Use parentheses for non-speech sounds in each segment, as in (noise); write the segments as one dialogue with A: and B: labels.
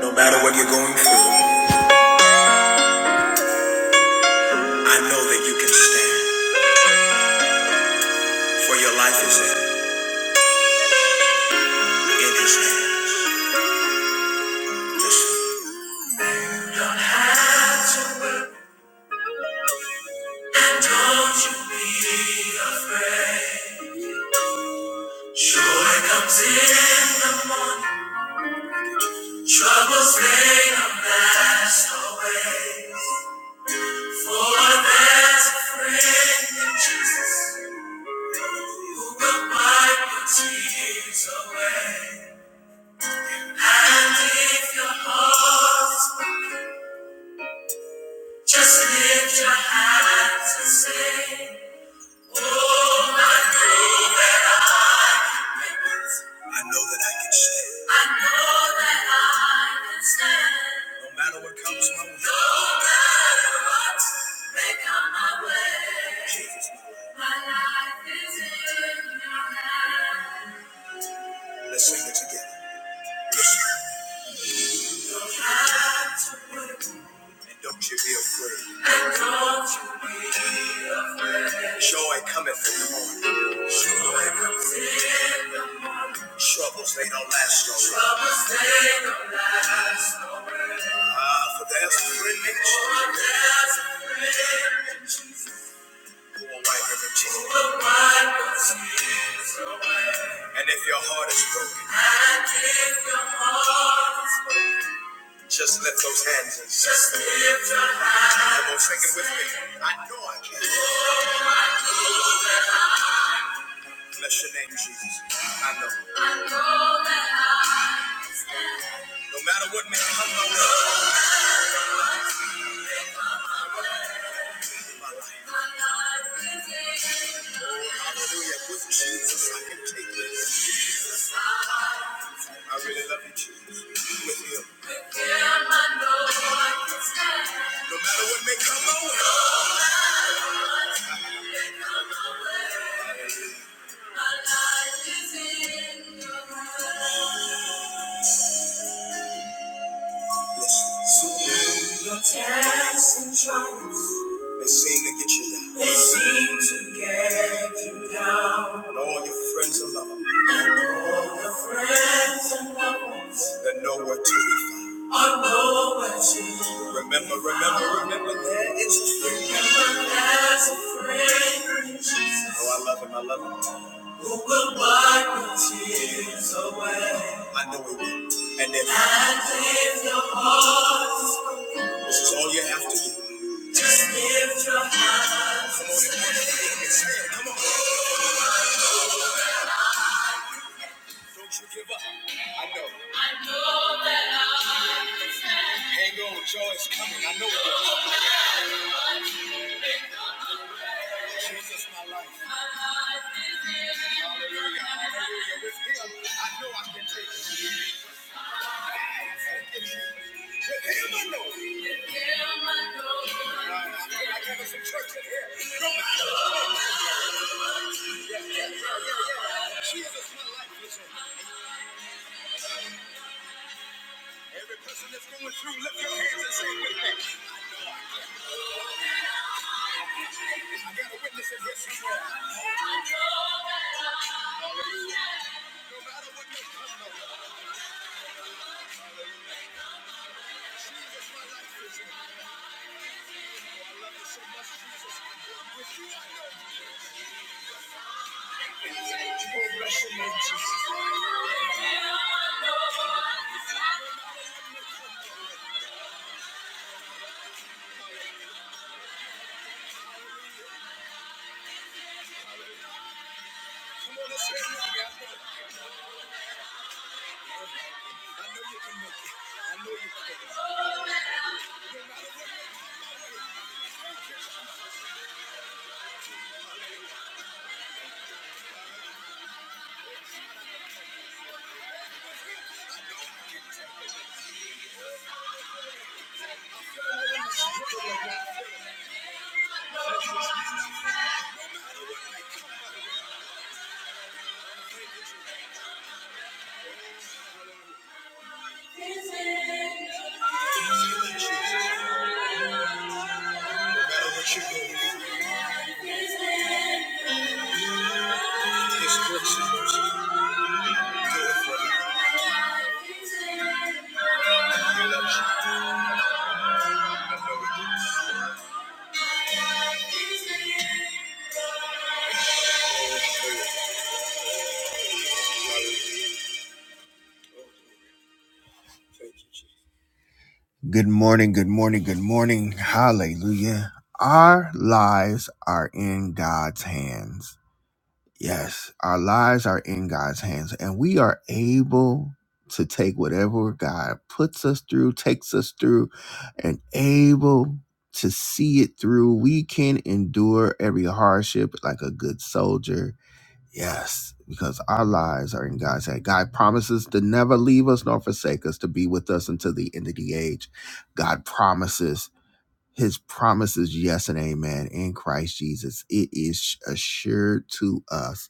A: No matter what you're going through, I know that you can stand. For your life is in, in his hands. Listen. Be afraid. Joy comes in the morning. Troubles they are not away. For there's a friend in Jesus who will wipe your tears away. And if your heart is breaking, just lift your hands and say. I know that I can stand. I know that I can stand. No matter what comes my way. No matter what may come my way. Jesus, my life. is in your hands. Let's sing it together. Yes. You don't have to worry. And don't you be afraid. And don't you be afraid. Joy cometh in the morning. Joy comes in the morning. Troubles, they don't last no Troubles, they don't last no Ah, for there's a friend in Jesus. For there's a friend in Jesus. Who will wipe every tear. Who will wipe every tear away. And if your heart is broken. And if your heart is broken. Just lift those hands and sing. Just lift your hands. Come on, sing it with me. I know I can. Bless your name, Jesus. I know. I know that I. No matter what may come my way. my life. Oh, hallelujah. With Jesus, I can take this. I really love you, Jesus. With him. With him, I know I can stand. No matter what may come my way. My life is in your hands. Yes. so Your tests and trials, they seem to get you down. They seem to get you down. And all your friends and lovers And all your friends and loved They're nowhere to be found. Are nowhere to be found. Remember, remember, remember, there is a friend. Remember, there's a friend in Jesus. Oh, I love him, I love him. Who will wipe your tears away. I know he will. And if... And if your heart is this is all you have to do. Just lift your hands. Come on, stand. Come on. Don't you give up. I know. I know that I can stand. Hang on, joy is coming. I know it. Jesus, my life. My life is in you. Hallelujah. Hallelujah. With him, I know I can take it. I can take it. With him, I know. With him, I know. Right. I feel like a church in here. This is my life. Listen, every person that's going through, lift your hands and say with me. Thank you, Jesus. Good morning, good morning, good morning. Hallelujah. Our lives are in God's hands. Yes, our lives are in God's hands, and we are able to take whatever God puts us through, takes us through, and able to see it through. We can endure every hardship like a good soldier Yes, because our lives are in God's hand. God promises to never leave us nor forsake us, to be with us until the end of the age. God promises his promises, yes and amen, in Christ Jesus. It is assured to us.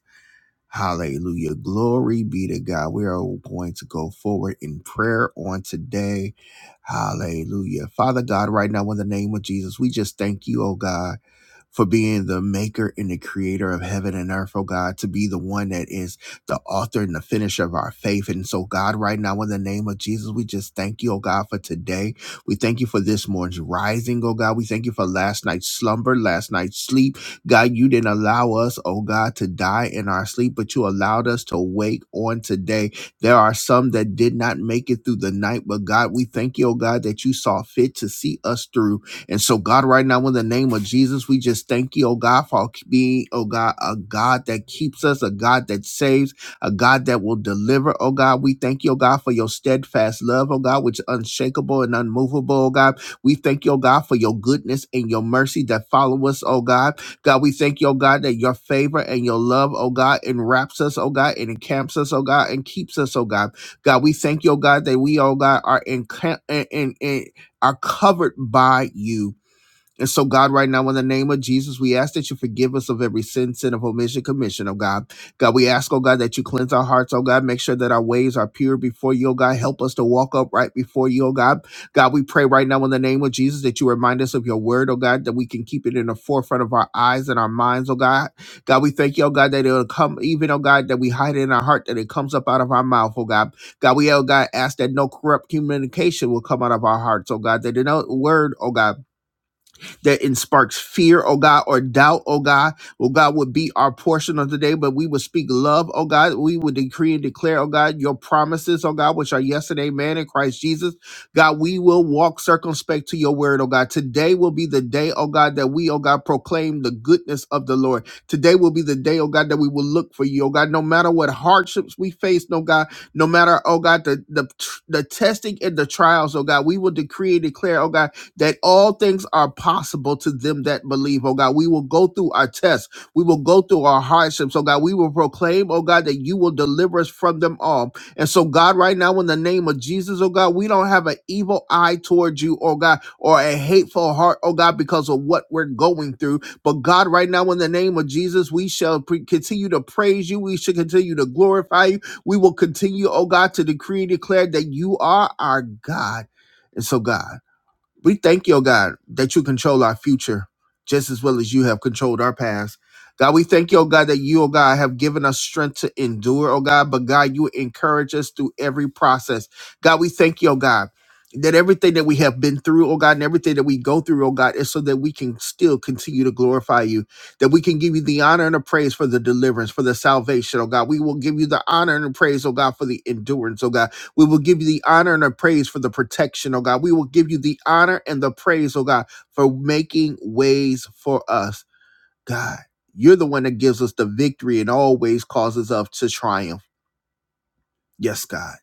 A: Hallelujah. Glory be to God. We are going to go forward in prayer on today. Hallelujah. Father God, right now, in the name of Jesus, we just thank you, oh God for being the maker and the creator of heaven and earth, oh God, to be the one that is the author and the finisher of our faith. And so, God, right now, in the name of Jesus, we just thank you, oh God, for today. We thank you for this morning's rising, oh God. We thank you for last night's slumber, last night's sleep. God, you didn't allow us, oh God, to die in our sleep, but you allowed us to wake on today. There are some that did not make it through the night, but God, we thank you, oh God, that you saw fit to see us through and so, God, right now, in the name of Jesus, we just thank you, oh God, for being, oh God, a God that keeps us, a God that saves, a God that will deliver, oh God. We thank you, oh God, for your steadfast love, oh God, which is unshakable and unmovable, oh God. We thank you, oh God, for your goodness and your mercy that follow us, oh God. God, we thank you, oh God, that your favor and your love, oh God, enwraps us, oh God, and encamps us, oh God, and keeps us, oh God. God, we thank you, oh God, that we, oh God, are encamp in, in, in, are covered by you and so, God, right now, in the name of Jesus, we ask that you forgive us of every sin, sin of omission, commission, oh God. God, we ask, oh God, that you cleanse our hearts, oh God. Make sure that our ways are pure before you, oh God. Help us to walk upright before you, oh God. God, we pray right now in the name of Jesus that you remind us of your word, oh God, that we can keep it in the forefront of our eyes and our minds, oh God. God, we thank you, oh God, that it'll come, even, oh God, that we hide it in our heart, that it comes up out of our mouth, oh God. God, we, oh God, ask that no corrupt communication will come out of our hearts, oh God, that no word, oh God that in sparks fear, oh God, or doubt, oh God. Oh God, would be our portion of today, but we would speak love, oh God. We would decree and declare, oh God, your promises, oh God, which are yes and amen in Christ Jesus. God, we will walk circumspect to your word, oh God. Today will be the day, oh God, that we, oh God, proclaim the goodness of the Lord. Today will be the day, oh God, that we will look for you, oh God, no matter what hardships we face, no God, no matter, oh God, the, the, the testing and the trials, oh God, we will decree and declare, oh God, that all things are possible to them that believe, oh God. We will go through our tests. We will go through our hardships, oh God. We will proclaim, oh God, that you will deliver us from them all. And so, God, right now, in the name of Jesus, oh God, we don't have an evil eye towards you, oh God, or a hateful heart, oh God, because of what we're going through. But God, right now, in the name of Jesus, we shall pre- continue to praise you. We should continue to glorify you. We will continue, oh God, to decree and declare that you are our God. And so, God. We thank you, oh God, that you control our future just as well as you have controlled our past. God, we thank you, oh God, that you, oh God, have given us strength to endure, oh God, but God, you encourage us through every process. God, we thank you, oh God. That everything that we have been through, oh God, and everything that we go through, oh God, is so that we can still continue to glorify you, that we can give you the honor and the praise for the deliverance, for the salvation, oh God. We will give you the honor and the praise, oh God, for the endurance, oh God. We will give you the honor and the praise for the protection, oh God. We will give you the honor and the praise, oh God, for making ways for us. God, you're the one that gives us the victory and always causes us to triumph. Yes, God.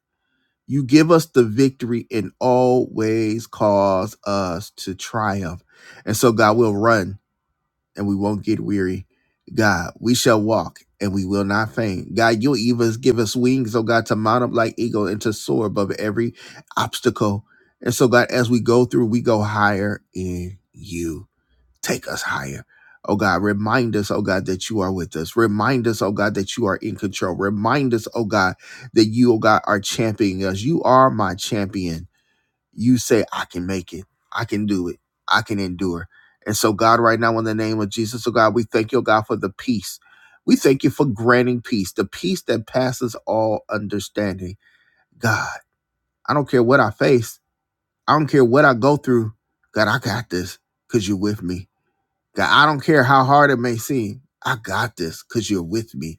A: You give us the victory and always cause us to triumph. And so, God, we'll run and we won't get weary. God, we shall walk and we will not faint. God, you'll even give us wings, oh God, to mount up like eagle and to soar above every obstacle. And so, God, as we go through, we go higher in you. Take us higher. Oh God, remind us, oh God, that you are with us. Remind us, oh God, that you are in control. Remind us, oh God, that you, oh God, are championing us. You are my champion you say, I can make it. I can do it. I can endure. And so, God, right now, in the name of Jesus, oh God, we thank you, oh God, for the peace. We thank you for granting peace, the peace that passes all understanding. God, I don't care what I face. I don't care what I go through. God, I got this because you're with me. God, I don't care how hard it may seem. I got this because you're with me.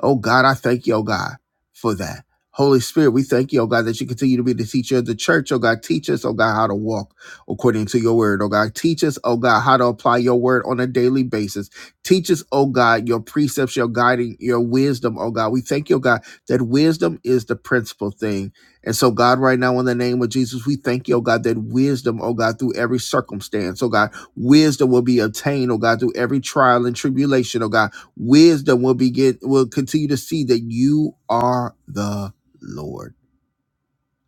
A: Oh God, I thank you, oh God, for that. Holy Spirit, we thank you, oh God, that you continue to be the teacher of the church. Oh God, teach us, oh God, how to walk according to your word. Oh God, teach us, oh God, how to apply your word on a daily basis. Teach us, oh God, your precepts, your guiding, your wisdom, oh God. We thank you, oh God, that wisdom is the principal thing. And so, God, right now, in the name of Jesus, we thank you, oh God, that wisdom, oh God, through every circumstance, oh God, wisdom will be obtained, oh God, through every trial and tribulation, oh God. Wisdom will begin will continue to see that you are the Lord.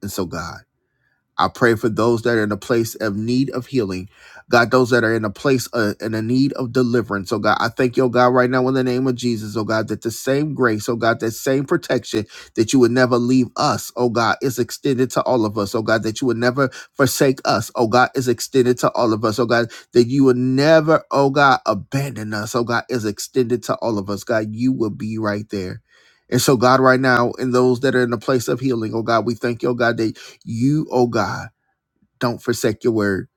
A: And so God. I pray for those that are in a place of need of healing. God, those that are in a place uh, in a need of deliverance. Oh God, I thank you, oh God, right now in the name of Jesus, oh God, that the same grace, oh God, that same protection that you would never leave us, oh God, is extended to all of us. Oh God, that you would never forsake us, oh God, is extended to all of us. Oh God, that you would never, oh God, abandon us. Oh God, is extended to all of us. God, you will be right there. And so, God, right now, in those that are in the place of healing, oh God, we thank you, oh God, that you, oh God, don't forsake your word.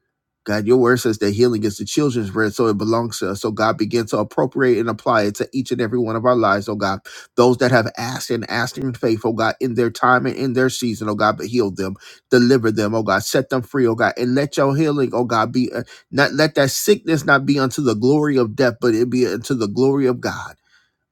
A: God, your word says that healing is the children's bread, so it belongs to us. So God begin to appropriate and apply it to each and every one of our lives, oh God. Those that have asked and asked in faith, oh God, in their time and in their season, oh God, but heal them, deliver them, oh God, set them free, oh God, and let your healing, oh God, be uh, not let that sickness not be unto the glory of death, but it be unto the glory of God.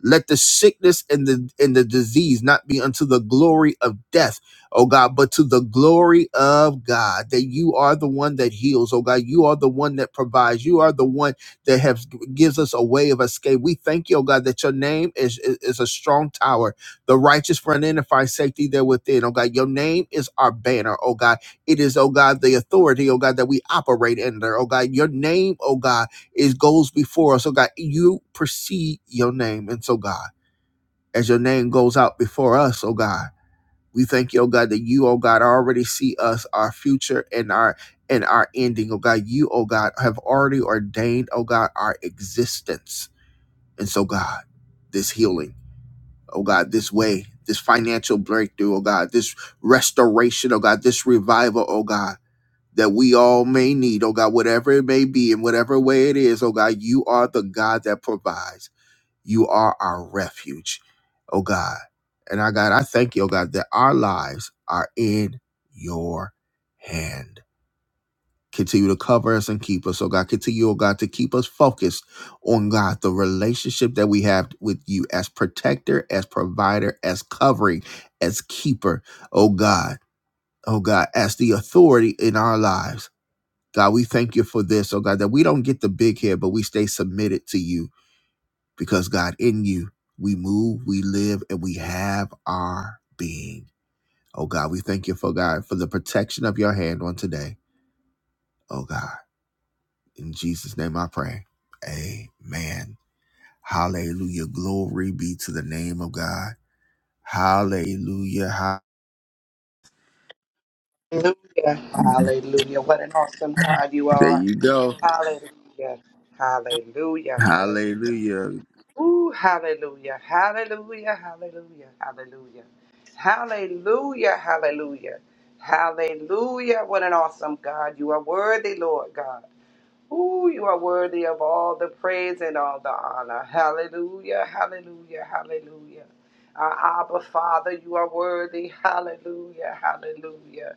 A: Let the sickness and the and the disease not be unto the glory of death, oh God, but to the glory of God. That you are the one that heals, oh God. You are the one that provides. You are the one that has gives us a way of escape. We thank you, oh God, that your name is, is, is a strong tower. The righteous run in and find safety there within. Oh God, your name is our banner, oh God. It is, oh God, the authority, oh God, that we operate under. Oh God, your name, oh God it goes before us, oh God. You precede your name. And so, God, as your name goes out before us, oh God, we thank you, oh God, that you, oh God, already see us, our future and our and our ending, oh God. You, oh God, have already ordained, oh God, our existence. And so, God, this healing, oh God, this way, this financial breakthrough, oh God, this restoration, oh God, this revival, oh God that we all may need, oh God, whatever it may be, in whatever way it is, oh God, you are the God that provides. You are our refuge, oh God. And I God, I thank you, oh God, that our lives are in your hand. Continue to cover us and keep us, oh God. Continue, oh God, to keep us focused on God, the relationship that we have with you as protector, as provider, as covering, as keeper, oh God, oh God, as the authority in our lives. God, we thank you for this, oh God, that we don't get the big head, but we stay submitted to you because, God, in you, we move, we live, and we have our being. Oh God, we thank you for God, for the protection of your hand on today. Oh God, in Jesus' name I pray. Amen. Hallelujah. Glory be to the name of God. Hallelujah. Ha-
B: Hallelujah. Hallelujah. What an awesome God you
A: There
B: are.
A: you go.
B: Hallelujah. Hallelujah. Hallelujah.
A: Hallelujah.
B: Ooh, hallelujah. Hallelujah. Hallelujah. Hallelujah. Hallelujah. Hallelujah. Hallelujah. What an awesome God. You are worthy, Lord God. Ooh, you are worthy of all the praise and all the honor. Hallelujah. Hallelujah. Hallelujah. Our Abba Father, you are worthy. Hallelujah. Hallelujah.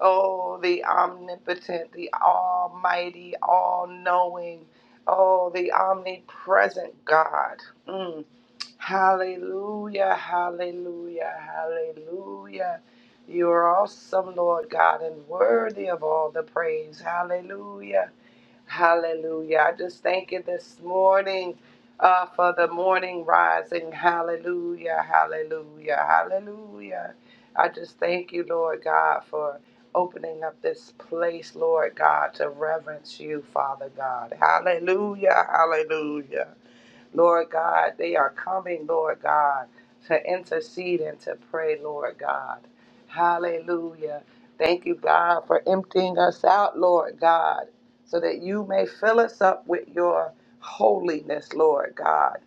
B: Oh, the omnipotent, the almighty, all knowing. Oh, the omnipresent God. Mm. Hallelujah, hallelujah, hallelujah. You are awesome, Lord God, and worthy of all the praise. Hallelujah. Hallelujah. I just thank you this morning uh, for the morning rising. Hallelujah. Hallelujah. Hallelujah. I just thank you, Lord God, for opening up this place, Lord God, to reverence you, Father God. Hallelujah. Hallelujah. Lord God, they are coming, Lord God, to intercede and to pray, Lord God. Hallelujah. Thank you, God, for emptying us out, Lord God, so that you may fill us up with your holiness, Lord God.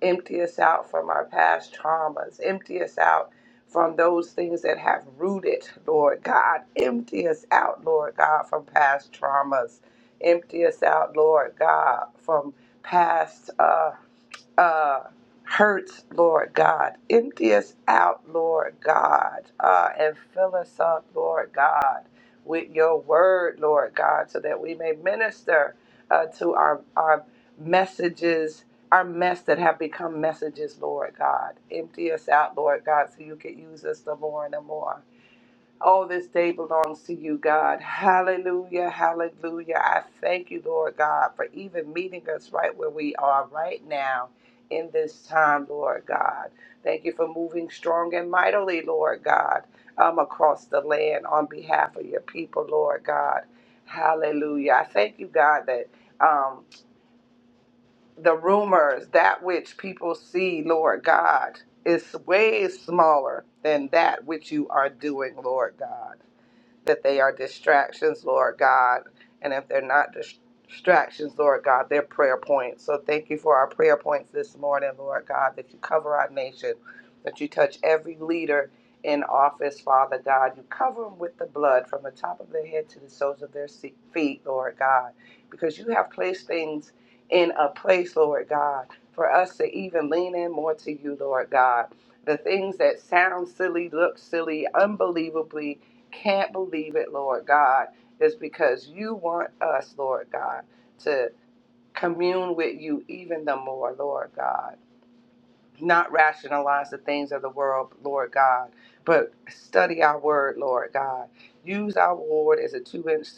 B: Empty us out from our past traumas. Empty us out from those things that have rooted, Lord God. Empty us out, Lord God, from past traumas. Empty us out, Lord God, from past. Uh, uh, hurts, Lord God. Empty us out, Lord God, uh, and fill us up, Lord God, with your word, Lord God, so that we may minister uh, to our, our messages, our mess that have become messages, Lord God. Empty us out, Lord God, so you can use us the more and the more. All this day belongs to you, God. Hallelujah, hallelujah. I thank you, Lord God, for even meeting us right where we are right now in this time, Lord God. Thank you for moving strong and mightily, Lord God, um, across the land on behalf of your people, Lord God. Hallelujah. I thank you, God, that um, the rumors, that which people see, Lord God, is way smaller than that which you are doing, Lord God that they are distractions, Lord God. And if they're not dis- distractions, Lord God, they're prayer points. So thank you for our prayer points this morning, Lord God, that you cover our nation, that you touch every leader in office, Father God. You cover them with the blood from the top of their head to the soles of their se- feet, Lord God, because you have placed things in a place, Lord God, for us to even lean in more to you, Lord God. The things that sound silly, look silly, unbelievably can't believe it, Lord God, is because you want us, Lord God, to commune with you even the more, Lord God not rationalize the things of the world, Lord God, but study our word, Lord God. Use our word as a two inch,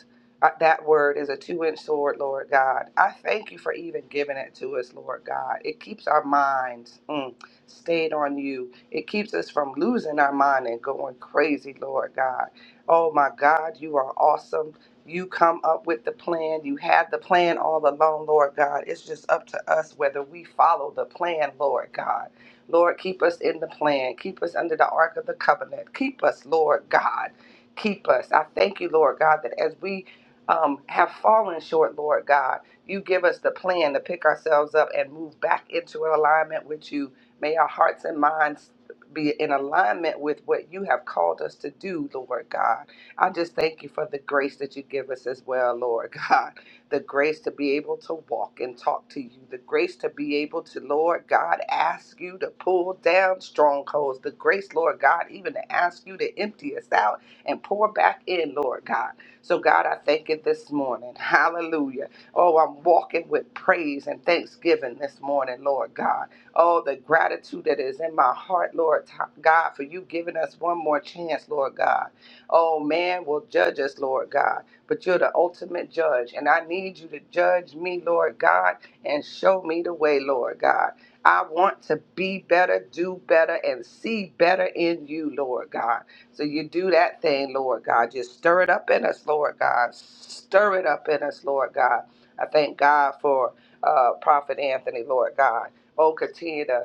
B: uh, that word is a two inch sword, Lord God. I thank you for even giving it to us, Lord God. It keeps our minds mm, stayed on you, it keeps us from losing our mind and going crazy, Lord God. Oh my God, you are awesome. You come up with the plan. You had the plan all along, Lord God. It's just up to us whether we follow the plan, Lord God. Lord, keep us in the plan. Keep us under the ark of the covenant. Keep us, Lord God. Keep us. I thank you, Lord God, that as we um, have fallen short, Lord God, you give us the plan to pick ourselves up and move back into an alignment with you. May our hearts and minds be in alignment with what you have called us to do, Lord God. I just thank you for the grace that you give us as well, Lord (laughs) God the grace to be able to walk and talk to you, the grace to be able to, Lord God, ask you to pull down strongholds, the grace, Lord God, even to ask you to empty us out and pour back in, Lord God. So, God, I thank you this morning. Hallelujah. Oh, I'm walking with praise and thanksgiving this morning, Lord God. Oh, the gratitude that is in my heart, Lord t- God, for you giving us one more chance, Lord God. Oh, man will judge us, Lord God but you're the ultimate judge. And I need you to judge me, Lord God, and show me the way, Lord God. I want to be better, do better, and see better in you, Lord God. So you do that thing, Lord God. Just stir it up in us, Lord God. Stir it up in us, Lord God. I thank God for uh, Prophet Anthony, Lord God. Oh, continue to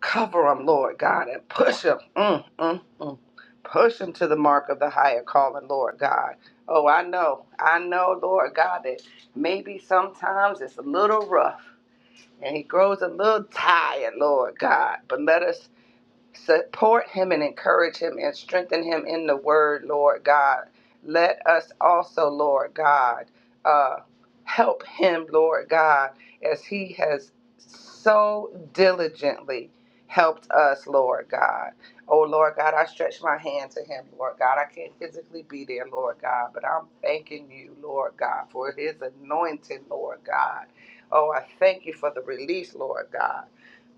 B: Cover them, Lord God, and push them. Mm, mm, mm. Push them to the mark of the higher calling, Lord God. Oh, I know. I know, Lord God, that maybe sometimes it's a little rough and he grows a little tired, Lord God. But let us Support him and encourage him and strengthen him in the word, Lord God. Let us also, Lord God, uh, help him, Lord God, as he has so diligently helped us, Lord God. Oh, Lord God, I stretch my hand to him, Lord God. I can't physically be there, Lord God, but I'm thanking you, Lord God, for his anointing, Lord God. Oh, I thank you for the release, Lord God.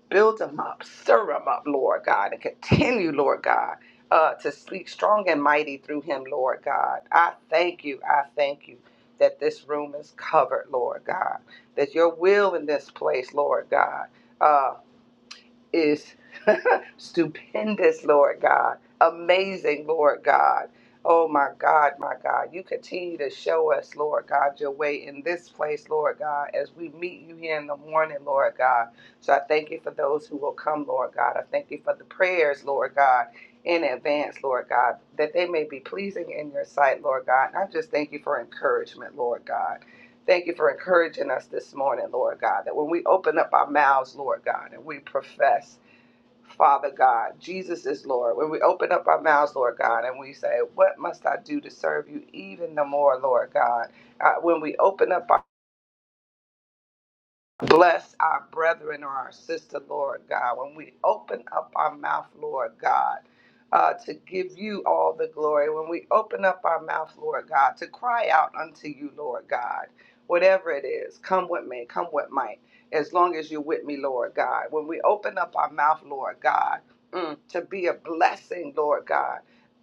B: Build them up, stir them up, Lord God, and continue, Lord God, uh, to speak strong and mighty through him, Lord God. I thank you. I thank you that this room is covered, Lord God, that your will in this place, Lord God. uh, is (laughs) stupendous, Lord God. Amazing, Lord God. Oh my God, my God. You continue to show us, Lord God, your way in this place, Lord God, as we meet you here in the morning, Lord God. So I thank you for those who will come, Lord God. I thank you for the prayers, Lord God. In advance, Lord God, that they may be pleasing in your sight, Lord God. And I just thank you for encouragement, Lord God. Thank you for encouraging us this morning, Lord God, that when we open up our mouths, Lord God, and we profess Father God, Jesus is Lord. When we open up our mouths, Lord God, and we say, What must I do to serve you even the more, Lord God? Uh, when we open up Bless our brethren or our sister, Lord God, when we open up our mouth, Lord God, uh, to give you all the glory, when we open up our mouth, Lord God, to cry out unto you, Lord God, whatever it is, come with me, come with might, as long as you're with me, Lord God. When we open up our mouth, Lord God, mm, to be a blessing, Lord God,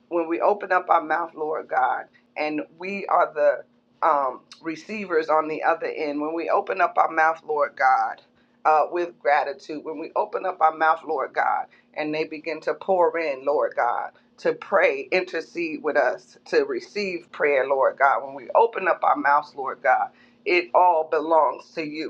B: when we open up our mouth, Lord God, and we are the um, receivers on the other end, when we open up our mouth, Lord God, uh, with gratitude, when we open up our mouth, Lord God, and they begin to pour in, Lord God, to pray, intercede with us, to receive prayer, Lord God, when we open up our mouths, Lord God, it all belongs to you.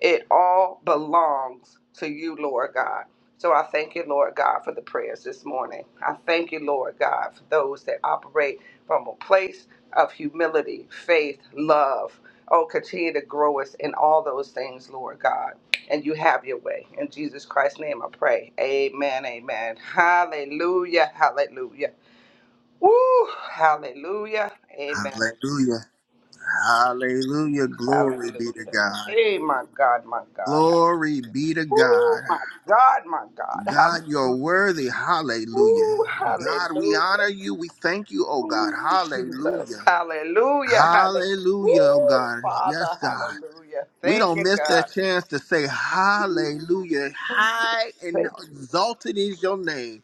B: It all belongs to you, Lord God. So I thank you, Lord God, for the prayers this morning. I thank you, Lord God, for those that operate from a place of humility, faith, love. Oh, continue to grow us in all those things, Lord God. And you have your way. In Jesus Christ's name I pray. Amen. Amen. Hallelujah. Hallelujah. Woo! Hallelujah. Amen.
A: Hallelujah. Hallelujah. Glory be to
B: Hallelujah.
A: God.
B: Hey, my God, my God.
A: Glory be to
B: Ooh,
A: God.
B: my God, my God.
A: God, you're
B: Hallelujah.
A: worthy. Hallelujah.
B: Ooh,
A: God, we
B: hallelujah,
A: honor you. We thank you, oh God.
B: Jesus.
A: Hallelujah.
B: Hallelujah, hallelujah.
A: Hallelujah, oh
B: Ooh,
A: God.
B: Father,
A: Yes, God.
B: hallelujah.
A: We
B: Thank
A: don't
B: you,
A: miss
B: God.
A: that chance to say hallelujah. High and
B: Thank-
A: exalted is your name.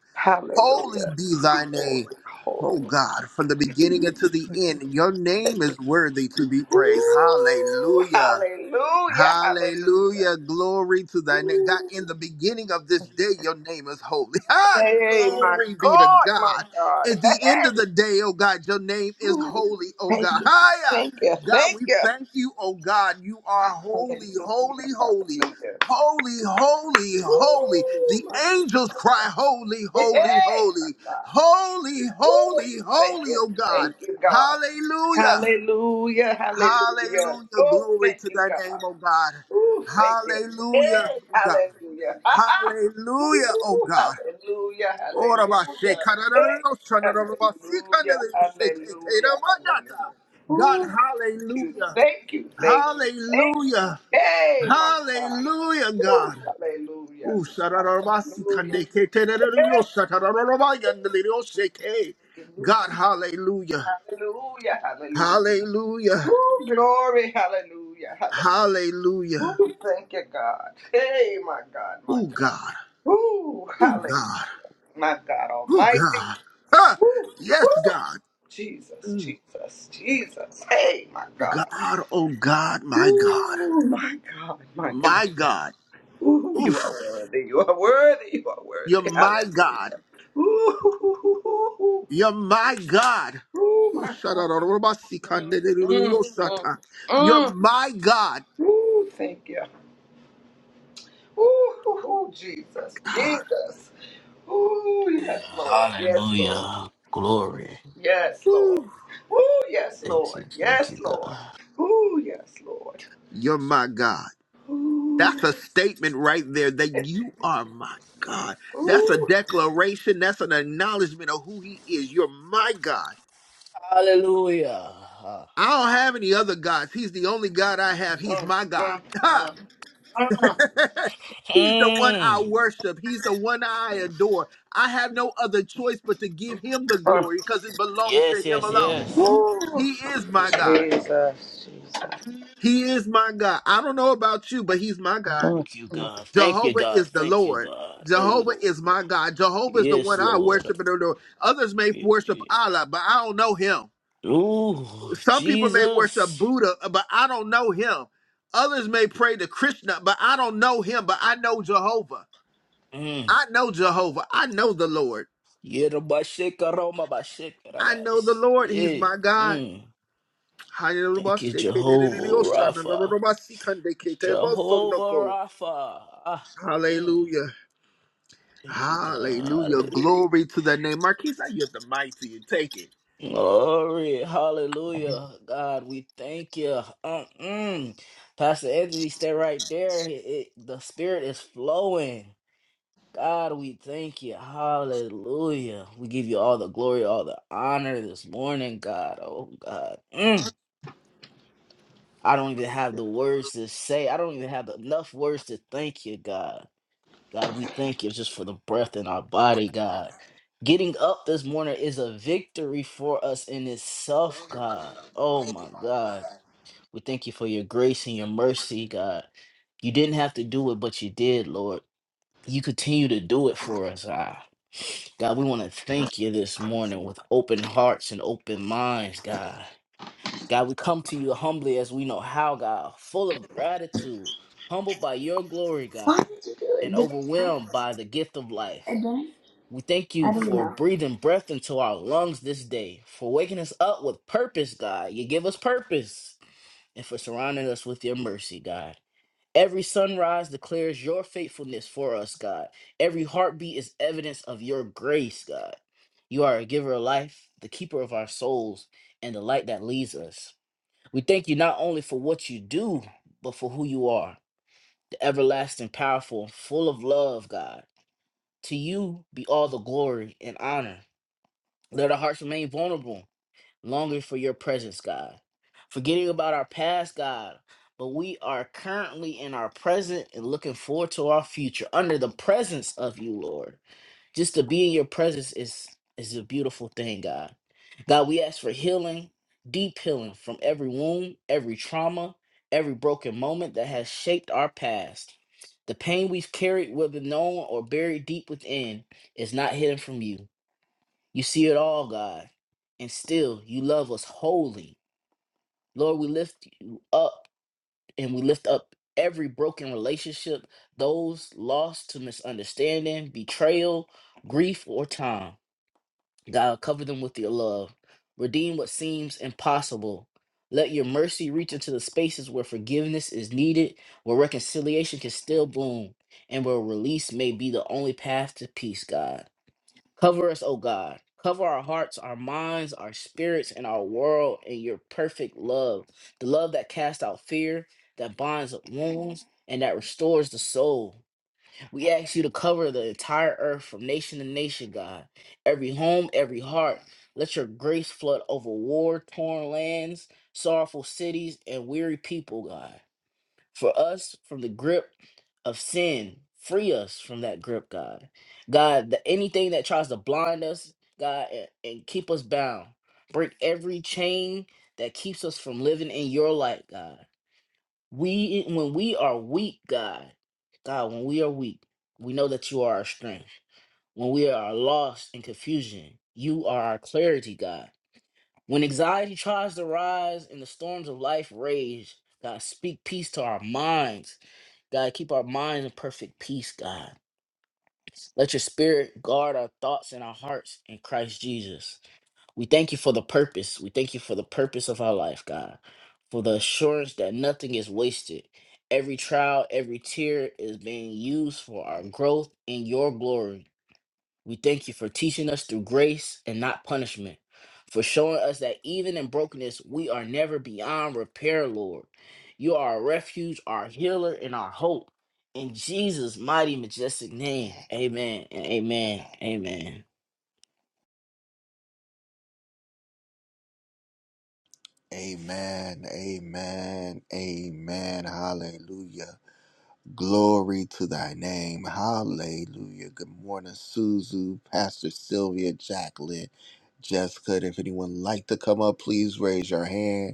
A: Holy
B: Hallelujah.
A: be thy name.
B: Holy,
A: Oh
B: holy.
A: God, from the beginning until the end, your name is worthy to be praised.
B: Ooh,
A: Hallelujah.
B: hallelujah, hallelujah.
A: Hallelujah. Glory to thy name. God, in the beginning of this day, your name is holy. (laughs) Ah,
B: Hey, my
A: glory be to
B: God, my
A: God.
B: God.
A: At the end of
B: Hey,
A: the day, oh God, your name is
B: ooh,
A: holy, oh
B: thank
A: God. (laughs)
B: you, thank
A: Hiya.
B: you,
A: God,
B: thank
A: we
B: you.
A: thank you, oh God. You are holy,
B: Hallelujah,
A: holy, holy.
B: hallelujah.
A: Holy, holy, holy.
B: Ooh,
A: The
B: my,
A: angels cry, holy, holy,
B: hey, my
A: holy.
B: God.
A: Holy,
B: Woo!
A: holy,
B: Thank
A: holy,
B: you.
A: oh God.
B: Thank you, God.
A: Hallelujah.
B: Hallelujah. Hallelujah.
A: Hallelujah.
B: Oh,
A: Glory
B: thank
A: to
B: you,
A: thy name,
B: God.
A: oh God.
B: Oh, thank you.
A: Hallelujah,
B: Hey,
A: oh God.
B: hallelujah. (laughs) Ha, ha.
A: Hallelujah, oh
B: Ooh,
A: God.
B: hallelujah.
A: Ora ba she
B: Hallelujah.
A: karararo
B: Hey,
A: shana raro ba si
B: hallelujah.
A: kandere yo she ke te ra
B: Hallelujah.
A: ma yata.
B: Hallelujah.
A: God,
B: Ooh, thank you.
A: hallelujah.
B: Thank you. Thank you. Thank you.
A: Hallelujah.
B: Hey, my God.
A: Hallelujah,
B: Ooh,
A: God.
B: hallelujah.
A: Ooh, sharararo ba si
B: Hallelujah.
A: kande ke te ra
B: (laughs) Hey,
A: raro yo shatararo ba yandere yo she ke.
B: hey.
A: God, hallelujah.
B: Hallelujah. Hallelujah.
A: Hallelujah.
B: Ooh, glory, hallelujah, hallelujah.
A: Hallelujah.
B: Ooh, thank you, God. Hey, my God, my
A: Oh
B: God.
A: God.
B: Ooh,
A: Oh
B: hallelujah,
A: God.
B: my God
A: Oh
B: Almighty.
A: God. Ah,
B: Ooh,
A: yes,
B: ooh,
A: God.
B: Jesus,
A: Mm.
B: Jesus, Jesus. Hey, my God.
A: God, oh God, my God.
B: Ooh, my God, my God.
A: My God.
B: Ooh, you are
A: Oof.
B: worthy, you are worthy, you are
A: You're
B: worthy.
A: my God.
B: Hallelujah. Ooh, ooh, ooh, ooh, ooh,
A: You're my God.
B: ooh,
A: Oh,
B: my God. Mm, mm, mm.
A: shadadadadabasikandedededeosata. You're
B: mm.
A: my God.
B: Ooh, thank you. Ooh, ooh, ooh, Jesus,
A: God.
B: Jesus. Ooh, yes, Lord. Yes, Lord.
C: Hallelujah. Glory.
B: Yes, Lord.
A: Ooh.
B: Ooh, yes,
C: Thank you.
B: Lord.
C: Thank you,
B: Yes,
C: God.
B: Lord. Ooh, yes, Lord.
A: You're my God.
B: Ooh.
A: That's a statement right there that you are my God. That's a
B: Ooh.
A: declaration. That's an acknowledgement of who he is. You're my God.
C: Hallelujah. Ah,
A: I don't
C: ah.
A: have any other gods. He's the only God I have. He's my God. Ha! (laughs) He's the one
C: Mm.
A: I worship. He's the one I adore. I have no other choice but to give him the glory because it belongs to
C: Yes,
A: him
C: yes,
A: alone.
C: yes.
B: Ooh.
A: He is my God.
B: Jesus, Jesus.
A: He is my God. I don't know about you, but he's my God.
B: Okay.
C: Thank you, God. Thank you,
A: Jehovah
C: God.
A: is the
C: Thank you,
A: Lord.
C: God. Thank
A: Jehovah
C: Lord.
A: is my God. Jehovah is the
C: Yes,
A: one I
C: Lord.
A: worship and adore. Others may
C: Yeah.
A: worship Allah, but I don't know him.
C: Ooh,
A: Some people may worship
C: Jesus.
A: Buddha, uh, but I don't know him. Others may pray to Krishna, but I don't know him, but I know Jehovah.
C: Mm.
A: I know Jehovah. I know the Lord. I know
C: Yerobashikaramabashikaradais.
A: the Lord. He's
C: Eh,
A: my God.
C: Mm.
A: Hallelujah.
C: Thank you, Jehovah Rapha. Jehovah Rapha. Ah. mm. Thank you, God.
A: Hallelujah. Glory to the name. Marquise, I yield the mic to you. Take it.
C: Glory. Hallelujah. God, we thank you. Mm-mm. Pastor Anthony, stay right there. It- it- the Spirit is flowing. God, we thank you. Hallelujah. We give you all the glory, all the honor this morning, God. Oh, God. Mm. I don't even have the words to say. I don't even have enough words to thank you, God. God, we thank you just for the breath in our body, God. Getting up this morning is a victory for us in itself, God. Oh my God. We thank you for your grace and your mercy, God. You didn't have to do it, but you did, Lord. You continue to do it for us, God. God, we want to thank you this morning with open hearts and open minds, God. God, we come to you humbly as we know how, God, full of gratitude, humbled by your glory,
B: Why
C: God,
B: did you do
C: and
B: it? Did it break
C: overwhelmed by the gift of life.
B: again?
C: We thank you
B: I don't
C: for
B: know.
C: breathing breath into our lungs this day, for waking us up with purpose, God. You give us purpose, and for surrounding us with your mercy, God. Every sunrise declares your faithfulness for us, God. Every heartbeat is evidence of your grace, God. You are a giver of life, the keeper of our souls, and the light that leads us. We thank you not only for what you do, but for who you are, the everlasting, powerful, full of love, God. To you be all the glory and honor. Let our hearts remain vulnerable, longing for your presence, God. Forgetting about our past, God, but we are currently in our present and looking forward to our future under the presence of you, Lord. Just to be in your presence is is a beautiful thing, God. God, we ask for healing, deep healing from every wound, every trauma, every broken moment that has shaped our past. The pain we've carried, whether known or buried deep within, is not hidden from you. You see it all, God, and still you love us wholly. Lord, we lift you up and we lift up every broken relationship, those lost to misunderstanding, betrayal, grief, or time. God, cover them with your love. Redeem what seems impossible. Let your mercy reach into the spaces where forgiveness is needed, where reconciliation can still bloom, and where release may be the only path to peace, God. Cover us, oh God. Cover our hearts, our minds, our spirits, and our world in your perfect love. The love that casts out fear, that binds up wounds, and that restores the soul. We ask you to cover the entire earth from nation to nation, God. Every home, every heart. Let your grace flood over war torn lands, sorrowful cities, and weary people, God. For us, from the grip of sin, free us from that grip, God. God, the, anything that tries to blind us, God, and, and keep us bound. Break every chain that keeps us from living in your light, God. We when we are weak, God. God, when we are weak, we know that you are our strength. When we are lost in confusion, you are our clarity, God. When anxiety tries to rise and the storms of life rage, God, speak peace to our minds. God, keep our minds in perfect peace, God. Let your spirit guard our thoughts and our hearts in Christ Jesus. We thank you for the purpose. We thank you for the purpose of our life, God, for the assurance that nothing is wasted. Every trial, every tear is being used for our growth in your glory. We thank you for teaching us through grace and not punishment, for showing us that even in brokenness, we are never beyond repair, Lord. You are our refuge, our healer, and our hope. In Jesus' mighty, majestic name, amen and amen. Amen.
A: Amen. Amen. Amen. Hallelujah. Glory to thy name. Hallelujah. Good morning, Suzu, Pastor Sylvia, Jacqueline, Jessica. And if anyone like to come up, please raise your hand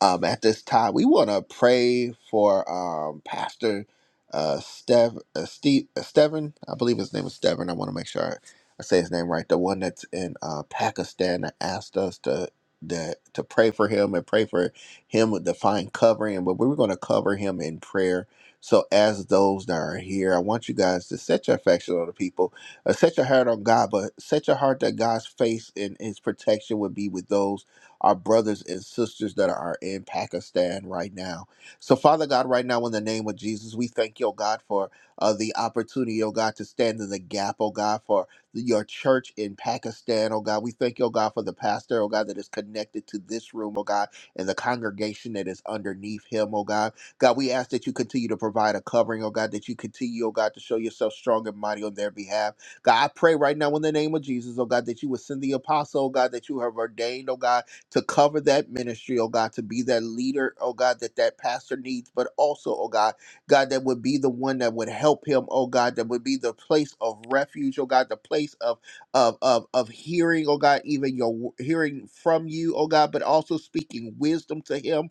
A: um, at this time. We want to pray for um, Pastor uh, Stev, uh, Steve, uh, Stevan. I believe his name is Stevan. I want to make sure I, I say his name right. The one that's in uh, Pakistan that asked us to that to pray for him and pray for him with divine covering. But we are going to cover him in prayer. So as those that are here, I want you guys to set your affection on the people, uh, set your heart on God, but set your heart that God's face and His protection would be with those our brothers and sisters that are in Pakistan right now. So, Father God, right now, in the name of Jesus, we thank you, oh God, for uh, the opportunity, oh God, to stand in the gap, oh God, for your church in Pakistan, oh God. We thank you, oh God, for the pastor, oh God, that is connected to this room, oh God, and the congregation that is underneath him, oh God. God, we ask that you continue to provide a covering, oh God, that you continue, oh God, to show yourself strong and mighty on their behalf. God, I pray right now in the name of Jesus, oh God, that you would send the apostle, oh God, that you have ordained, oh God to cover that ministry, oh God, to be that leader, oh God, that that pastor needs, but also, oh God, God, that would be the one that would help him, oh God, that would be the place of refuge, oh God, the place of of of, of hearing, oh God, even your w- hearing from you, oh God, but also speaking wisdom to him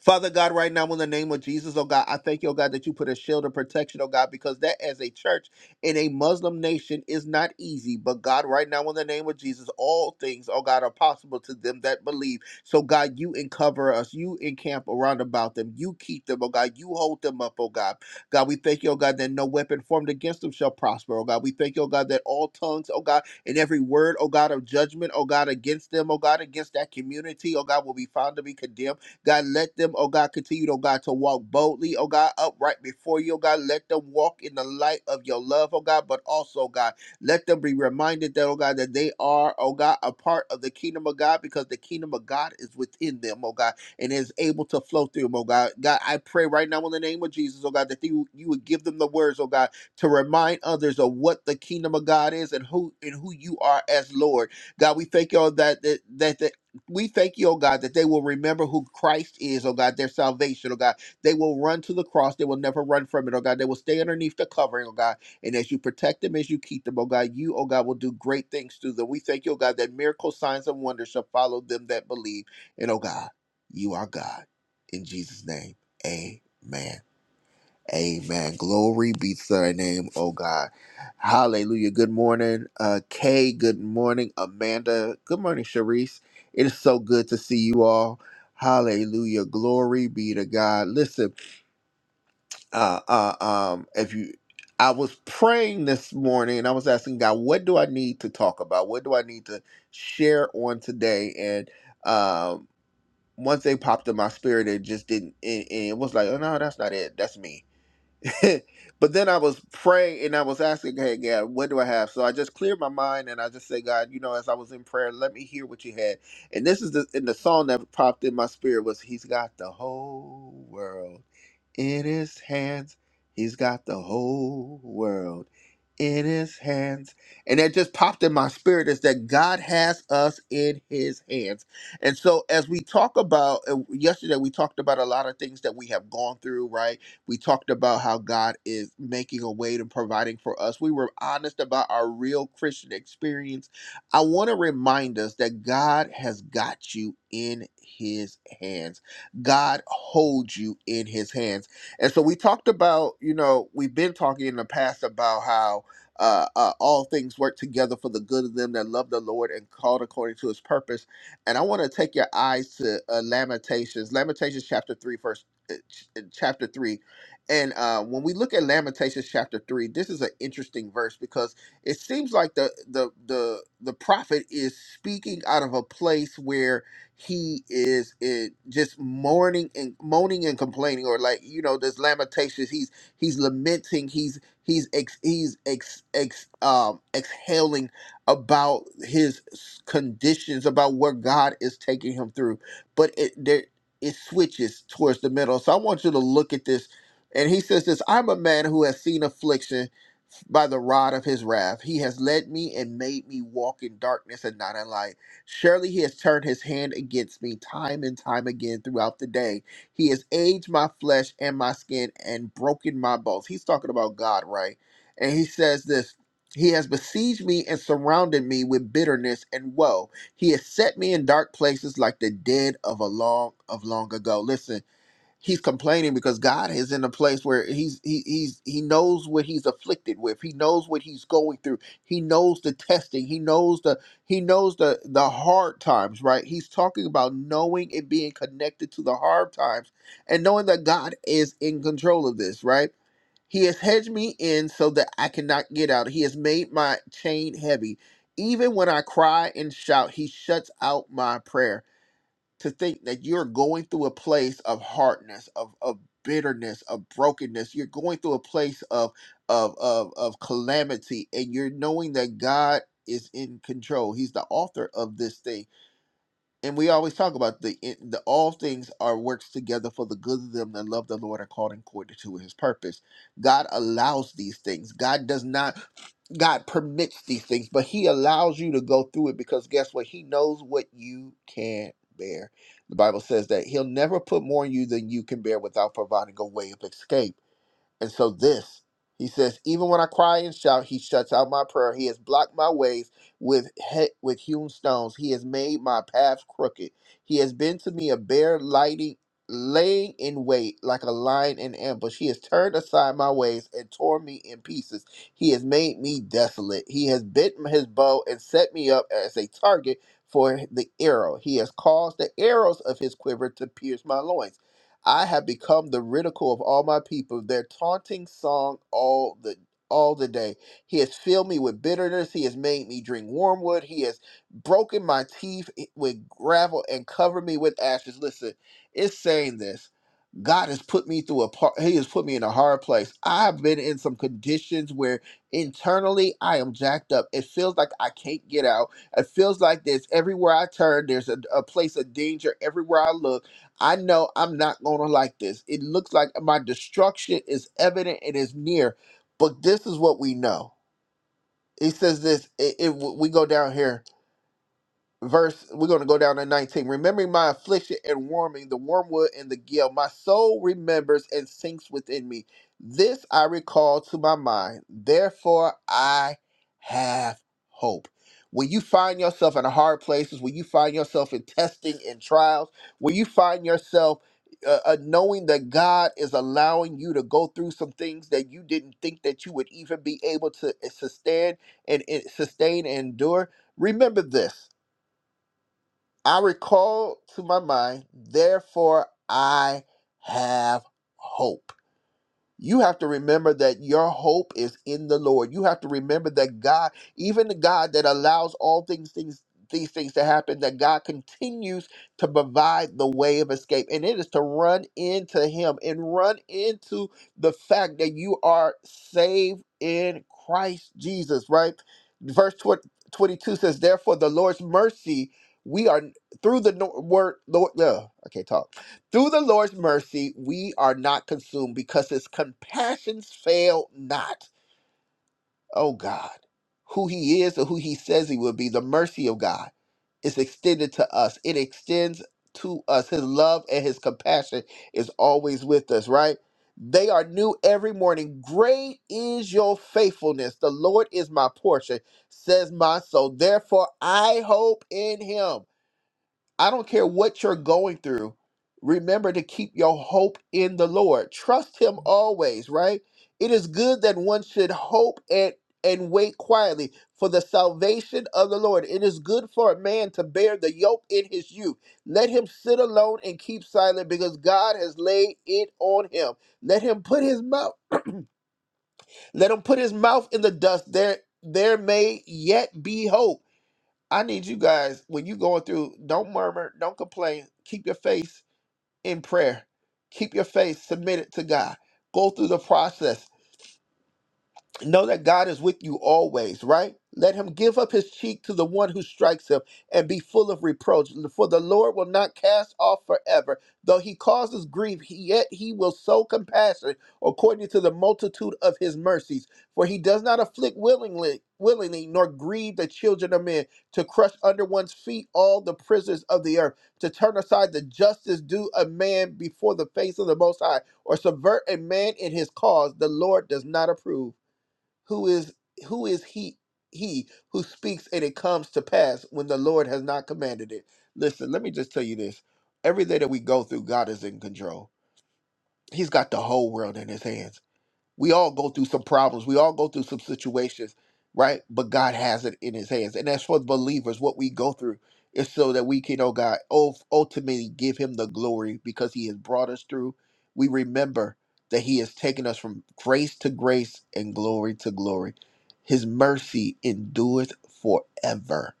A: Father God, right now in the name of Jesus, oh God, I thank you, oh God, that you put a shield of protection, oh God, because that as a church in a Muslim nation is not easy. But God, right now in the name of Jesus, all things, oh God, are possible to them that believe. So God, you uncover us, you encamp around about them, you keep them, oh God, you hold them up, oh God. God, we thank you, oh God, that no weapon formed against them shall prosper, oh God. We thank you, oh God, that all tongues, oh God, and every word, oh God, of judgment, oh God, against them, oh God, against that community, oh God, will be found to be condemned God, let them, oh God, continue, oh God, to walk boldly, oh God, upright before you, oh God. Let them walk in the light of your love, oh God, but also, God, let them be reminded that, oh God, that they are, oh God, a part of the kingdom of God because the kingdom of God is within them, oh God, and is able to flow through them, oh God. God, I pray right now in the name of Jesus, oh God, that you, you would give them the words, oh God, to remind others of what the kingdom of God is and who and who you are as Lord. God, we thank you all that that, that, that we thank you, oh God, that they will remember who Christ is, oh God, their salvation, oh God. They will run to the cross. They will never run from it, oh God. They will stay underneath the covering, oh God. And as you protect them, as you keep them, oh God, you, oh God, will do great things through them. We thank you, oh God, that miracle signs and wonders shall follow them that believe. And oh God, you are God. In Jesus' name, amen. Amen. Glory be to thy name, oh God. Hallelujah. Good morning, uh, Kay. Good morning, Amanda. Good morning, Sharice. It is so good to see you all. Hallelujah. Glory be to God. Listen, uh, uh, um, if you, I was praying this morning and I was asking God, what do I need to talk about? What do I need to share on today? And, um, once they popped in my spirit, it just didn't. It, it was like, oh no, that's not it. That's me (laughs) but then I was praying and I was asking, hey, God, what do I have? So I just cleared my mind and I just say, God, you know, as I was in prayer, let me hear what you had. And this is the, and the song that popped in my spirit was, He's got the whole world. In his hands, he's got the whole world in his hands. And that just popped in my spirit is that God has us in his hands. And so, as we talk about uh, yesterday, we talked about a lot of things that we have gone through, right? We talked about how God is making a way and providing for us. We were honest about our real Christian experience. I want to remind us that God has got you in his hands, God holds you in his hands. And so we talked about, you know, we've been talking in the past about how uh, uh, all things work together for the good of them that love the Lord and called according to his purpose. And I want to take your eyes to uh, Lamentations, Lamentations chapter 3, verse, uh, ch- uh, chapter 3. And uh, when we look at Lamentations chapter 3, this is an interesting verse because it seems like the, the, the, the prophet is speaking out of a place where he is it, just mourning and moaning and complaining, or like you know, there's lamentations. He's he's lamenting. He's he's ex, he's ex, ex um exhaling about his s- conditions, about what God is taking him through. But it there it switches towards the middle. So I want you to look at this. And he says this, I'm a man who has seen affliction by the rod of his wrath. He has led me and made me walk in darkness and not in light. Surely he has turned his hand against me time and time again throughout the day. He has aged my flesh and my skin and broken my bones. He's talking about God, right? And he says this He has besieged me and surrounded me with bitterness and woe. He has set me in dark places like the dead of a long of long ago. Listen, he's complaining because God is in a place where he's he he's he knows what he's afflicted with. He knows what he's going through. He knows the testing. He knows the he knows the the hard times, right? He's talking about knowing and being connected to the hard times and knowing that God is in control of this, right? He has hedged me in so that I cannot get out. He has made my chain heavy. Even when I cry and shout, he shuts out my prayer to think that you're going through a place of hardness, of of bitterness, of brokenness. You're going through a place of of of of calamity, and you're knowing that God is in control. He's the author of this thing and we always talk about the the all things are works together for the good of them that love the Lord are called according to His purpose. God allows these things. God does not. God permits these things, but He allows you to go through it because guess what? He knows what you can bear. The Bible says that He'll never put more on you than you can bear without providing a way of escape. And so this, he says, even when I cry and shout, he shuts out my prayer. He has blocked my ways with he- with hewn stones. He has made my path crooked. He has been to me a bear lighting laying in wait like a lion in ambush. He has turned aside my ways and torn me in pieces. He has made me desolate. He has bent his bow and set me up as a target for the arrow. He has caused the arrows of his quiver to pierce my loins. I have become the ridicule of all my people, their taunting song all the all the day. He has filled me with bitterness. He has made me drink wormwood. He has broken my teeth with gravel and covered me with ashes. Listen, it's saying this. God has put me through a part. He has put me in a hard place. I've been in some conditions where internally I am jacked up. It feels like I can't get out. It feels like there's everywhere I turn, there's a, a place of danger everywhere I look I know I'm not going to like this. It looks like my destruction is evident and is near, but this is what we know. It says this. It, it- we go down here verse we're going to go down to 19 remembering my affliction and warming the wormwood and the gall my soul remembers and sinks within me this i recall to my mind therefore i have hope when you find yourself in hard places when you find yourself in testing and trials when you find yourself uh, uh, knowing that god is allowing you to go through some things that you didn't think that you would even be able to eh, sustain and, and sustain and endure remember this I recall to my mind, therefore I have hope. You have to remember that your hope is in the Lord. You have to remember that God, even the God that allows all things, things these things to happen, that God continues to provide the way of escape. And it is to run into Him and run into the fact that you are saved in Christ Jesus, right? Verse 20 22 says, Therefore, the Lord's mercy, we are through the no- word, Lord, uh, I can't talk through the Lord's mercy, we are not consumed because his compassions fail not. Oh God, who he is or who he says he will be, the mercy of God is extended to us. It extends to us. His love and his compassion is always with us, right? They are new every morning. Great is your faithfulness. The Lord is my portion, says my soul. Therefore, I hope in him. I don't care what you're going through. Remember to keep your hope in the Lord. Trust him always, right? It is good that one should hope and and wait quietly for the salvation of the Lord. It is good for a man to bear the yoke in his youth. Let him sit alone and keep silent because God has laid it on him. Let him put his mouth let him put his mouth in the dust there there may yet be hope. I need you guys when you going through, don't murmur, don't complain. Keep your face in prayer. Keep your face submitted to God. Go through the process. Know that God is with you always, right? Let him give up his cheek to the one who strikes him and be full of reproach. For the Lord will not cast off forever. Though he causes grief, he- yet he will sow compassion according to the multitude of his mercies. For he does not afflict willingly, willingly nor grieve the children of men, to crush under one's feet all the prisoners of the earth, to turn aside the justice due a man before the face of the Most High, or subvert a man in his cause. The Lord does not approve. Who is who is he he who speaks and it comes to pass when the Lord has not commanded it? Listen, let me just tell you this. Every day that we go through, God is in control. He's got the whole world in his hands. We all go through some problems. We all go through some situations, right? But God has it in His hands. And as for the believers, what we go through is so that we can, oh God, ul- ultimately give Him the glory because He has brought us through. We remember that He has taken us from grace to grace and glory to glory. His mercy endureth forever,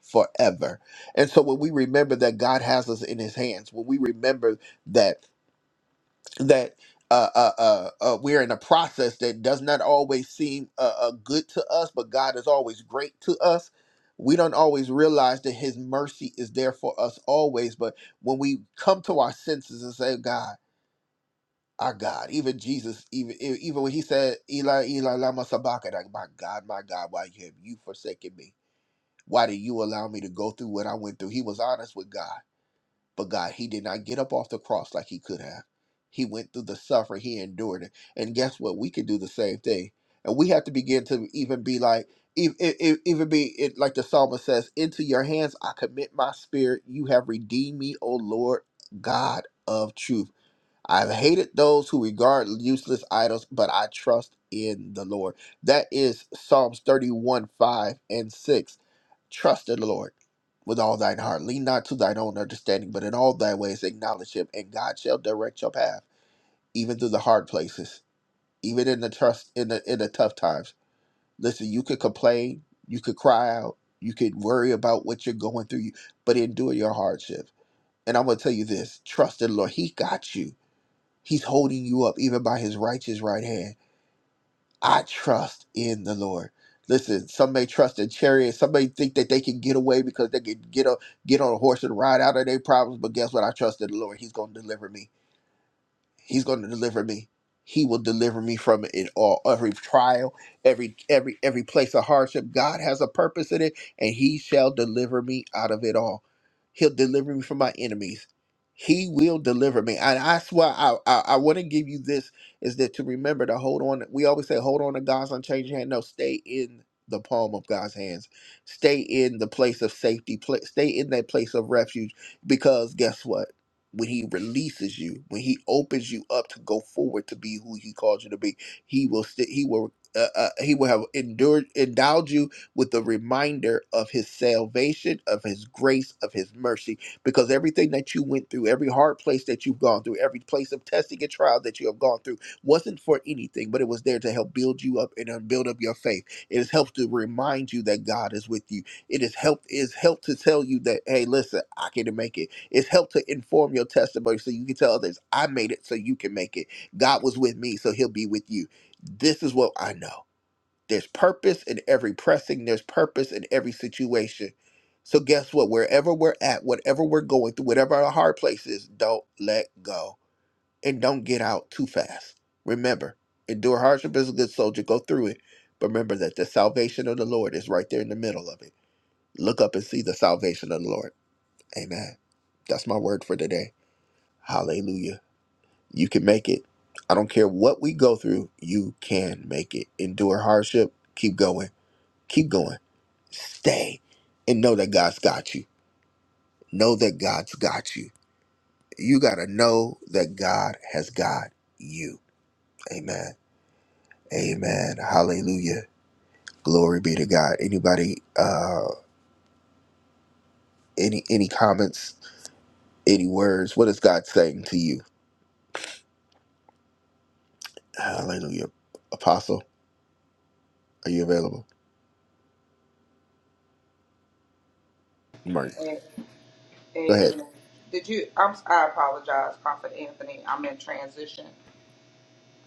A: forever. And so when we remember that God has us in His hands, when we remember that that uh, uh, uh, uh, we're in a process that does not always seem uh, uh, good to us, but God is always great to us. We don't always realize that His mercy is there for us always. But when we come to our senses and say, God, our God, even Jesus, even e- even when He said, Eli, Eli, lama sabachthani, like, my God, my God, why have you forsaken me? Why did you allow me to go through what I went through? He was honest with God but God, he did not get up off the cross like he could have. He went through the suffering, he endured it. And guess what? We could do the same thing. And we have to begin to even be like, e- e- e- even be it, like the psalmist says, Into your hands I commit my spirit. You have redeemed me, O Lord, God of truth. I've hated those who regard useless idols, but I trust in the Lord. That is Psalms 31 5 and 6 Trust in the Lord with all thine heart. Lean not to thine own understanding, but in all thy ways acknowledge him, and God shall direct your path, even through the hard places, even in the trust in the in the tough times. Listen, you could complain, you could cry out, you could worry about what you're going through, you- but endure your hardship. And I'm gonna tell you this: trust in the Lord. He got you. He's holding you up even by his righteous right hand. I trust in the Lord. Listen, some may trust in chariots. Some may think that they can get away because they can get a, get on a horse and ride out of their problems. But guess what? I trust in the Lord. He's going to deliver me. He's going to deliver me. He will deliver me from it in all every trial, every every every place of hardship. God has a purpose in it, and He shall deliver me out of it all. He'll deliver me from my enemies. He will deliver me, and I swear I I, I want to give you this is that to remember to hold on. We always say hold on to God's unchanging hand. No, stay in the palm of God's hands. Stay in the place of safety. Pla stay in that place of refuge, because guess what? when he releases you, when he opens you up to go forward to be who he calls you to be, he will st- he will uh, uh, he will have endured endowed you with the reminder of his salvation, of his grace, of his mercy, because everything that you went through, every hard place that you've gone through, every place of testing and trial that you have gone through, wasn't for anything, but it was there to help build you up and uh, build up your faith. It has helped to remind you that God is with you. It has helped is helped to tell you that hey, listen, I can make it. It's helped to inform your testimony so you can tell others, I made it so you can make it. God was with me, so he'll be with you. This is what I know. There's purpose in every pressing, there's purpose in every situation. So, guess what? Wherever we're at, whatever we're going through, whatever our hard place is, don't let go and don't get out too fast. Remember, endure hardship as a good soldier, go through it. But remember that the salvation of the Lord is right there in the middle of it. Look up and see the salvation of the Lord. Amen. That's my word for today. Hallelujah. You can make it. I don't care what we go through, you can make it. Endure hardship. Keep going. Keep going. Stay and know that God's got you. Know that God's got you. You got to know that God has got you. Amen. Amen. Hallelujah. Glory be to God. Anybody uh any any comments, any words? What is God saying to you? Hallelujah. Apostle, are you available? Mark.
B: A-
A: Go ahead.
B: Amen. Did you? I'm. I apologize, Prophet Anthony. I'm in transition.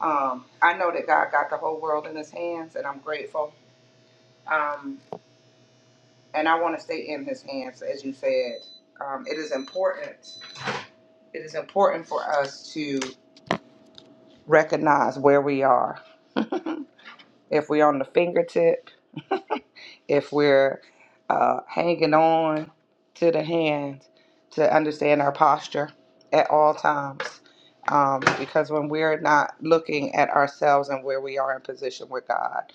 B: Um, I know that God got the whole world in His hands, and I'm grateful. Um, and I want to stay in His hands, as you said. Um, it is important. It is important for us to recognize where we are. (laughs) if we're on the fingertip, if we're uh, hanging on to the hand, to understand our posture at all times. Um, because when we're not looking at ourselves and where we are in position with God,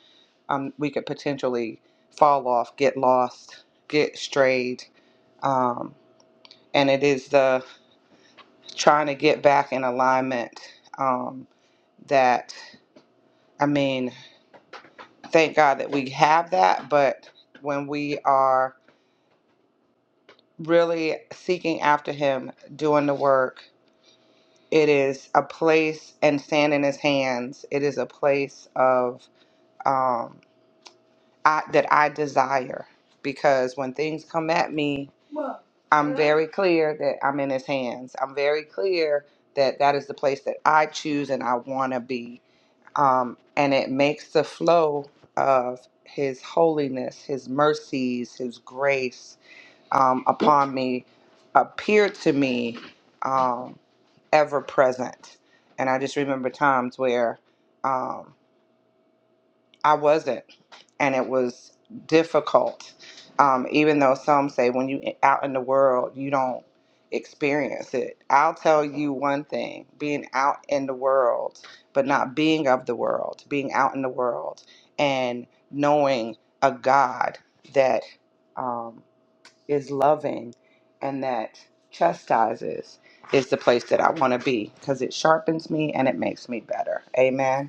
B: um, we could potentially fall off, get lost, get strayed. Um, and it is the trying to get back in alignment um, that i mean thank god that we have that but when we are really seeking after him doing the work it is a place and stand in his hands it is a place of um, I, that I desire. Because when things come at me, I'm very clear that I'm in His hands. I'm very clear that that is the place that I choose and I want to be. Um, and it makes the flow of His holiness, His mercies, His grace um, upon me appear to me um, ever present. And I just remember times where um, I wasn't and it was difficult. Um, even though some say when you out in the world, you don't experience it. I'll tell you one thing: being out in the world, but not being of the world, being out in the world and knowing a God that um, is loving and that chastises is the place that I want to be because it sharpens me and it makes me better. Amen.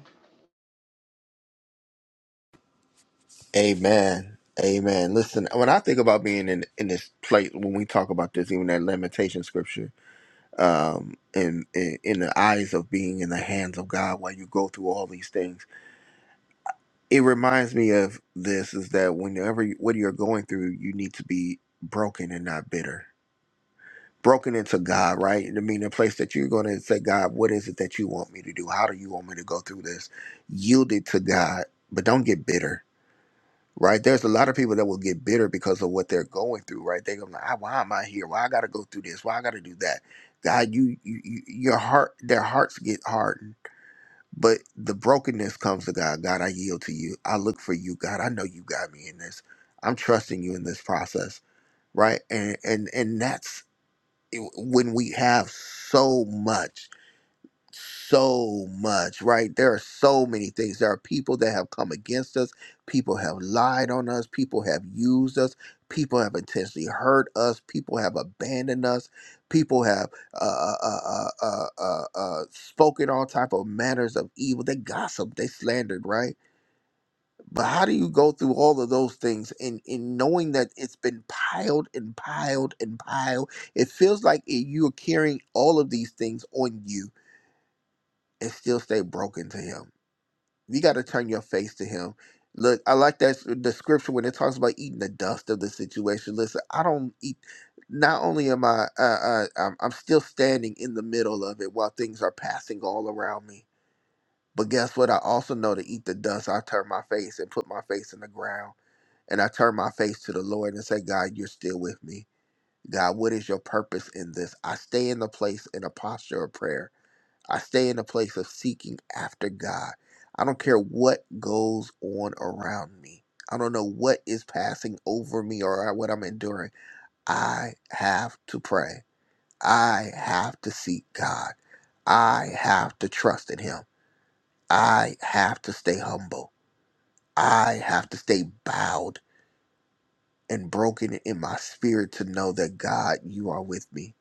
A: Amen. Amen. Listen, when I think about being in in this place, when we talk about this, even that lamentation scripture, um, in, in in the eyes of being in the hands of God, while you go through all these things, it reminds me of this: is that whenever you, what you're going through, you need to be broken and not bitter. Broken into God, right? I mean, a place that you're going to say, God, what is it that you want me to do? How do you want me to go through this? Yield it to God, but don't get bitter right? There's a lot of people that will get bitter because of what they're going through, right? They go, like, "Ah, why am I here? Why I got to go through this? Why I got to do that? God, you, you, you, your heart, their hearts get hardened, but the brokenness comes to God. God, I yield to you. I look for you, God. I know you got me in this. I'm trusting you in this process, right? And and and that's eh, when we have so much so much, right? There are so many things. There are people that have come against us. People have lied on us. People have used us. People have intentionally hurt us. People have abandoned us. People have uh, uh, uh, uh, uh, uh, uh, spoken all type of manners of evil. They gossiped. They slandered, right? But how do you go through all of those things and in knowing that it's been piled and piled and piled? It feels like it, you're carrying all of these things on you and still stay broken to him. You got to turn your face to him. Look, I like that s- the scripture when it talks about eating the dust of the situation. Listen, I don't eat. Not only am I, uh, uh, I'm, I'm still standing in the middle of it while things are passing all around me. But guess what? I also know to eat the dust. I turn my face and put my face in the ground, and I turn my face to the Lord and say, God, you're still with me. God, what is your purpose in this? I stay in the place in a posture of prayer I stay in a place of seeking after God. I don't care what goes on around me. I don't know what is passing over me or what I'm enduring. I have to pray. I have to seek God. I have to trust in Him. I have to stay humble. I have to stay bowed and broken in my spirit to know that God, you are with me.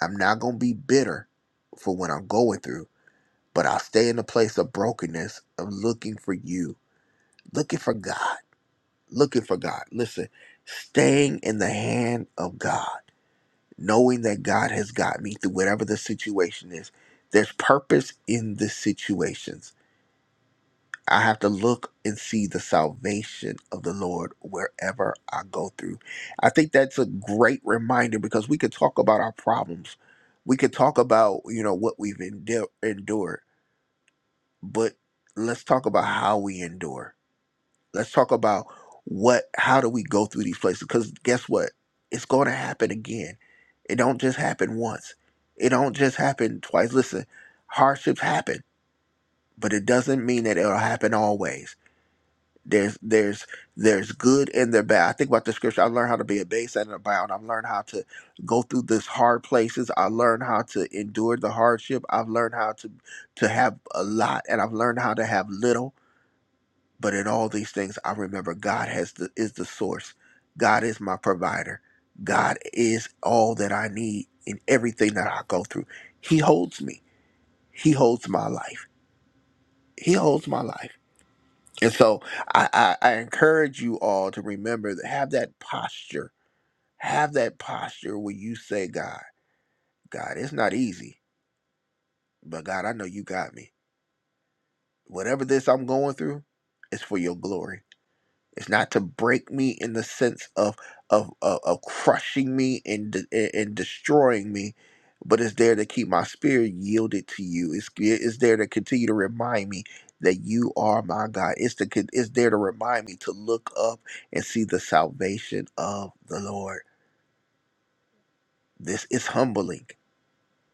A: I'm not going to be bitter for what I'm going through. But I'll stay in a place of brokenness, of looking for you, looking for God, looking for God. Listen, staying in the hand of God, knowing that God has got me through whatever the situation is. There's purpose in the situations. I have to look and see the salvation of the Lord wherever I go through. I think that's a great reminder because we could talk about our problems. We could talk about, you know, what we've endu- endured but let's talk about how we endure. Let's talk about what how do we go through these places cuz guess what? It's going to happen again. It don't just happen once. It don't just happen twice. Listen, hardships happen, but it doesn't mean that it'll happen always. There's there's there's good and there's bad. I think about the scripture. I learned how to be a base and a bound. I've learned how to go through this hard places. I learned how to endure the hardship. I've learned how to to have a lot and I've learned how to have little but in all these things, I remember God has the, is the source. God is my provider. God is all that I need in everything that I go through. He holds me. He holds my life. He holds my life. And so I, I, I encourage you all to remember that have that posture. Have that posture where you say, God, God, it's not easy, but God, I know you got me. Whatever this I'm going through, it's for your glory It's not to break me in the sense of of of, of crushing me and de- and destroying me, but it's there to keep my spirit yielded to you. It's yeah, it's there to continue to remind me that you are my God. It's to con- it's there to remind me to look up and see the salvation of the Lord. This is humbling.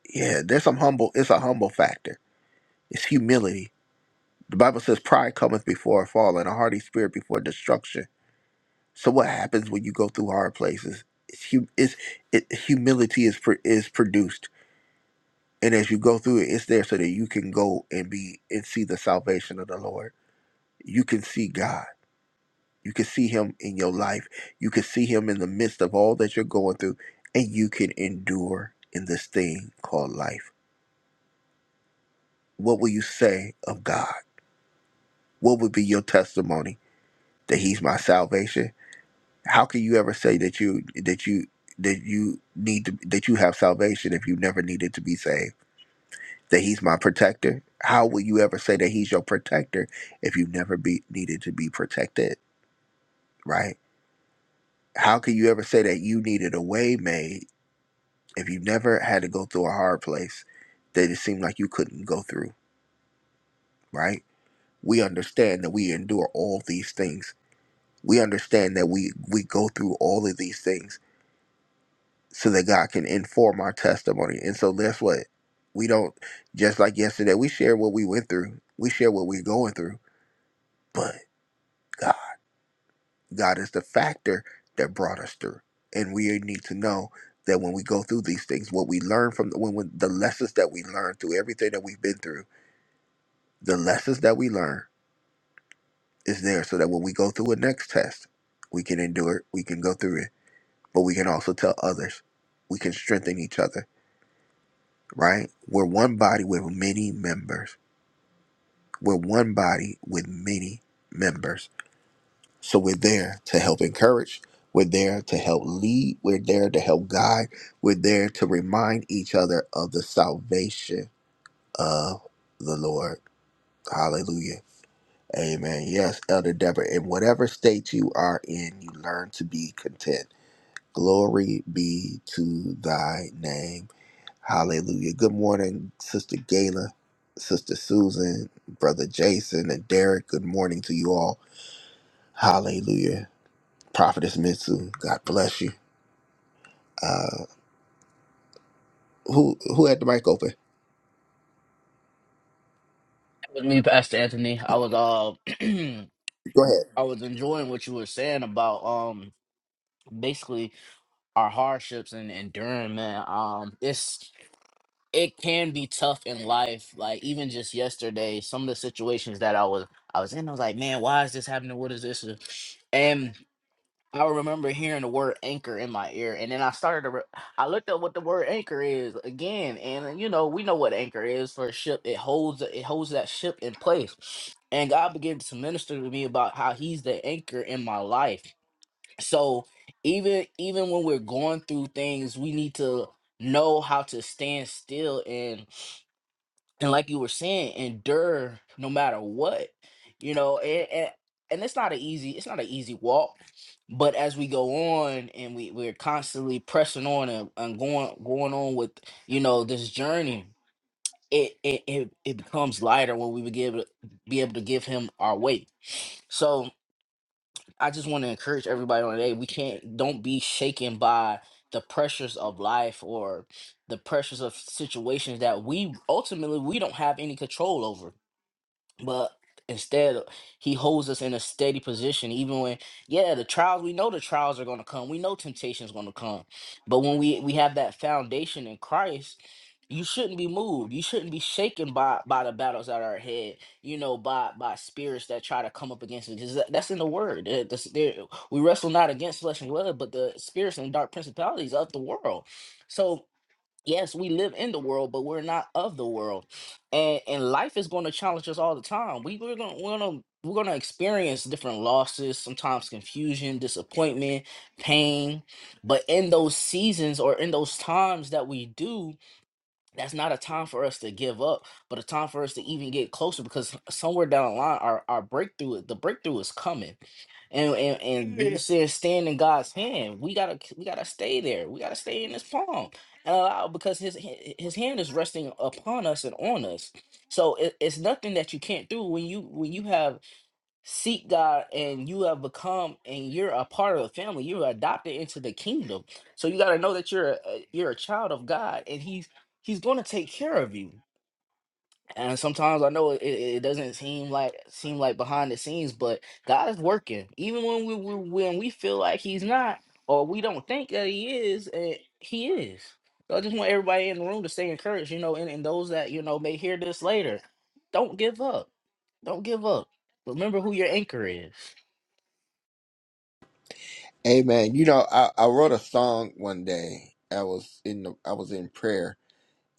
A: Yeah, there's some humble. It's a humble factor. It's humility. The Bible says pride cometh before a fall, and a haughty spirit before destruction. So what happens when you go through hard places? It's, hu- it's it, humility is pr- is produced, and as you go through it, it's there so that you can go and be and see the salvation of the Lord. You can see God. You can see Him in your life. You can see Him in the midst of all that you're going through, and you can endure in this thing called life. What will you say of God? What would be your testimony that He's my salvation? How can you ever say that you that you that you need to that you have salvation if you never needed to be saved? That he's my protector. How will you ever say that he's your protector if you never be needed to be protected? Right? How can you ever say that you needed a way made if you never had to go through a hard place that it seemed like you couldn't go through? Right? We understand that we endure all these things. We understand that we we go through all of these things so that God can inform our testimony. And so that's what we don't just like yesterday, we share what we went through. We share what we're going through. But God, God is the factor that brought us through. And we need to know that when we go through these things, what we learn from when, when the lessons that we learn through everything that we've been through, the lessons that we learn is there so that when we go through a next test, we can endure it, we can go through it, but we can also tell others. We can strengthen each other right? We're one body with many members. We're one body with many members. So we're there to help encourage. We're there to help lead. We're there to help guide. We're there to remind each other of the salvation of the Lord. Hallelujah. Amen. Yes, Elder Deborah, in whatever state you are in, you learn to be content. Glory be to thy name. Hallelujah. Good morning, Sister Gayla, Sister Susan, Brother Jason, and Derek. Good morning to you all. Hallelujah. Prophetess Mitsu, God bless you. Uh, who who had the mic open?
C: That was me, Pastor Anthony. I was all. (clears throat)
A: Go ahead.
C: I was enjoying what you were saying about um basically our hardships and enduring, man. Um it's it can be tough in life. Like even just yesterday, some of the situations that I was I was in, I was like, man, why is this happening? What is this? And I remember hearing the word anchor in my ear, and then I started to. Re- I looked up what the word anchor is again, and you know we know what anchor is for a ship. It holds it holds that ship in place. And God began to minister to me about how He's the anchor in my life so even even when we're going through things we need to know how to stand still and and like you were saying endure no matter what you know and and, and it's not an easy it's not an easy walk but as we go on and we we're constantly pressing on and, and going going on with you know this journey it, it it it becomes lighter when we be able be able to give him our weight so I just want to encourage everybody on today. We can't don't be shaken by the pressures of life or the pressures of situations that we ultimately we don't have any control over. But instead, he holds us in a steady position, even when, yeah, the trials, we know the trials are going to come. We know temptation is going to come. But when we, we have that foundation in Christ, you shouldn't be moved. You shouldn't be shaken by by the battles that are ahead. You know, by by spirits that try to come up against us. 'Cause that- That's in the word. Uh, this- there- we wrestle not against flesh and blood, but the spirits and dark principalities of the world. So yes, we live in the world, but we're not of the world. And and life is going to challenge us all the time. We we're gonna we're gonna we're gonna experience different losses, sometimes confusion, disappointment, pain. But in those seasons or in those times that we do, that's not a time for us to give up, but a time for us to even get closer because somewhere down the line our, our breakthrough the breakthrough is coming and, and and (laughs) Yeah. you said stand in God's hand. We gotta we gotta stay there. We gotta stay in His palm and allow because His h- His hand is resting upon us and on us. So it, it's nothing that you can't do when you when you have seek God and you have become and you're a part of the family. You're adopted into the kingdom. So you gotta know that you're a, a- you're a child of God and He's He's gonna take care of you. And sometimes I know it, it it doesn't seem like seem like behind the scenes, but God is working. Even when we, we when we feel like He's not, or we don't think that He is, eh, He is. So I just want everybody in the room to stay encouraged. You know, and, and those that you know may hear this later, don't give up. Don't give up. Remember who your anchor is.
A: Amen. You know, I, I wrote a song one day. I was in the, I was in prayer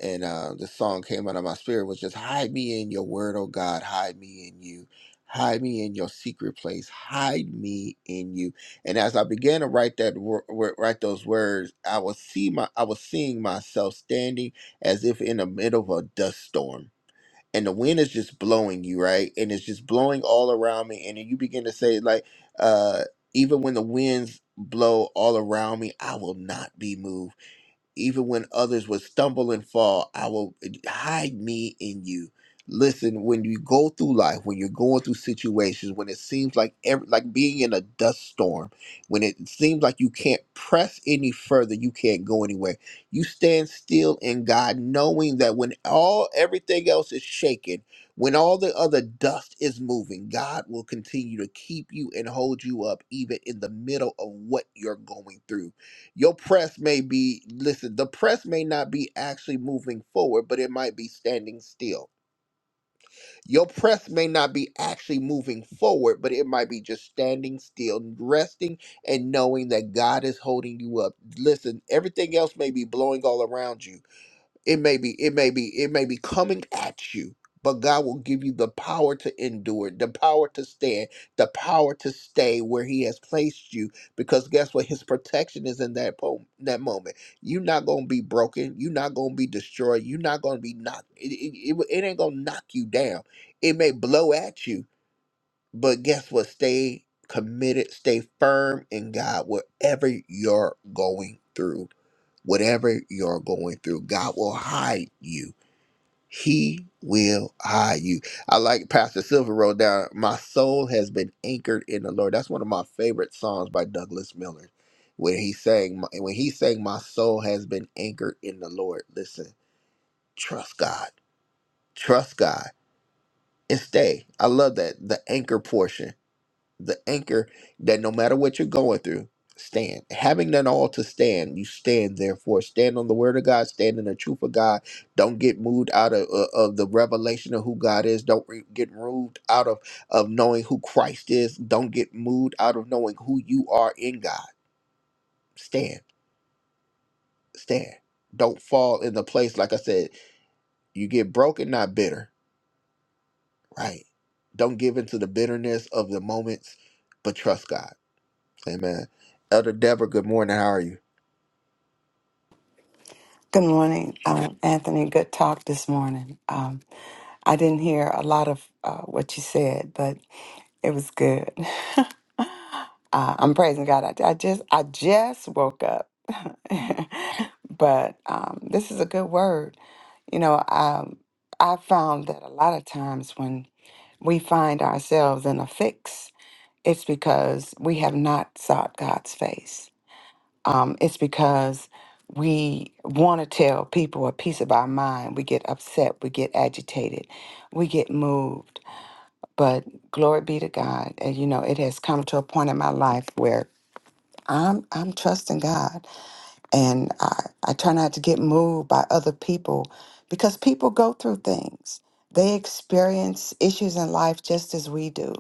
A: and uh, the song came out of my spirit was just hide me in your word oh god hide me in you hide me in your secret place hide me in you and as i began to write that wor- wor- write those words i was see my i was seeing myself standing as if in the middle of a dust storm and the wind is just blowing you right and it's just blowing all around me and then you begin to say like uh even when the winds blow all around me i will not be moved even when others would stumble and fall, I will hide me in you. Listen, when you go through life, when you're going through situations, when it seems like every, like being in a dust storm, when it seems like you can't press any further, you can't go anywhere. You stand still in God, knowing that when all everything else is shaken, when all the other dust is moving, God will continue to keep you and hold you up, even in the middle of what you're going through your press may be, listen, the press may not be actually moving forward, but it might be standing still. Your press may not be actually moving forward, but it might be just standing still, resting and knowing that God is holding you up. Listen, everything else may be blowing all around you it may be, it may be, it may be coming at you, but God will give you the power to endure, the power to stand, the power to stay where He has placed you. Because guess what? His protection is in that po- that moment. You're not gonna be broken. You're not gonna be destroyed. You're not gonna be knocked. It, it, it, it ain't gonna knock you down. It may blow at you, but guess what? Stay committed. Stay firm in God, whatever you're going through whatever you're going through, God will hide you. He will hide you. I like Pastor Silver wrote down, My soul has been anchored in the Lord. That's one of my favorite songs by Douglas Miller. When he sang, when he sang, My soul has been anchored in the Lord. Listen, trust God. Trust God and stay. I love that. The anchor portion the anchor that no matter what you're going through, stand. Having done all to stand, you stand. Therefore, stand on the word of God, stand in the truth of God. Don't get moved out of uh, of the revelation of who God is. Don't re- get moved out of of knowing who Christ is. Don't get moved out of knowing who you are in God. Stand, stand. Don't fall in the place like I said. You get broken, not bitter. Right. Don't give into the bitterness of the moments, but trust God Amen. Elder Deborah, good morning. How are you?
D: Good morning, um, Anthony. Good talk this morning. Um, I didn't hear a lot of uh, what you said, but it was good. (laughs) uh, I'm praising God. I, I just I just woke up, (laughs) but um, this is a good word. You know, um, I found that a lot of times when we find ourselves in a fix, it's because we have not sought God's face um, it's because we want to tell people a piece of our mind. We get upset, we get agitated, we get moved. But glory be to God, and you know it has come to a point in my life where I'm I'm trusting God, and I I try not to get moved by other people because people go through things. They experience issues in life just as we do.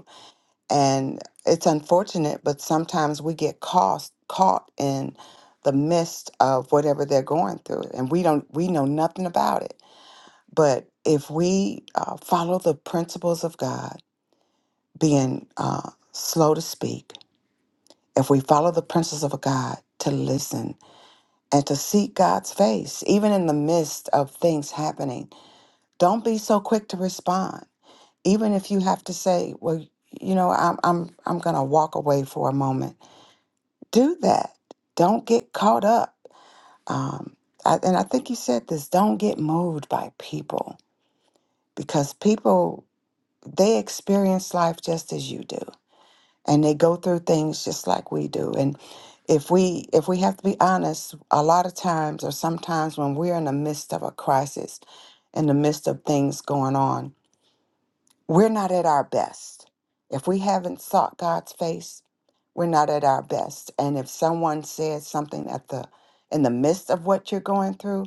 D: And it's unfortunate, but sometimes we get caught caught in the midst of whatever they're going through, and we don't we know nothing about it. But if we uh, follow the principles of God, being uh, slow to speak, if we follow the principles of God to listen and to seek God's face, even in the midst of things happening, don't be so quick to respond. Even if you have to say, "Well, you know, I'm I'm I'm going to walk away for a moment." do that. Don't get caught up. Um, I, and I think you said this don't get moved by people because people, they experience life just as you do and they go through things just like we do. And if we if we have to be honest, a lot of times or sometimes when we're in the midst of a crisis, in the midst of things going on, we're not at our best. If we haven't sought God's face, we're not at our best. And if someone says something at the in the midst of what you're going through,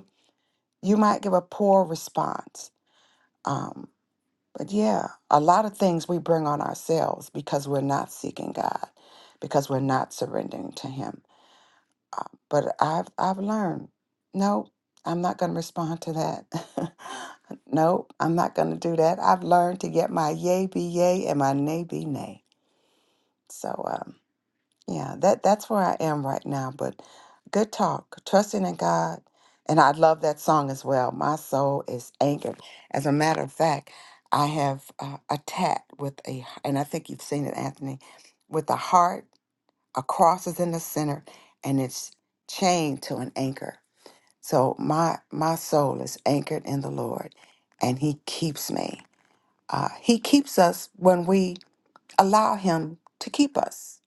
D: you might give a poor response. Um, but yeah, a lot of things we bring on ourselves because we're not seeking God, because we're not surrendering to Him. Uh, But I've I've learned, no, I'm not going to respond to that. (laughs) no, I'm not going to do that. I've learned to get my yay be yay and my nay be nay. So um, yeah, that that's where I am right now. But good talk, trusting in God, and I love that song as well. My soul is anchored. As a matter of fact, I have uh, a tat with a, and I think you've seen it, Anthony, with a heart a cross is in the center and it's chained to an anchor so my my soul is anchored in the lord and he keeps me uh, he keeps us when we allow him to keep us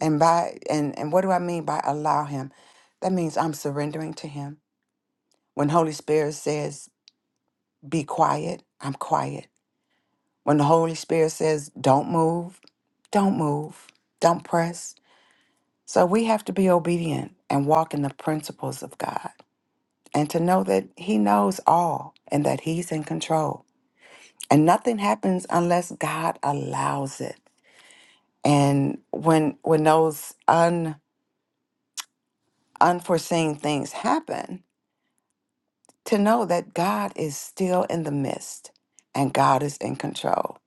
D: and by and and what do i mean by allow him that means i'm surrendering to him when holy spirit says be quiet i'm quiet when the holy spirit says don't move don't move don't press So we have to be obedient and walk in the principles of God and to know that He knows all and that He's in control. And nothing happens unless God allows it. And when when those un, unforeseen things happen, to know that God is still in the midst and God is in control.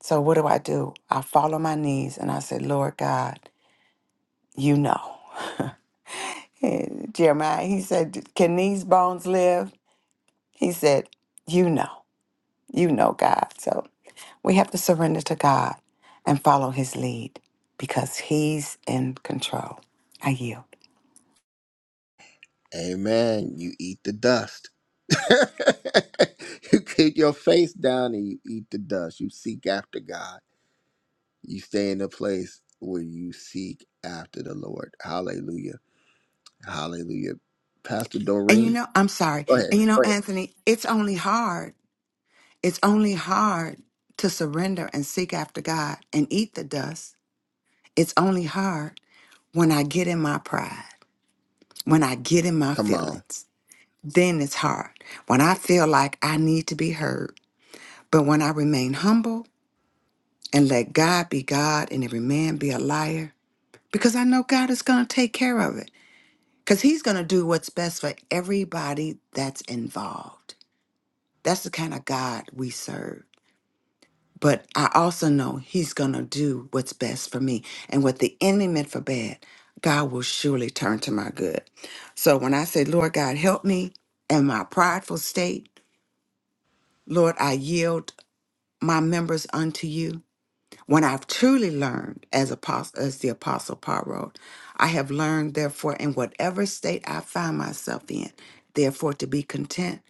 D: So what do I do? I fall on my knees and I say, Lord God, you know. (laughs) Jeremiah, he said, Can these bones live? He said, You know, you know God. So we have to surrender to God and follow his lead because he's in control. I yield.
A: Amen. You eat the dust. (laughs) you keep your face down and you eat the dust. You seek after God. You stay in a place where you seek after the Lord. Hallelujah. Hallelujah. Pastor
D: And you
A: Doreen,
D: know, I'm sorry.
A: go ahead.
D: And you know,
A: Go ahead.
D: Anthony, it's only hard. It's only hard to surrender and seek after God and eat the dust. It's only hard when I get in my pride, when I get in my
A: Come on.
D: feelings. Then it's hard. When I feel like I need to be heard. But when I remain humble and let God be God and every man be a liar because I know God is going to take care of it because He's going to do what's best for everybody that's involved. That's the kind of God we serve. But I also know He's going to do what's best for me. And what the enemy meant for bad, God will surely turn to my good. So when I say, Lord God, help me in my prideful state, Lord, I yield my members unto you. When I've truly learned as apostle, as the apostle Paul wrote, I have learned therefore in whatever state I find myself in, therefore to be content.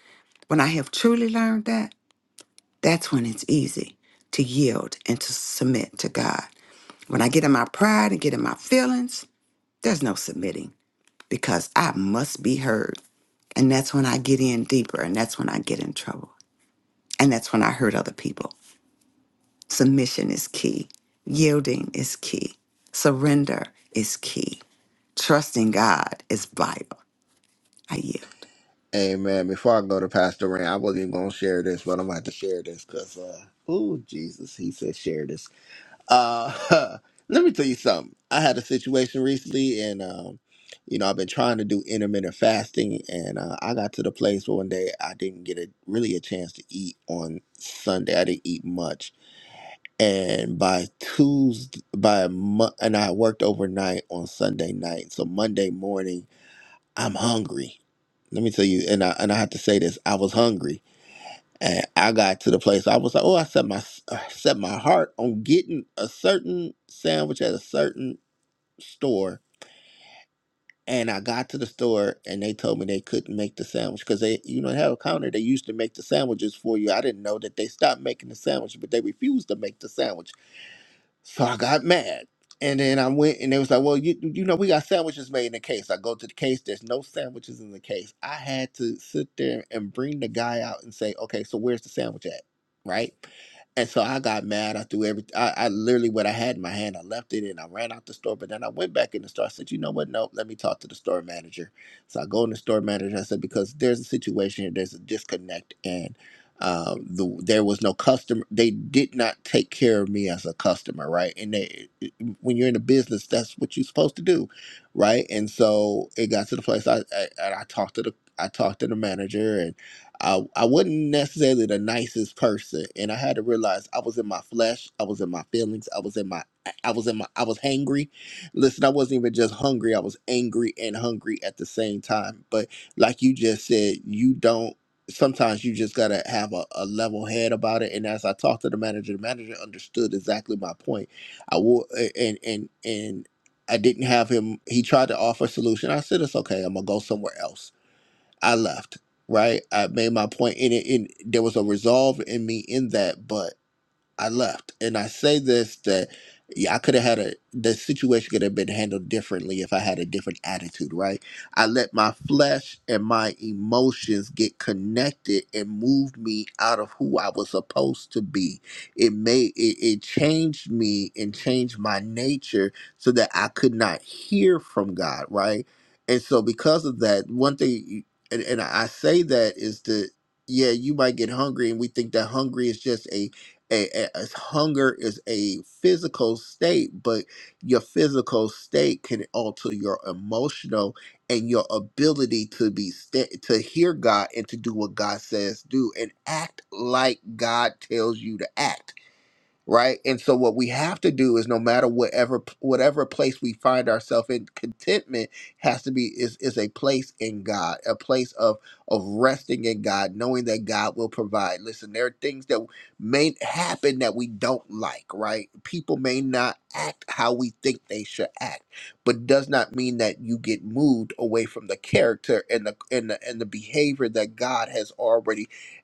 D: When I have truly learned that, that's when it's easy to yield and to submit to God. When I get in my pride and get in my feelings, there's no submitting because I must be heard. And that's when I get in deeper and that's when I get in trouble. And that's when I hurt other people. Submission is key. Yielding is key. Surrender is key. Trusting God is vital. I yield.
A: Amen. Before I go to Pastor Doreen, I wasn't even going to share this, but I'm about to share this because, uh, oh, Jesus, he said share this. Uh, (laughs) let me tell you something. I had a situation recently, and um, you know, I've been trying to do intermittent fasting, and uh, I got to the place where one day I didn't get a really a chance to eat on Sunday. I didn't eat much, and by Tuesday, by Mo- and I worked overnight on Sunday night, so Monday morning I'm hungry. Let me tell you, and I and I have to say this: I was hungry and I got to the place I was like, oh, I set my I set my heart on getting a certain sandwich at a certain store. And I got to the store and they told me they couldn't make the sandwich because they, you know, they have a counter. They used to make the sandwiches for you. I didn't know that they stopped making the sandwich, but they refused to make the sandwich. So I got mad. And then I went and they was like, well, you you know, we got sandwiches made in the case. I go to the case, there's no sandwiches in the case. I had to sit there and bring the guy out and say, okay, so where's the sandwich at? Right? And so I got mad. I threw every, I, I literally what I had in my hand, I left it and I ran out the store. But then I went back in the store. I said, you know what? Nope, let me talk to the store manager. So I go in the store manager. I said, because there's a situation here, there's a disconnect uh, the, there was no customer. They did not take care of me as a customer, right? And they, when you're in a business, that's what you're supposed to do, right? And so it got to the place. I, I and I talked to the I talked to the manager, and I I wasn't necessarily the nicest person, and I had to realize I was in my flesh, I was in my feelings, I was in my I was in my I was hangry. Listen, I wasn't even just hungry; I was angry and hungry at the same time. But like you just said, you don't sometimes you just gotta have a, a level head about it. And as I talked to the manager, the manager understood exactly my point. I will and and and I didn't have him he tried to offer a solution. I said it's okay, I'm gonna go somewhere else. I left. Right. I made my point and it and there was a resolve in me in that, but I left. And I say this that yeah, I could have had a the situation could have been handled differently if I had a different attitude, right? I let my flesh and my emotions get connected and moved me out of who I was supposed to be. It made it, it changed me and changed my nature so that I could not hear from God, right? And so because of that, one thing you- and, and I say that is that yeah, you might get hungry and we think that hungry is just a a, a- as hunger is a physical state, but your physical state can alter your emotional and your ability to be sta- to hear God and to do what God says do and act like God tells you to act right? And so what we have to do is no matter whatever whatever place we find ourselves in, contentment has to be is is a place in God, a place of of resting in God, knowing that God will provide. Listen, there are things that may happen that we don't like, right? People may not act how we think they should act, but does not mean that you get moved away from the character and the and the and the behavior that God has already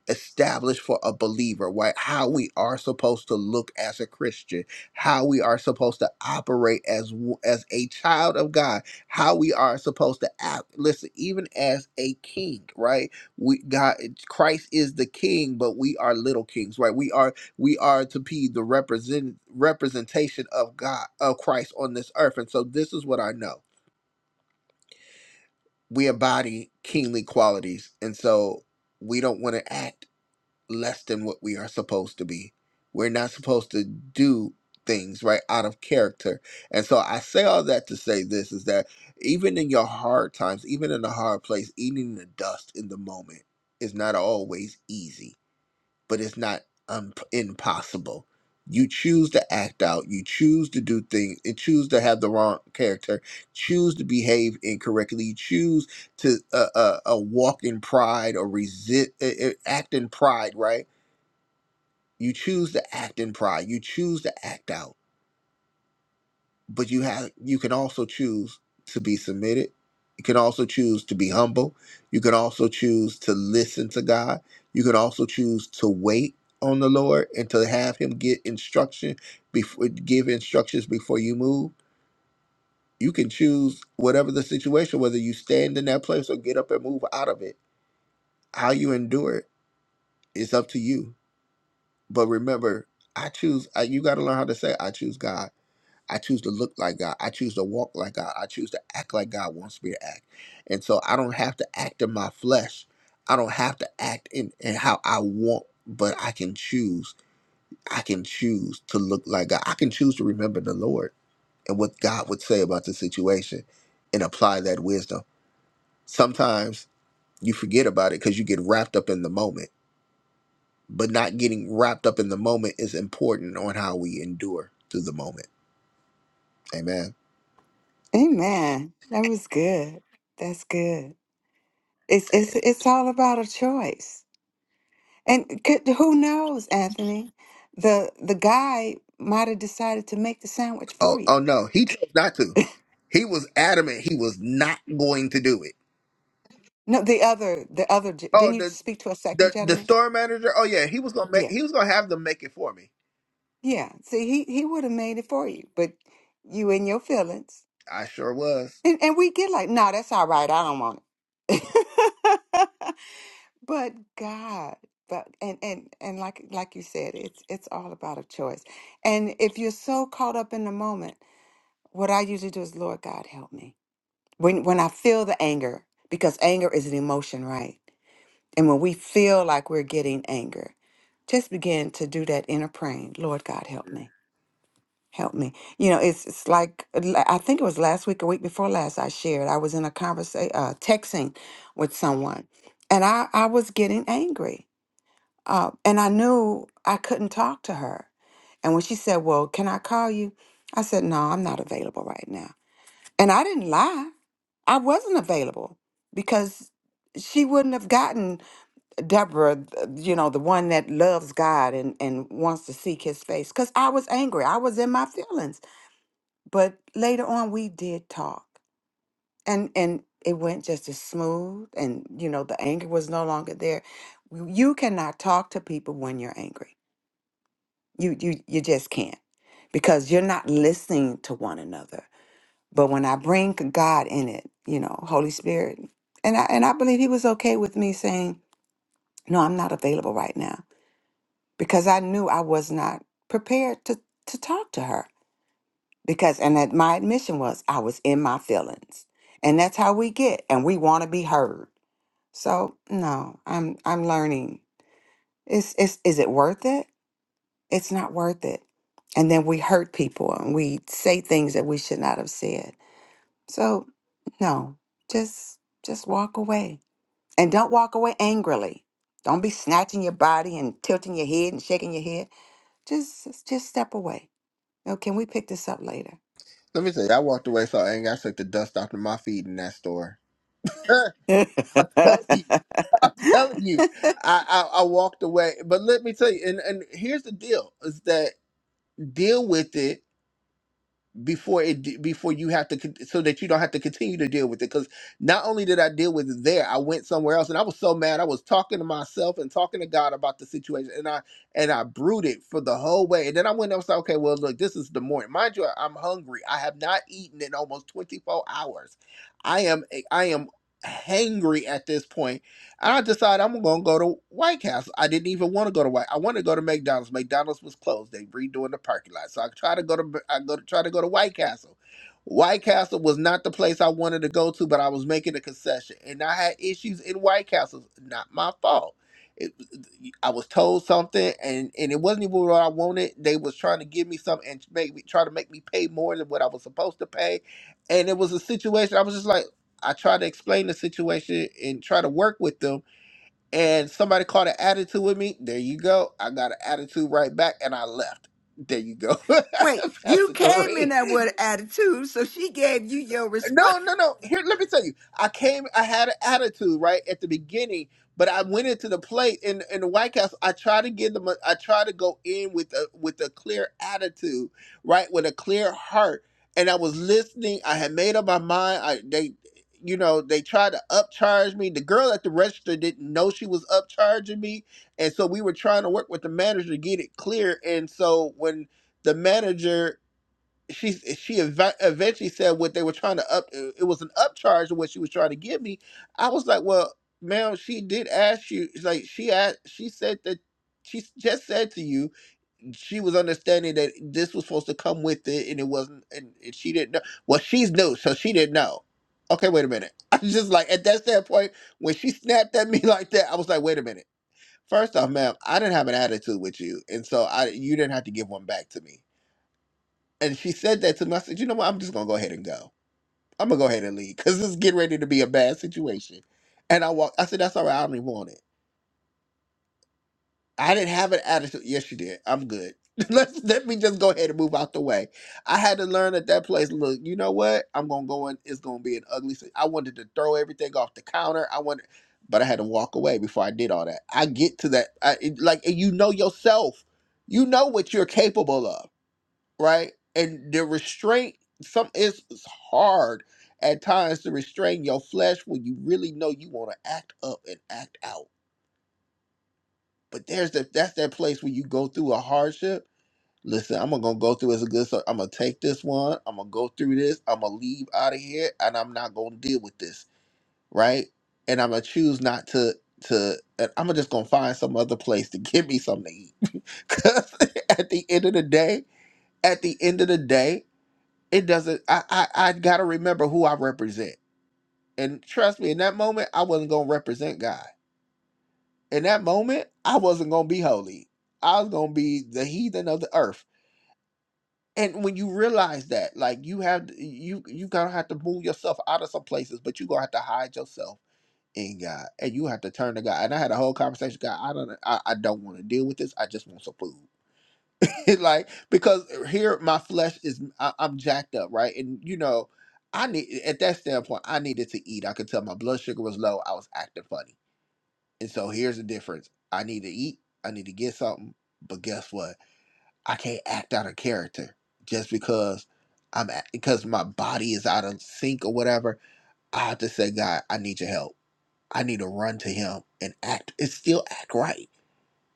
A: established for a believer, right? How we are supposed to look as a Christian, how we are supposed to operate as w- as a child of God, how we are supposed to act. Listen, even as a king, right? We God Christ is the king, but we are little kings, right? We are we are to be the represent representation of God of Christ on this earth. And so this is what I know. We embody kingly qualities. And so we don't want to act less than what we are supposed to be. We're not supposed to do things right out of character. And so I say all that to say this is that even in your hard times, even in a hard place, eating the dust in the moment is not always easy, but it's not un- impossible. You choose to act out, you choose to do things, and choose to have the wrong character, choose to behave incorrectly, you choose to uh, uh, uh, walk in pride or resist, uh, uh, act in pride, right? You choose to act in pride. You choose to act out. But you have you can also choose to be submitted. You can also choose to be humble. You can also choose to listen to God. You can also choose to wait on the Lord and to have him get instruction before give instructions before you move. You can choose whatever the situation, whether you stand in that place or get up and move out of it. How you endure it is up to you. But remember, I choose. I, you got to learn how to say, "I choose God." I choose to look like God. I choose to walk like God. I choose to act like God wants me to act. And so I don't have to act in my flesh. I don't have to act in, in how I want, but I can choose. I can choose to look like God. I can choose to remember the Lord and what God would say about the situation and apply that wisdom. Sometimes you forget about it because you get wrapped up in the moment, but not getting wrapped up in the moment is important on how we endure through the moment. Amen.
D: Amen. That was good. That's good. It's it's it's all about a choice. And could, who knows, Anthony? The the guy might have decided to make the sandwich
A: Oh,
D: for you.
A: oh no, he chose not to. He was adamant he was not going to do it.
D: No, the other the other ge-
A: Oh,
D: didn't you
A: the
D: speak to a second
A: the the
D: gentleman?
A: store manager. Oh yeah, he was gonna make.
D: Yeah.
A: He was gonna have them make it for me.
D: Yeah. See, he he would have made it for you, but you in your feelings.
A: I sure was.
D: And, and we get like, no, that's all right. I don't want it. (laughs) but God, but and and and like like you said, it's it's all about a choice. And if you're so caught up in the moment, what I usually do is, Lord God, help me when when I feel the anger because anger is an emotion, right? And when we feel like we're getting anger, just begin to do that inner praying. Lord God, help me help me. You know, it's it's like la- I think it was last week, a week before last, I shared I was in a conversation, uh, texting with someone, and I I was getting angry, uh, and I knew I couldn't talk to her. And when she said, "Well, can I call you?" I said, "No, I'm not available right now," and I didn't lie. I wasn't available because she wouldn't have gotten Deborah, th- you know, the one that loves God and, and wants to seek his face. Because I was angry. I was in my feelings but later on we did talk and and it went just as smooth and you know the anger was no longer there W- you cannot talk to people when you're angry you you you just can't because you're not listening to one another but when i bring god in it you know holy spirit and i and i believe he was okay with me saying no i'm not available right now because i knew i was not prepared to to talk to her because and that my admission was I was in my feelings. And that's how we get and we want to be heard. So, no, I'm I'm learning. Is is is it worth it? It's not worth it. And then we hurt people and we say things that we should not have said. So, no. Just just walk away. And don't walk away angrily. Don't be snatching your body and tilting your head and shaking your head. Just just just step away. Oh, can we pick this up later?
A: Let me tell you, I walked away so angry. I took the dust off of my feet in that store. (laughs) I'm telling you, I'm
D: (laughs)
A: telling you, I, I I walked away. But let me tell you, and and here's the deal: is that deal with it before it before you have to con- so that you don't have to continue to deal with it because not only did i deal with it there i went somewhere else and i was so mad i was talking to myself and talking to god about the situation and i and i brooded for the whole way and then i went and I was like, okay well look this is the morning mind you i'm hungry i have not eaten in almost 24 hours i am eh, i am hangry at this point and I decided I'm gonna go to White Castle. I didn't even want to go to White. I wanted to go to McDonald's. McDonald's was closed. They redoing the parking lot. So I tried to go to I go to try to go to White Castle. White Castle was not the place I wanted to go to, but I was making a concession, and I had issues in White Castle. Not my fault. It, I was told something, and and it wasn't even what I wanted. They was trying to give me something and make me try to make me pay more than what I was supposed to pay, and it was a situation. I was just like. I try to explain the situation and try to work with them, and somebody caught an attitude with me. There you go. I got an attitude right back, and I left. There you go,
D: Wait,
A: (laughs)
D: you
A: Pastor
D: came in
A: Doreen.
D: that with attitude, so she gave you your response.
A: No, no, no. Here, let me tell you. I came. I had an attitude right at the beginning, but I went into the plate in in the White House. I try to give them. A, I try to go in with a with a clear attitude, right, with a clear heart. And I was listening. I had made up my mind. I they, you know, they tried to upcharge me. The girl at the register didn't know she was upcharging me, and so we were trying to work with the manager to get it clear. And so when the manager she she eva- eventually said what they were trying to up it was an upcharge of what she was trying to give me i was like well ma'am she did ask you it's like she asked she said that she s- just said to you she was understanding that this was supposed to come with it and it wasn't and, and she didn't know well she's new so she didn't know okay wait a minute (laughs) i was just like at that standpoint when she snapped at me (laughs) like that i was like wait a minute first off ma'am i didn't have an attitude with you and so i you didn't have to give one back to me and she said that to me. I said, you know what? I'm just gonna go ahead and go. I'm gonna go ahead and leave because it's getting ready to be a bad situation. And I walked. I said, that's all right. I don't even want it. I didn't have an attitude. Yes, you did. I'm good. (laughs) Let's let me just go ahead and move out the way. I had to learn at that place. Look, you know what? I'm gonna go in. It's gonna be an ugly. si- I wanted to throw everything off the counter. I wanted, but I had to walk away before I did all that. I get to that. I it, like and you know yourself. You know what you're capable of right? And the restraint, some it's, it's hard at times to restrain your flesh when you really know you want to act up and act out. But there's that that's that place where you go through a hardship. Listen, I'm gonna go through as a good. So I'm gonna take this one. I'm gonna go through this. I'm gonna leave out of here, and I'm not gonna deal with this, right? And I'm gonna choose not to to. And I'm just gonna find some other place to (laughs) give me something to eat. (laughs) Cause at the end of the day, at the end of the day, it doesn't I, I i gotta remember who i represent and trust me in that moment i wasn't gonna represent god in that moment i wasn't gonna be holy i was gonna be the heathen of the earth and when you realize that like you have you you gonna have to move yourself out of some places but you gonna have to hide yourself in god and you have to turn to god and i had a whole conversation god i don't i, I don't want to deal with this i just want some food (laughs) like because here my flesh is I, I'm jacked up, right? And you know, I need at that standpoint, I needed to eat. I could tell my blood sugar was low. I was acting funny, and so here's the difference: I need to eat. I need to get something. But guess what? I can't act out of character just because I'm at, because my body is out of sync or whatever. I have to say, God, I need your help. I need to run to Him and act. It's still act right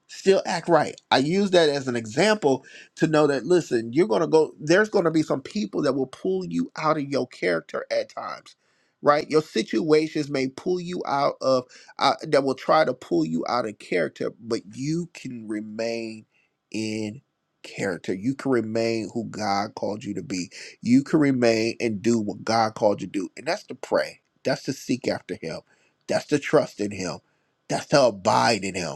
A: still act right. I use that as an example to know that listen, you're going to go there's going to be some people that will pull you out of your character at times. Right? Your situations may pull you out of uh, that will try to pull you out of character, but you can remain in character. You can remain who God called you to be. You can remain and do what God called you to do. And that's to pray. That's to seek after him. That's to trust in him. That's to abide in him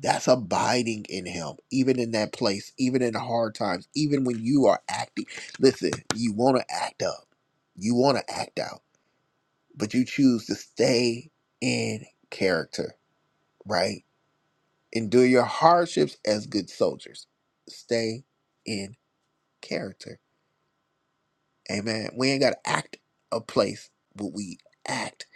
A: that's abiding in Him, even in that place, even in the hard times, even when you are acting. Listen, you want to act up, you want to act out, but you choose to stay in character, right? Endure your hardships as good soldiers. Stay in character. Amen. We ain't got to act a place, but we act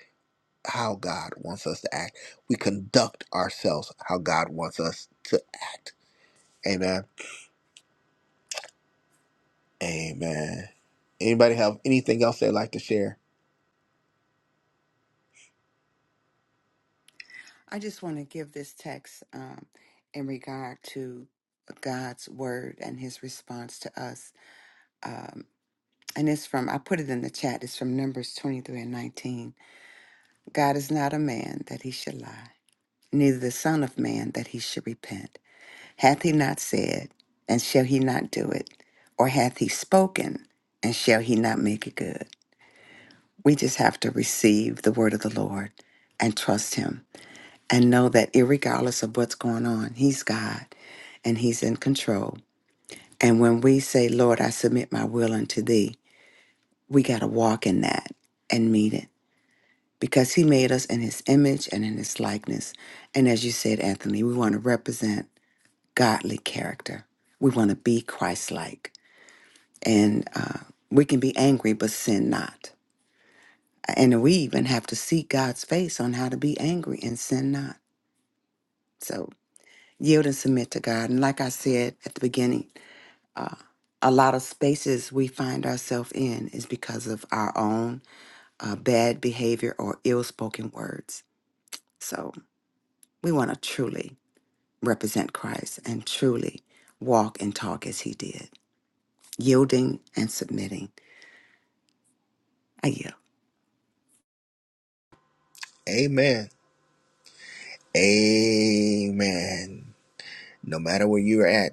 A: how God wants us to act. We conduct ourselves how God wants us to act. Amen Amen. Anybody have anything else they'd like to share?
D: I just want to give this text um, in regard to God's word and his response to us. Um, and it's from, I put it in the chat, it's from Numbers 23 and 19. God is not a man that he should lie, neither the Son of Man that he should repent. Hath he not said, and shall he not do it? Or hath he spoken, and shall he not make it good? We just have to receive the word of the Lord and trust Him and know that, irregardless of what's going on, He's God and He's in control. And when we say, Lord, I submit my will unto Thee, we got to walk in that and meet it because He made us in His image and in His likeness. And as you said, Anthony, we want to represent godly character, we want to be Christ like. And uh, we can be angry, but sin not. And we even have to seek God's face on how to be angry and sin not. So yield and submit to God. And like I said at the beginning, uh, a lot of spaces we find ourselves in is because of our own uh, bad behavior or ill spoken words. So we want to truly represent Christ and truly walk and talk as he did, yielding and submitting. I yield.
A: Amen. Amen. No matter where you're at,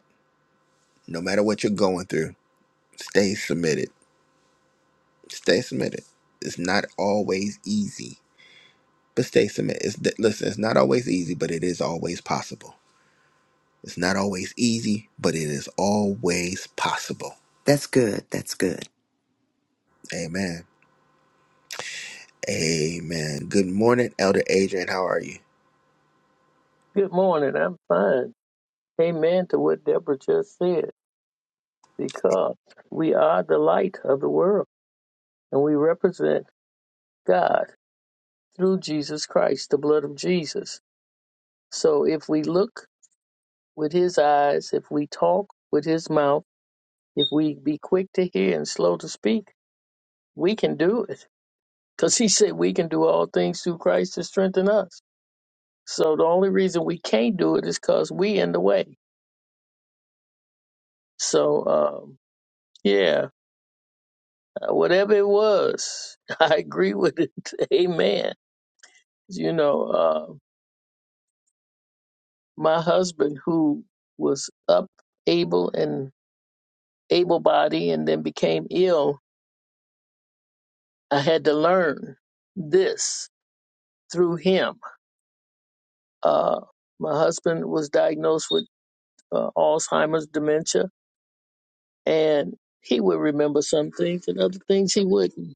A: no matter what you're going through, stay submitted. Stay submitted. It's not always easy, but stay submitted. It's, th- listen, it's not always easy, but it is always possible. It's not always easy, but it is always possible.
D: That's good. That's good.
A: Amen. Amen. Good morning, Elder Adrian. How are you?
E: Good morning. I'm fine. Amen to what Deborah just said because we are the light of the world and we represent God through Jesus Christ, the blood of Jesus. So if we look with his eyes, if we talk with his mouth, if we be quick to hear and slow to speak, we can do it because he said we can do all things through Christ to strengthen us. So the only reason we can't do it is because we in the way. So, um, yeah, Uh, whatever it was, (laughs) I agree with it. (laughs) Amen. You know, uh, my husband, who was up, able, and able body, and then became ill, I had to learn this through him. Uh, my husband was diagnosed with uh, Alzheimer's dementia, and he would remember some things and other things he wouldn't.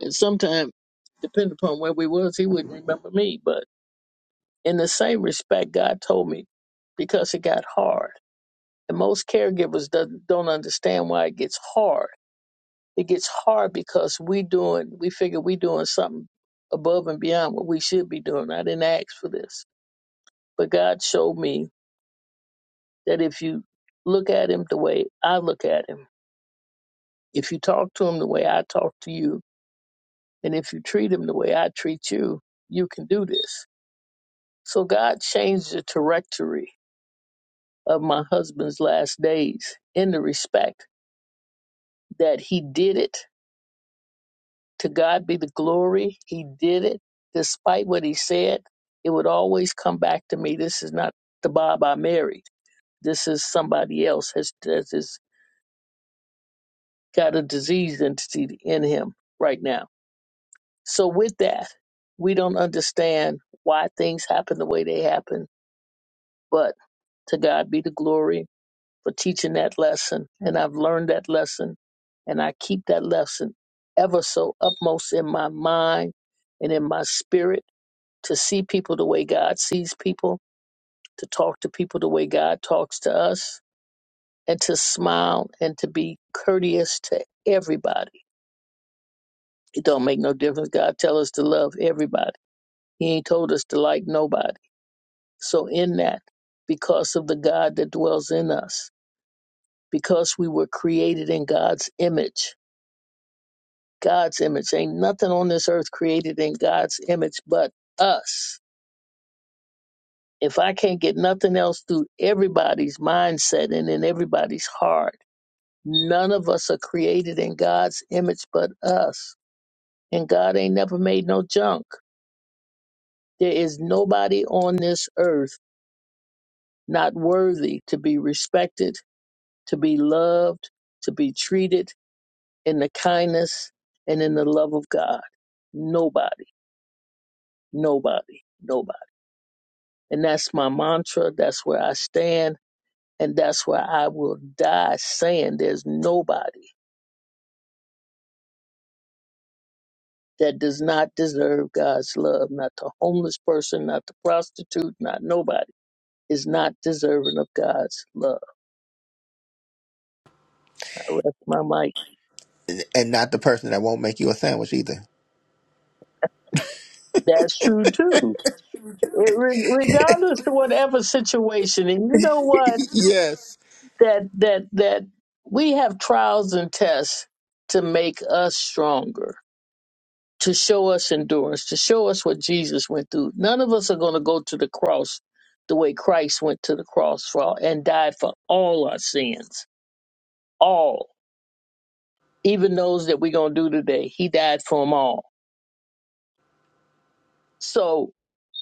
E: And sometimes, depending upon where we was, he wouldn't remember me, but In the same respect, God told me because it got hard. And most caregivers do, don't understand why it gets hard. It gets hard because we doing we figure we doing something above and beyond what we should be doing. I didn't ask for this, but God showed me that if you look at him the way I look at him, if you talk to him the way I talk to you, and if you treat him the way I treat you, you can do this. So God changed the trajectory of my husband's last days in the respect that he did it. To God be the glory. He did it. Despite what he said, it would always come back to me. This is not the Bob I married. This is somebody else has, has, has got a disease entity in him right now. So with that, we don't understand why things happen the way they happen, but to God be the glory for teaching that lesson. And I've learned that lesson. And I keep that lesson ever so upmost in my mind and in my spirit to see people the way God sees people, to talk to people the way God talks to us, and to smile and to be courteous to everybody. It don't make no difference. God tell us to love everybody. He ain't told us to like nobody. So in that, because of the God that dwells in us, because we were created in God's image, God's image. Ain't nothing on this earth created in God's image but us. If I can't get nothing else through everybody's mindset and in everybody's heart, none of us are created in God's image but us. And God ain't never made no junk. There is nobody on this earth not worthy to be respected, to be loved, to be treated in the kindness and in the love of God. Nobody, nobody, nobody. And that's my mantra. That's where I stand. And that's where I will die saying there's nobody that does not deserve God's love. Not the homeless person, not the prostitute, not nobody is not deserving of God's love. I rest my mic.
A: And, and not the person that won't make you a sandwich either.
E: That's true too. It, re- regardless of whatever situation, and you know what?
A: (laughs) yes.
E: That that that we have trials and tests to make us stronger to show us endurance, to show us what Jesus went through. None of us are going to go to the cross the way Christ went to the cross for all, and died for all our sins, all, even those that we're going to do today. He died for them all. So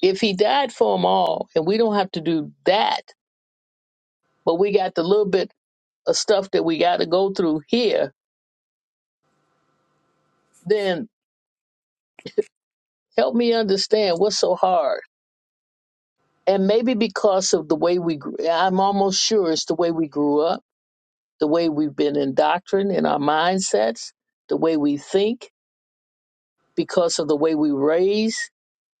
E: if he died for them all, and we don't have to do that, but we got the little bit of stuff that we got to go through here, then help me understand what's so hard. And maybe because of the way we, grew, I'm almost sure it's the way we grew up the way we've been indoctrined in our mindsets, the way we think, because of the way we raise,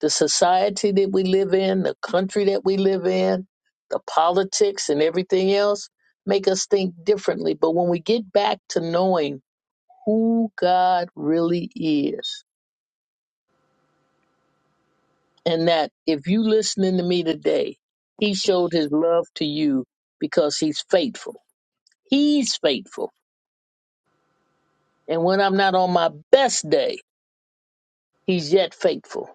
E: the society that we live in, the country that we live in, the politics and everything else make us think differently. But when we get back to knowing who God really is, and that if you listening to me today, He showed His love to you because He's faithful. He's faithful. And when I'm not on my best day, He's yet faithful.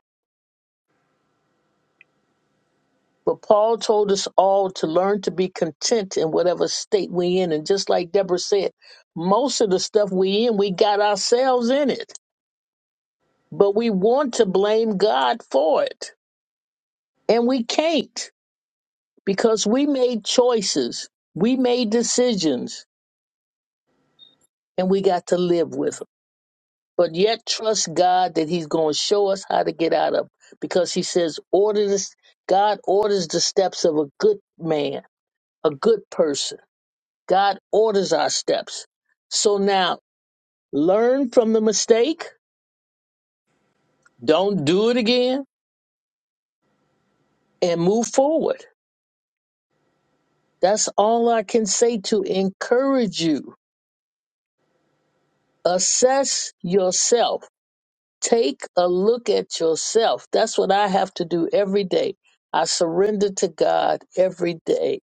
E: But Paul told us all to learn to be content in whatever state we in. And just like Deborah said, most of the stuff we in, we got ourselves in it. But we want to blame God for it. And we can't because we made choices, we made decisions, and we got to live with them. But yet trust God that He's going to show us how to get out of 'em, because He says, order this, God orders the steps of a good man, a good person God orders our steps. So now learn from the mistake, don't do it again, and move forward. That's all I can say to encourage you. Assess yourself. Take a look at yourself. That's what I have to do every day. I surrender to God every day,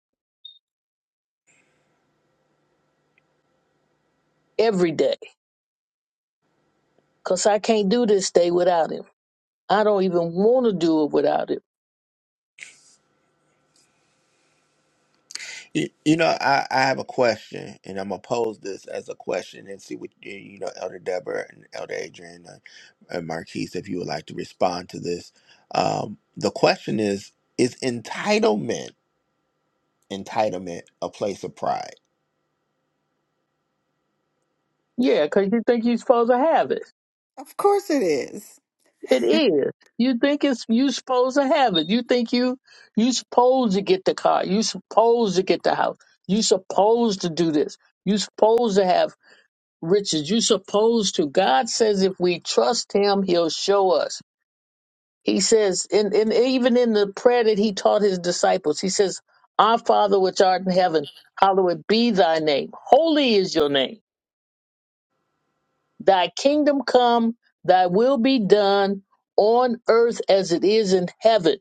E: every day, because I can't do this day without Him. I don't even want to do it without Him.
A: You, you know, I, I have a question, and I'm gonna pose this as a question and see what you you know, Elder Deborah and Elder Adrian and, and Marquise, if you would like to respond to this. Um, the question is: Is entitlement entitlement a place of pride?
E: Yeah, because you think you're supposed to have it.
D: Of course it is.
E: It is. You think it's you supposed to have it. You think you you supposed to get the car. You supposed to get the house. You supposed to do this. You supposed to have riches. You supposed to. God says if we trust Him, He'll show us. He says, and and even in the prayer that He taught His disciples, He says, "Our Father which art in heaven, hallowed be Thy name. Holy is Your name. Thy kingdom come. Thy will be done on earth as it is in heaven."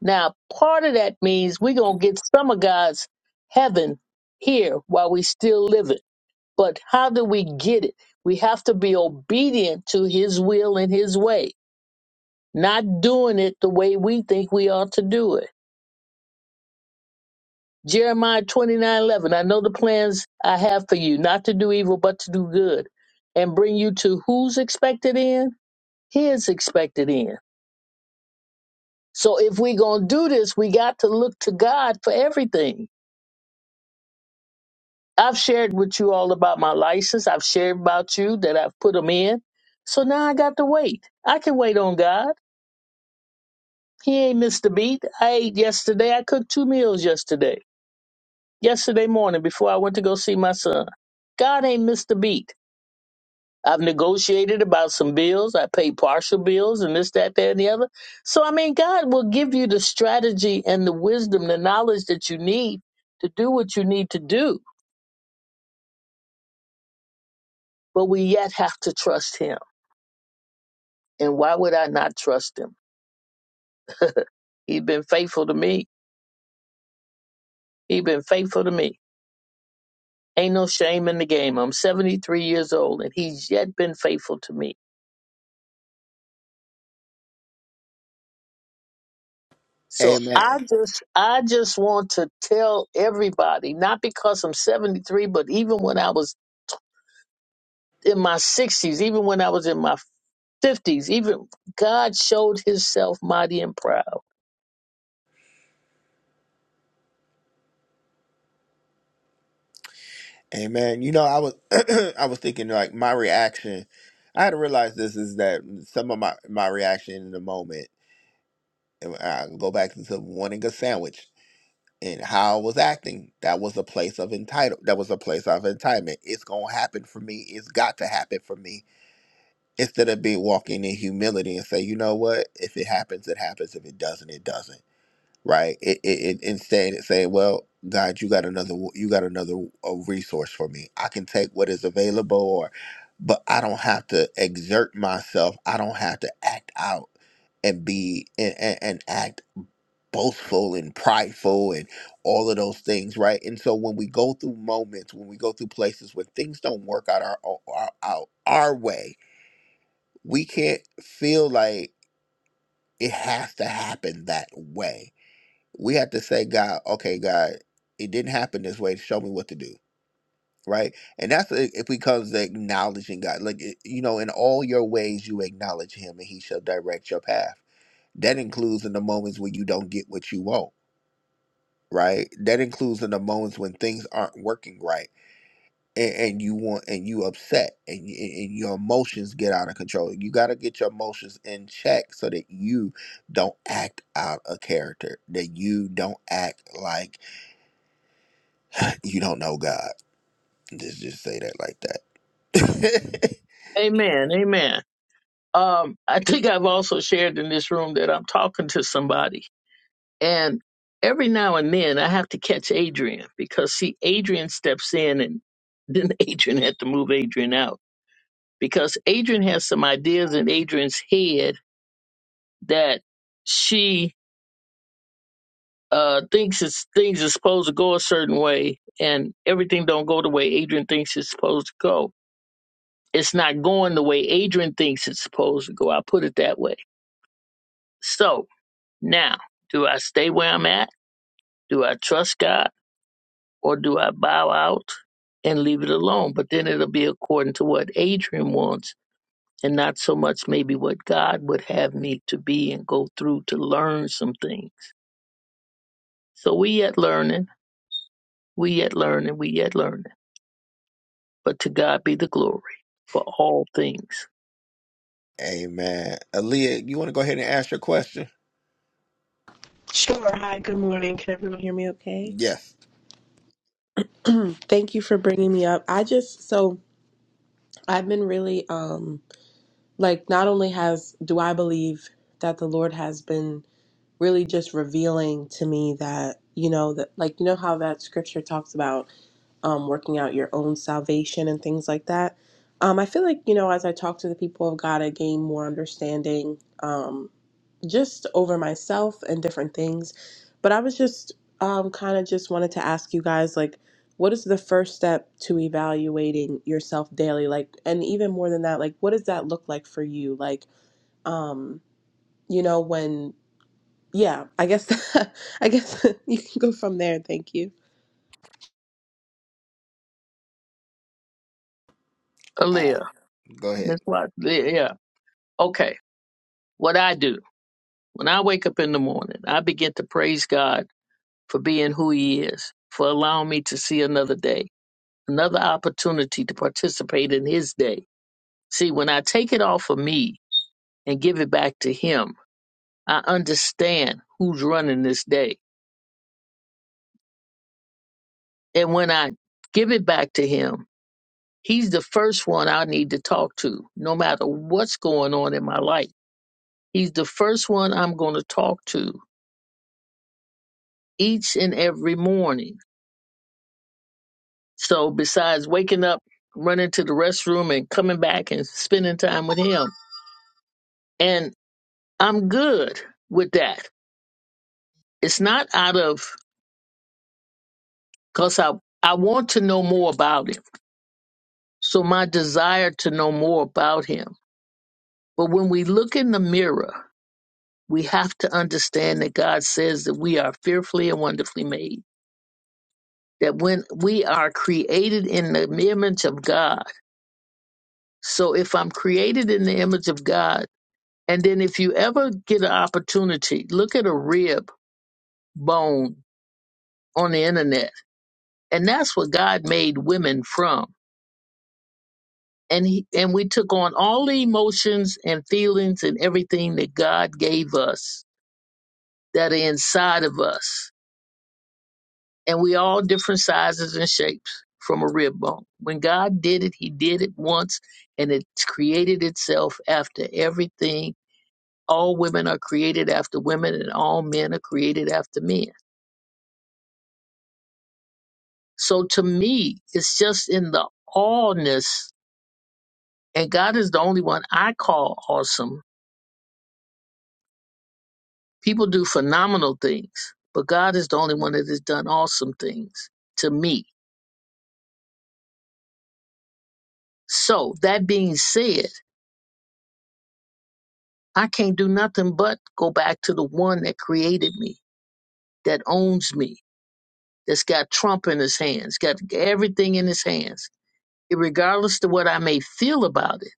E: Now, part of that means we're going to get some of God's heaven here while we still live it. But how do we get it? We have to be obedient to his will and his way, not doing it the way we think we ought to do it. Jeremiah 29 11. I know the plans I have for you, not to do evil, but to do good, and bring you to who's expected in? His expected in. So if we're going to do this, we got to look to God for everything I've shared with you all about my license. I've shared about you that I've put them in. So now I got to wait. I can wait on God. He ain't missed a beat. I ate yesterday. I cooked two meals yesterday, yesterday morning before I went to go see my son. God ain't missed a beat. I've negotiated about some bills. I paid partial bills and this, that, that, and the other. So, I mean, God will give you the strategy and the wisdom, the knowledge that you need to do what you need to do. But we yet have to trust Him And why would I not trust him? He's been faithful to me. He's been faithful to me. Ain't no shame in the game. I'm 73 years old and he's yet been faithful to me. So
A: Amen.
E: I just I just want to tell everybody, not because I'm 73, but even when I was in my 60s, even when I was in my 50s, even God showed himself mighty and proud.
A: Amen. You know, I was (clears throat) I was thinking like my reaction. I had to realize this is that some of my my reaction in the moment. and I can go back to wanting a sandwich and how I was acting. That was a place of entitle. That was a place of entitlement. It's gonna happen for me. It's got to happen for me. Instead of being walking in humility and say, you know what? If it happens, it happens. If it doesn't, it doesn't. Right? It, it, it instead it saying, well, God, you got another. You got another uh resource for me. I can take what is available, or, but I don't have to exert myself. I don't have to act out and be and, and, and act boastful and prideful and all of those things, right? And so when we go through moments, when we go through places when things don't work out our our our, our way, we can't feel like it has to happen that way. We have to say, God, okay, God, it didn't happen this way. Show me what to do, right? And that's i- it becomes the acknowledging God, like it- you know, in all your ways you acknowledge Him, and He shall direct your path. That includes in the moments when you don't get what you want right? That includes in the moments when things aren't working right, and, and you want and you upset, and, y- and your emotions get out of control. You got to get your emotions in check so that you don't act out a character, that you don't act like you don't know God. Just just say that like that.
E: Amen. Amen. Um, I think I've also shared in this room that I'm talking to somebody And every now and then I have to catch Adrian because see, Adrian steps in and then (laughs) Adrian had to move Adrian out because Adrian has some ideas in Adrian's head that she uh, thinks it's, things are supposed to go a certain way and everything don't go the way Adrian thinks it's supposed to go. It's not going the way Adrian thinks it's supposed to go. I put it that way. So now, do I stay where I'm at? Do I trust God? or do I bow out and leave it alone? But then it'll be according to what Adrian wants and not so much maybe what God would have me to be and go through to learn some things. So we yet learning, we yet learning, we yet learning. But to God be the glory for all things.
A: (laughs) Amen. Aaliyah, you want to go ahead and ask your question?
F: Sure. Hi, good morning. Can everyone hear me okay?
A: Yes.
F: Thank you for bringing me up. I just, so I've been really, um, like, not only has, do I believe that the Lord has been really just revealing to me that, you know, that, like, you know how that scripture talks about um, working out your own salvation and things like that. Um, I feel like, you know, as I talk to the people of God, I gain more understanding um, just over myself and different things. But I was just um, kind of just wanted to ask you guys, like, what is the first step to evaluating yourself daily? Like, and even more than that, like, what does that look like for you? Like, um, you know, when, yeah, I guess, (laughs) I guess (laughs) you can go from there. Thank you.
A: All right,
E: Aaliyah,
A: go ahead.
E: Miss Watson, yeah. yeah. Okay, what I do when I wake up in the morning, I begin to praise God for being who He is, for allowing me to see another day another opportunity to participate in his day. See, when I take it off of me and give it back to him, I understand who's running this day. And when I give it back to him, he's the first one I need to talk to, no matter what's going on in my life. He's the first one I'm going to talk to each and every morning. So, besides waking up, running to the restroom, and coming back and spending time with him, and I'm good with that It's not out of because I I want to know more about him. So my desire to know more about him. But when we look in the mirror, we have to understand that God says that we are fearfully and wonderfully made. That when we are created in the image of God. So if I'm created in the image of God, and then if you ever get an opportunity, look at a rib bone on the internet. And that's what God made women from and he, and we took on all the emotions and feelings and everything that God gave us that are inside of us. And we all different sizes and shapes from a rib bone. When God did it, he did it once and it created itself after everything. All women are created after women and all men are created after men. So to me, it's just in the allness and God is the only one I call awesome People do phenomenal things, but God is the only one that has done awesome things to me. So, that being said, I can't do nothing but go back to the one that created me, that owns me, that's got Trump in his hands, got everything in his hands. Regardless to what I may feel about it,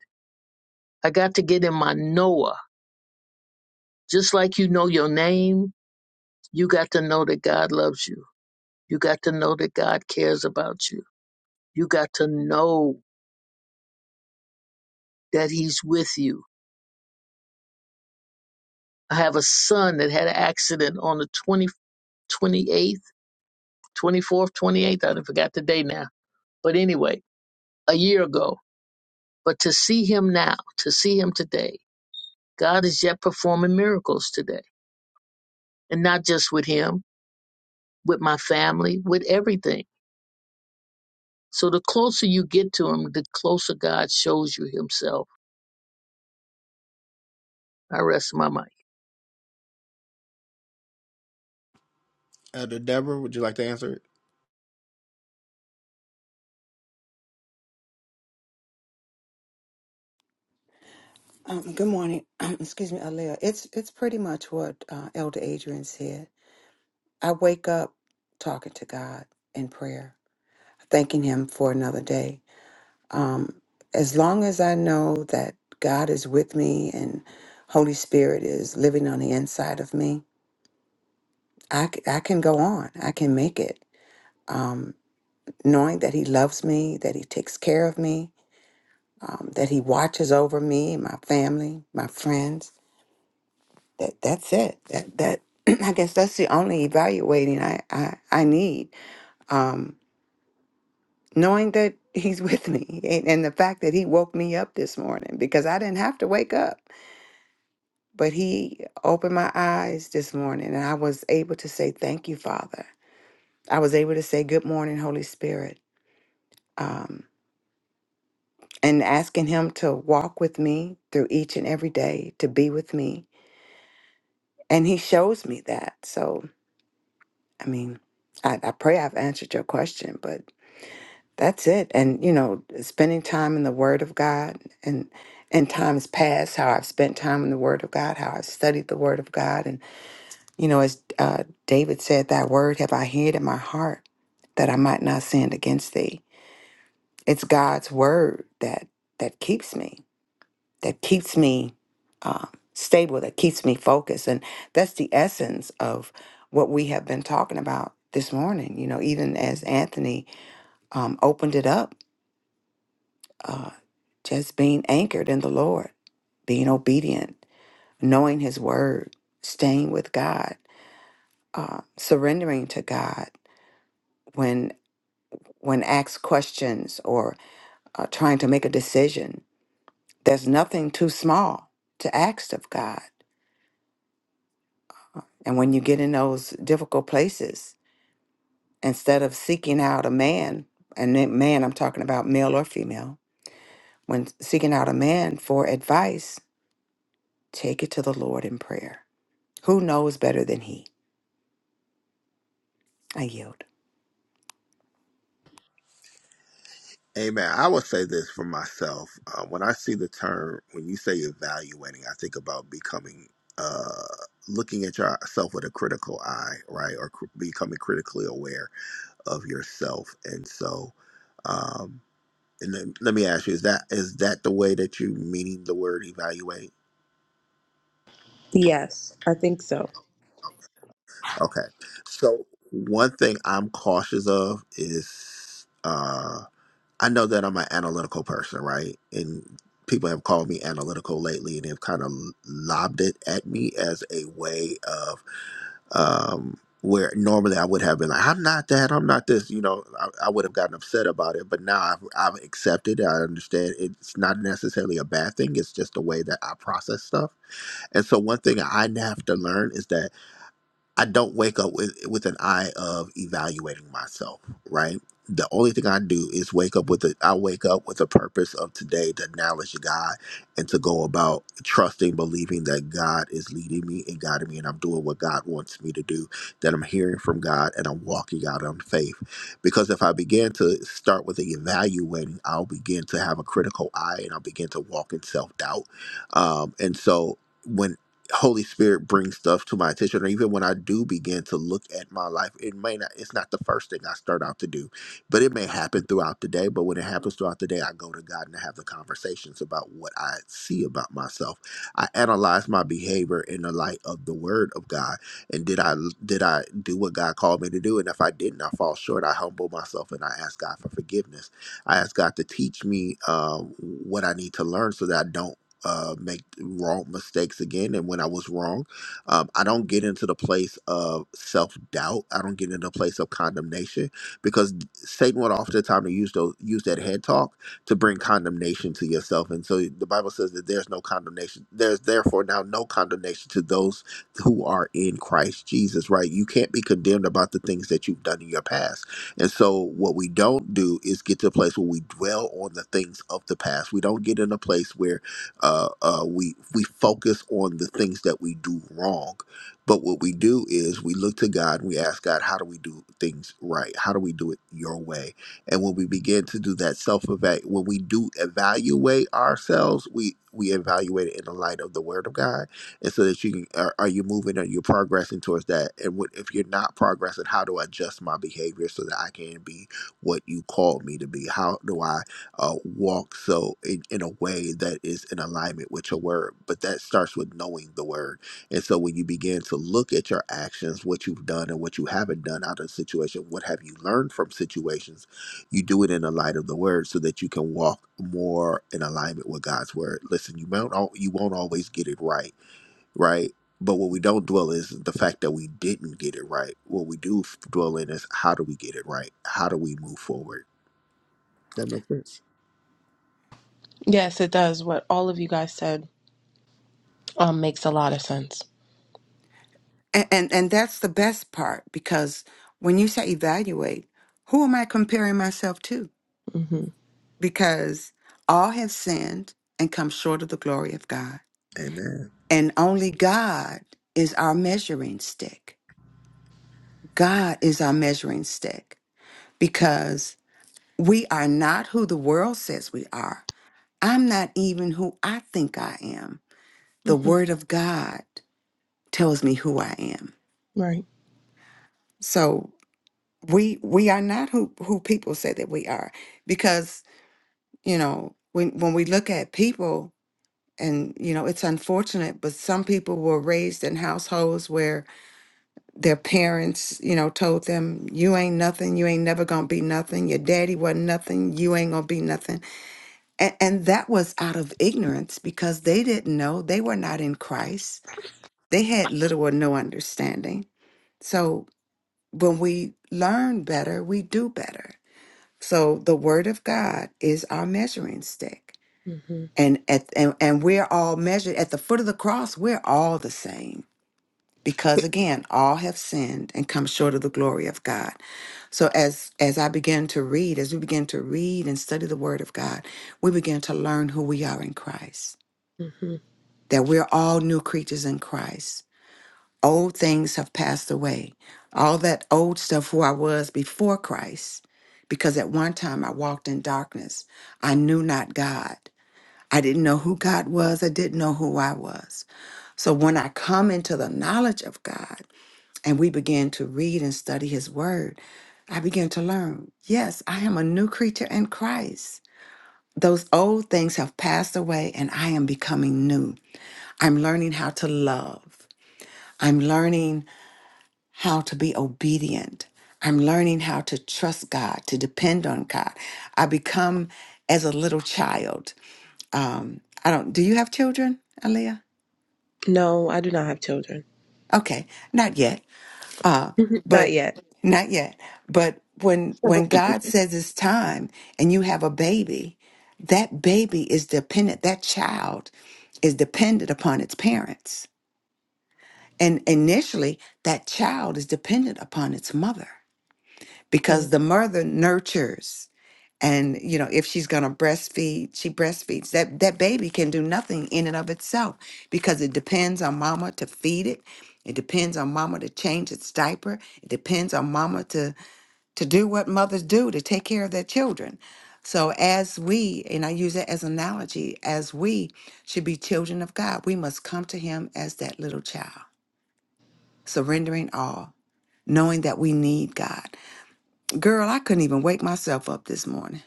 E: I got to get in my Noah. Just like you know your name, you got to know that God loves you. You got to know that God cares about you. You got to know that He's with you I have a son that had an accident on the 20, 28th, 24th, 28th. I done forgot the day now. But anyway, a year ago. But to see him now, to see him today, God is yet performing miracles today. And not just with him, with my family, with everything. So the closer you get to him, the closer God shows you himself. I rest my mind.
A: Elder Deborah, would you like to answer it?
D: Um, good morning. (clears throat) Excuse me, Alea. It's it's pretty much what uh, Elder Adrian said. I wake up talking to God in prayer, thanking Him for another day. Um, as long as I know that God is with me and Holy Spirit is living on the inside of me, I, c- I can go on. I can make it. Um, knowing that He loves me, that He takes care of me, um, that He watches over me, my family, my friends that that's it. That that (clears throat) I guess that's the only evaluating I I, I need. Um, knowing that he's (laughs) with me and, and the fact that he woke me up this morning because I didn't have to wake up, but he opened my eyes this morning and I was able to say thank you, Father. I was able to say good morning, Holy Spirit. Um, and asking him to walk with me through each and every day, to be with me. And he shows me that. So, I mean, I, I pray I've answered your question, but That's it. And you know, spending time in the Word of God and in times past, how I've spent time in the Word of God, how I've studied the Word of God, and you know, as uh, David said, "That word have I hid in my heart, that I might not sin against Thee." It's God's word that that keeps me, that keeps me uh, stable, that keeps me focused, and that's the essence of what we have been talking about this morning. You know, even as Anthony um, opened it up uh, just being anchored in the Lord, being obedient, knowing His word, staying with God, uh, surrendering to God when when asked questions or uh, trying to make a decision. There's nothing too small to ask of God, and when you get in those difficult places, instead of seeking out a man, and that man I'm talking about, male or female, when seeking out a man for advice, take it to the Lord in prayer. Who knows better than He? I yield.
A: Amen. I will say this for myself. Uh, when I see the term, when you say evaluating, I think about becoming, uh, looking at yourself with a critical eye, right? Or cr- becoming critically aware of yourself. And so, um, and then let me ask you: Is that is that the way that you meaning the word evaluate?
F: Yes, I think so.
A: Okay. So one thing I'm cautious of is. uh, I know that I'm an analytical person, right? And people have called me analytical lately, and they've kind of lobbed it at me as a way of um, where normally I would have been like, "I'm not that. I'm not this." You know, I, I would have gotten upset about it, but now I've, I've accepted. it. I understand it's not necessarily a bad thing. It's just the way that I process stuff. And so, one thing I have to learn is that. I don't wake up with with an eye of evaluating myself, right? The only thing I do is wake up with a I wake up with a purpose of today to acknowledge God and to go about trusting, believing that God is leading me and guiding me and I'm doing what God wants me to do, that I'm hearing from God and I'm walking out on faith. Because if I begin to start with the evaluating, I'll begin to have a critical eye and I'll begin to walk in self-doubt. Um, and so when. Holy Spirit brings stuff to my attention, or even when I do begin to look at my life, it may not, it's not the first thing I start out to do, but it may happen throughout the day. But when it happens throughout the day, I go to God and I have the conversations about what I see about myself. I analyze my behavior in the light of the word of God. And did I, did I do what God called me to do? And if I didn't, I fall short. I humble myself and I ask God for forgiveness. I ask God to teach me uh, what I need to learn so that I don't uh, make wrong mistakes again and when I was wrong. Um, I don't get into the place of self doubt. I don't get into the place of condemnation because Satan would oftentimes use those use that head talk to bring condemnation to yourself. And so the Bible says that there's no condemnation. There's therefore now no condemnation to those who are in Christ Jesus, right? You can't be condemned about the things that you've done in your past. And so what we don't do is get to a place where we dwell on the things of the past. We don't get in a place where uh, uh, we we focus on the things that we do wrong. But what we do is we look to God and we ask God, how do we do things right? How do we do it your way? And when we begin to do that self evaluate, when we do evaluate ourselves, we we evaluate it in the light of the Word of God, and so that you can are, are you moving? Are you progressing towards that? And what, if you're not progressing, how do I adjust my behavior so that I can be what you called me to be? How do I uh, walk so in, in a way that is in alignment with your word. But that starts with knowing the word. And so when you begin to look at your actions, what you've done and what you haven't done out of the situation, what have you learned from situations, you do it in the light of the word so that you can walk more in alignment with God's word. Listen, you won't al- you won't always get it right, right? But what we don't dwell is the fact that we didn't get it right. What we do f- dwell in is how do we get it right? How do we move forward? That makes sense.
F: Yes, it does. What all of you guys said um, makes a lot of sense.
D: And, and and that's the best part because when you say evaluate, who am I comparing myself to?
F: hmm
D: Because all have sinned and come short of the glory of God.
A: Amen.
D: And only God is our measuring stick. God is our measuring stick because we are not who the world says we are. I'm not even who I think I am. The
F: hmm
D: word of God tells me who I am.
F: Right.
D: So we we are not who who people say that we are because you know when when we look at people and you know it's unfortunate but some people were raised in households where their parents you know told them you ain't nothing you ain't never gonna be nothing your daddy wasn't nothing you ain't gonna be nothing and, and that was out of ignorance because they didn't know they were not in christ they had little or no understanding so when we learn better we do better So the word of God is our measuring stick.
F: hmm
D: And at and, and we're all measured at the foot of the cross, we're all the same. Because again, all have sinned and come short of the glory of God. So as as I begin to read, as we begin to read and study the word of God, we begin to learn who we are in Christ.
F: hmm
D: That we're all new creatures in Christ Old things have passed away. All that old stuff who I was before Christ, because at one time I walked in darkness. I knew not God. I didn't know who God was. I didn't know who I was. So when I come into the knowledge of God and we begin to read and study His Word, I begin to learn yes, I am a new creature in Christ. Those old things have passed away and I am becoming new. I'm learning how to love. I'm learning how to be obedient. I'm learning how to trust God, to depend on God. I become as a little child. Um, I don't. Do you have children, Aaliyah?
F: No, I do not have children.
D: Okay, not yet. Uh,
F: (laughs) not
D: but
F: yet.
D: not yet. But when when God says it's time, and you have a baby, that baby is dependent. That child is dependent upon its parents. And initially, that child is dependent upon its mother
F: Mhm.
D: because the mother nurtures. and you know if she's going to breastfeed she breastfeeds that that baby can do nothing in and of itself because it depends on mama to feed it it depends on mama to change its diaper it depends on mama to to do what mothers do to take care of their children so as we and i use it as an analogy as we should be children of god we must come to him as that little child surrendering all knowing that we need god Girl, I couldn't even wake myself up this morning.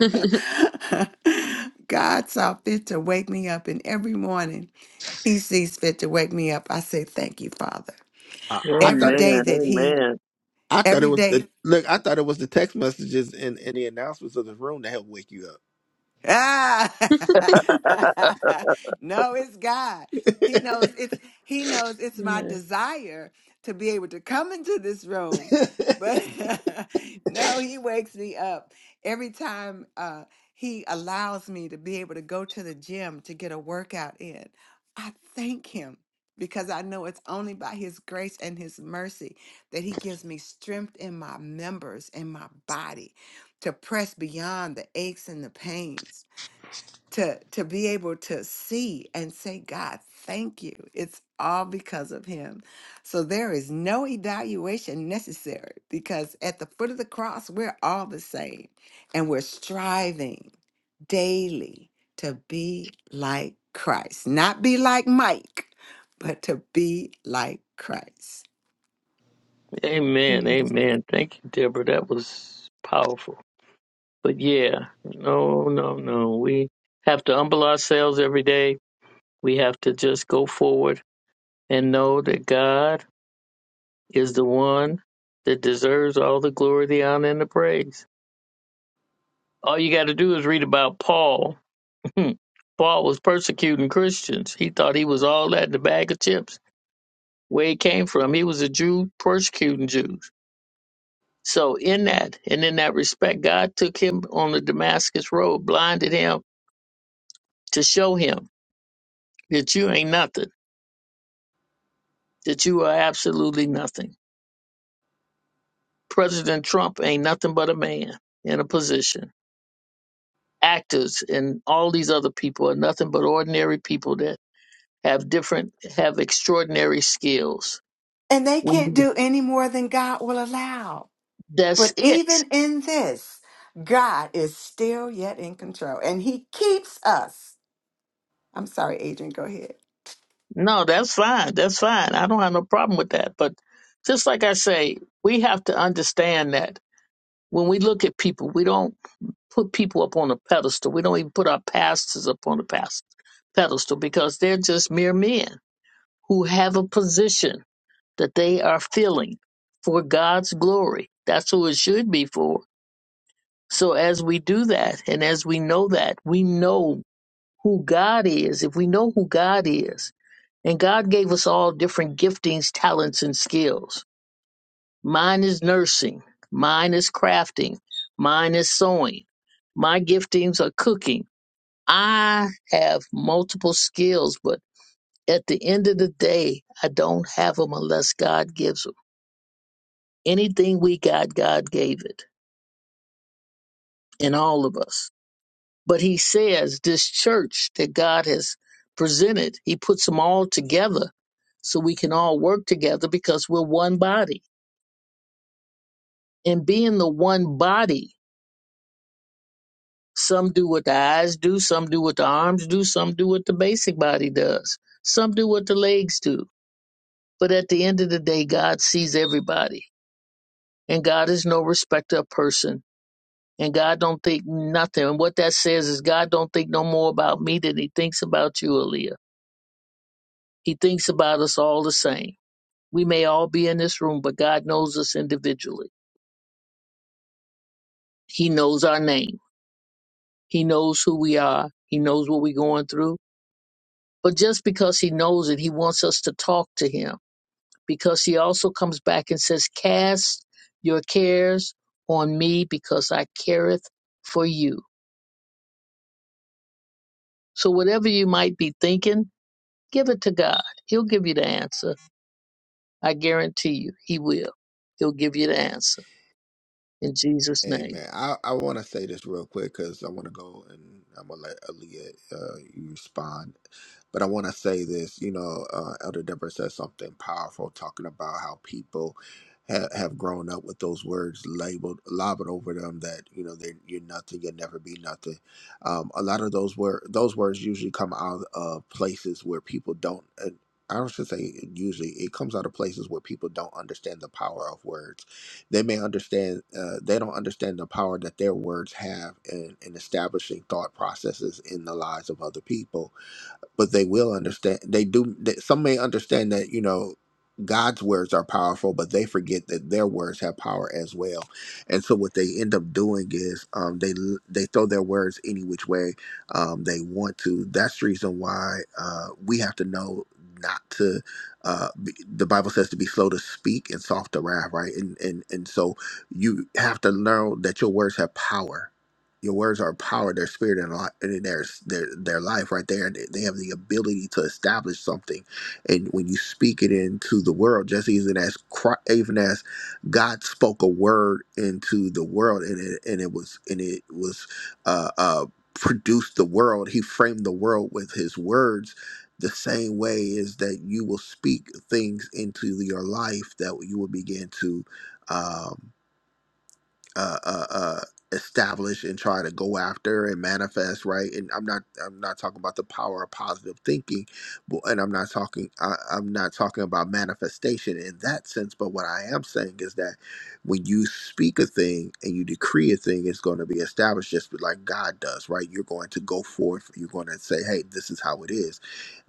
F: (laughs)
D: God saw fit to wake me up, and every morning He sees fit to wake me up. I say, Thank you, Father.
A: I, I
E: Amen.
D: Every
A: thought
D: day that He,
E: Amen.
A: I thought it
D: every
A: was the
D: day
A: look. I thought it was the text messages and, and the announcements of the room that helped wake you up.
D: Ah, (laughs) no, it's God. He knows it's he knows it's my
F: Yeah,
D: desire to be able to come into this room, but (laughs) no, he wakes me up every time uh, he allows me to be able to go to the gym to get a workout in. I thank him because I know it's only by his grace and his mercy that he gives me strength in my members and my body to press beyond the aches and the pains to to be able to see and say god thank you it's all because of him so there is no evaluation necessary because at the foot of the cross we're all the same and we're striving daily to be like christ not be like mike but to be like christ
E: Amen.
F: yeah.
E: Amen. Thank you, Deborah. That was powerful. But yeah, no, no, no. We have to humble ourselves every day. We have to just go forward and know that God is the one that deserves all the glory, the honor, and the praise. All you got to do is read about Paul. (laughs) Paul was persecuting Christians. He thought he was all that in a bag of chips. Where he came from, he was a Jew persecuting Jews. So in that and in that respect, God took him on the Damascus road, blinded him to show him that you ain't nothing that you are absolutely nothing. President Trump ain't nothing but a man in a position. Actors and all these other people are nothing but ordinary people that have different, have extraordinary skills.
D: and they
E: When
D: can't do any more than god will allow
E: that's
D: But
E: it.
D: even in this, God is still yet in control and he keeps us. I'm sorry, Adrian, go ahead.
E: No, that's fine. That's fine. I don't have no problem with that. But just like I say, we have to understand that when we look at people, we don't put people up on a pedestal. We don't even put our pastors up on a past- pedestal because they're just mere men who have a position that they are filling for God's glory. That's who it should be for. So as we do that and as we know that, we know who God is. If we know who God is, and God gave us all different giftings, talents, and skills. Mine is nursing, mine is crafting, mine is sewing, my giftings are cooking. I have multiple skills, but at the end of the day, I don't have them unless God gives 'em Anything we got, God gave it in all of us. But he says this church that God has presented, he puts them all together so we can all work together because we're one body. And being the one body, some do what the eyes do, some do what the arms do, some do what the basic body does, some do what the legs do. But at the end of the day, God sees everybody, and God is no respecter of person and God don't think nothing. And what that says is God don't think no more about me than he thinks about you, Aaliyah. He thinks about us all the same. We may all be in this room, but God knows us individually. He knows our name. He knows who we are. He knows what we're going through. But just because he knows it, he wants us to talk to him because he also comes back and says, cast your cares on me because I careth for you. So whatever you might be thinking, give it to God. He'll give you the answer I guarantee you, he will. He'll give you the answer in Jesus' name.
A: Amen. I, I want to say this real quick because I want to go and I'm gonna let Aaliyah uh, you respond. But I want to say this. You know, uh, Elder Deborah said something powerful talking about how people ha- have grown up with those words labeled lobbed over them that you know they are you're nothing, you'll never be nothing. Um, a lot of those word those words usually come out of places where people don't. Uh, I don't should say usually it comes out of places where people don't understand the power of words they may understand uh, they don't understand the power that their words have in, in establishing thought processes in the lives of other people but they will understand. They do. They, some may understand that you know God's words are powerful, but they forget that their words have power as well. And so what they end up doing is um, they they throw their words any which way um, they want to. That's the reason why uh, we have to know not to. Uh, be, the Bible says to be slow to speak and soft to wrath, right? And and and so you have to know that your words have power your words are power. Their spirit and li- and their their their life right there. They they have the ability to establish something, and when you speak it into the world, just even as Chri- even as God spoke a word into the world, and it and it was and it was uh, uh, produced the world. He framed the world with His words. The same way is that you will speak things into your life that you will begin to. um uh, uh, uh, establish and try to go after and manifest, right? And I'm not I'm not talking about the power of positive thinking, but, and I'm not talking I, I'm not talking about manifestation in that sense. But what I am saying is that when you speak a thing and you decree a thing, it's going to be established just like God does, right? You're going to go forth. You're going to say, "Hey, this is how it is."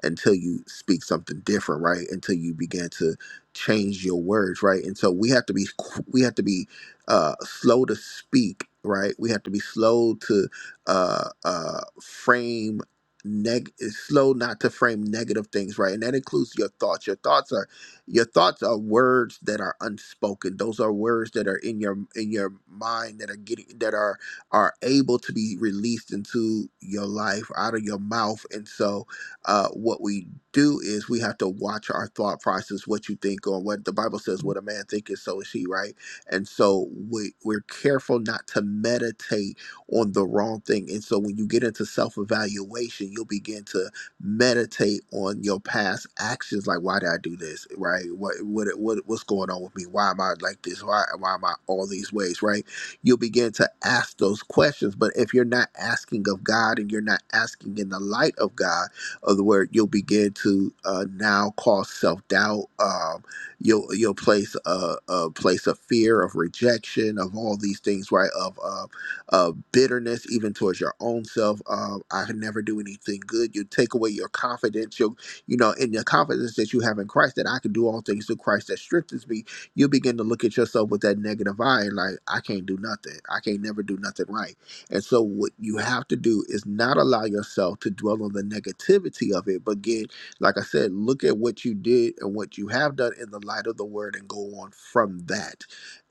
A: until you speak something different, right? Until you begin to change your words, right? And so we have to be qu- we have to be uh, slow to speak, right? We have to be slow to uh, uh, frame neg is slow not to frame negative things, right? And that includes your thoughts. Your thoughts are your thoughts are words that are unspoken. Those are words that are in your in your mind that are getting that are are able to be released into your life out of your mouth. And so uh, what we do is we have to watch our thought process, what you think, or what the Bible says, what a man thinketh, so is he, right? And so we, we're careful not to meditate on the wrong thing. And so when you get into self evaluation, you'll begin to meditate on your past actions, like why did I do this, right? What what what what's going on with me? Why am I like this? Why why am I all these ways, right? You'll begin to ask those questions. But if you're not asking of God and you're not asking in the light of God of the word, you'll begin to uh, now cause self doubt. Um, you'll you'll place a, a place of fear, of rejection, of all these things, right? Of uh, uh, bitterness, even towards your own self. Um, I can never do anything good. You take away your confidence. You you know, in your confidence that you have in Christ, that I can do all things through Christ that strengthens me. You begin to look at yourself with that negative eye and like, I can't do nothing. I can't never do nothing right and so, what you have to do is not allow yourself to dwell on the negativity of it, but again, like I said, look at what you did and what you have done in the light of the word and go on from that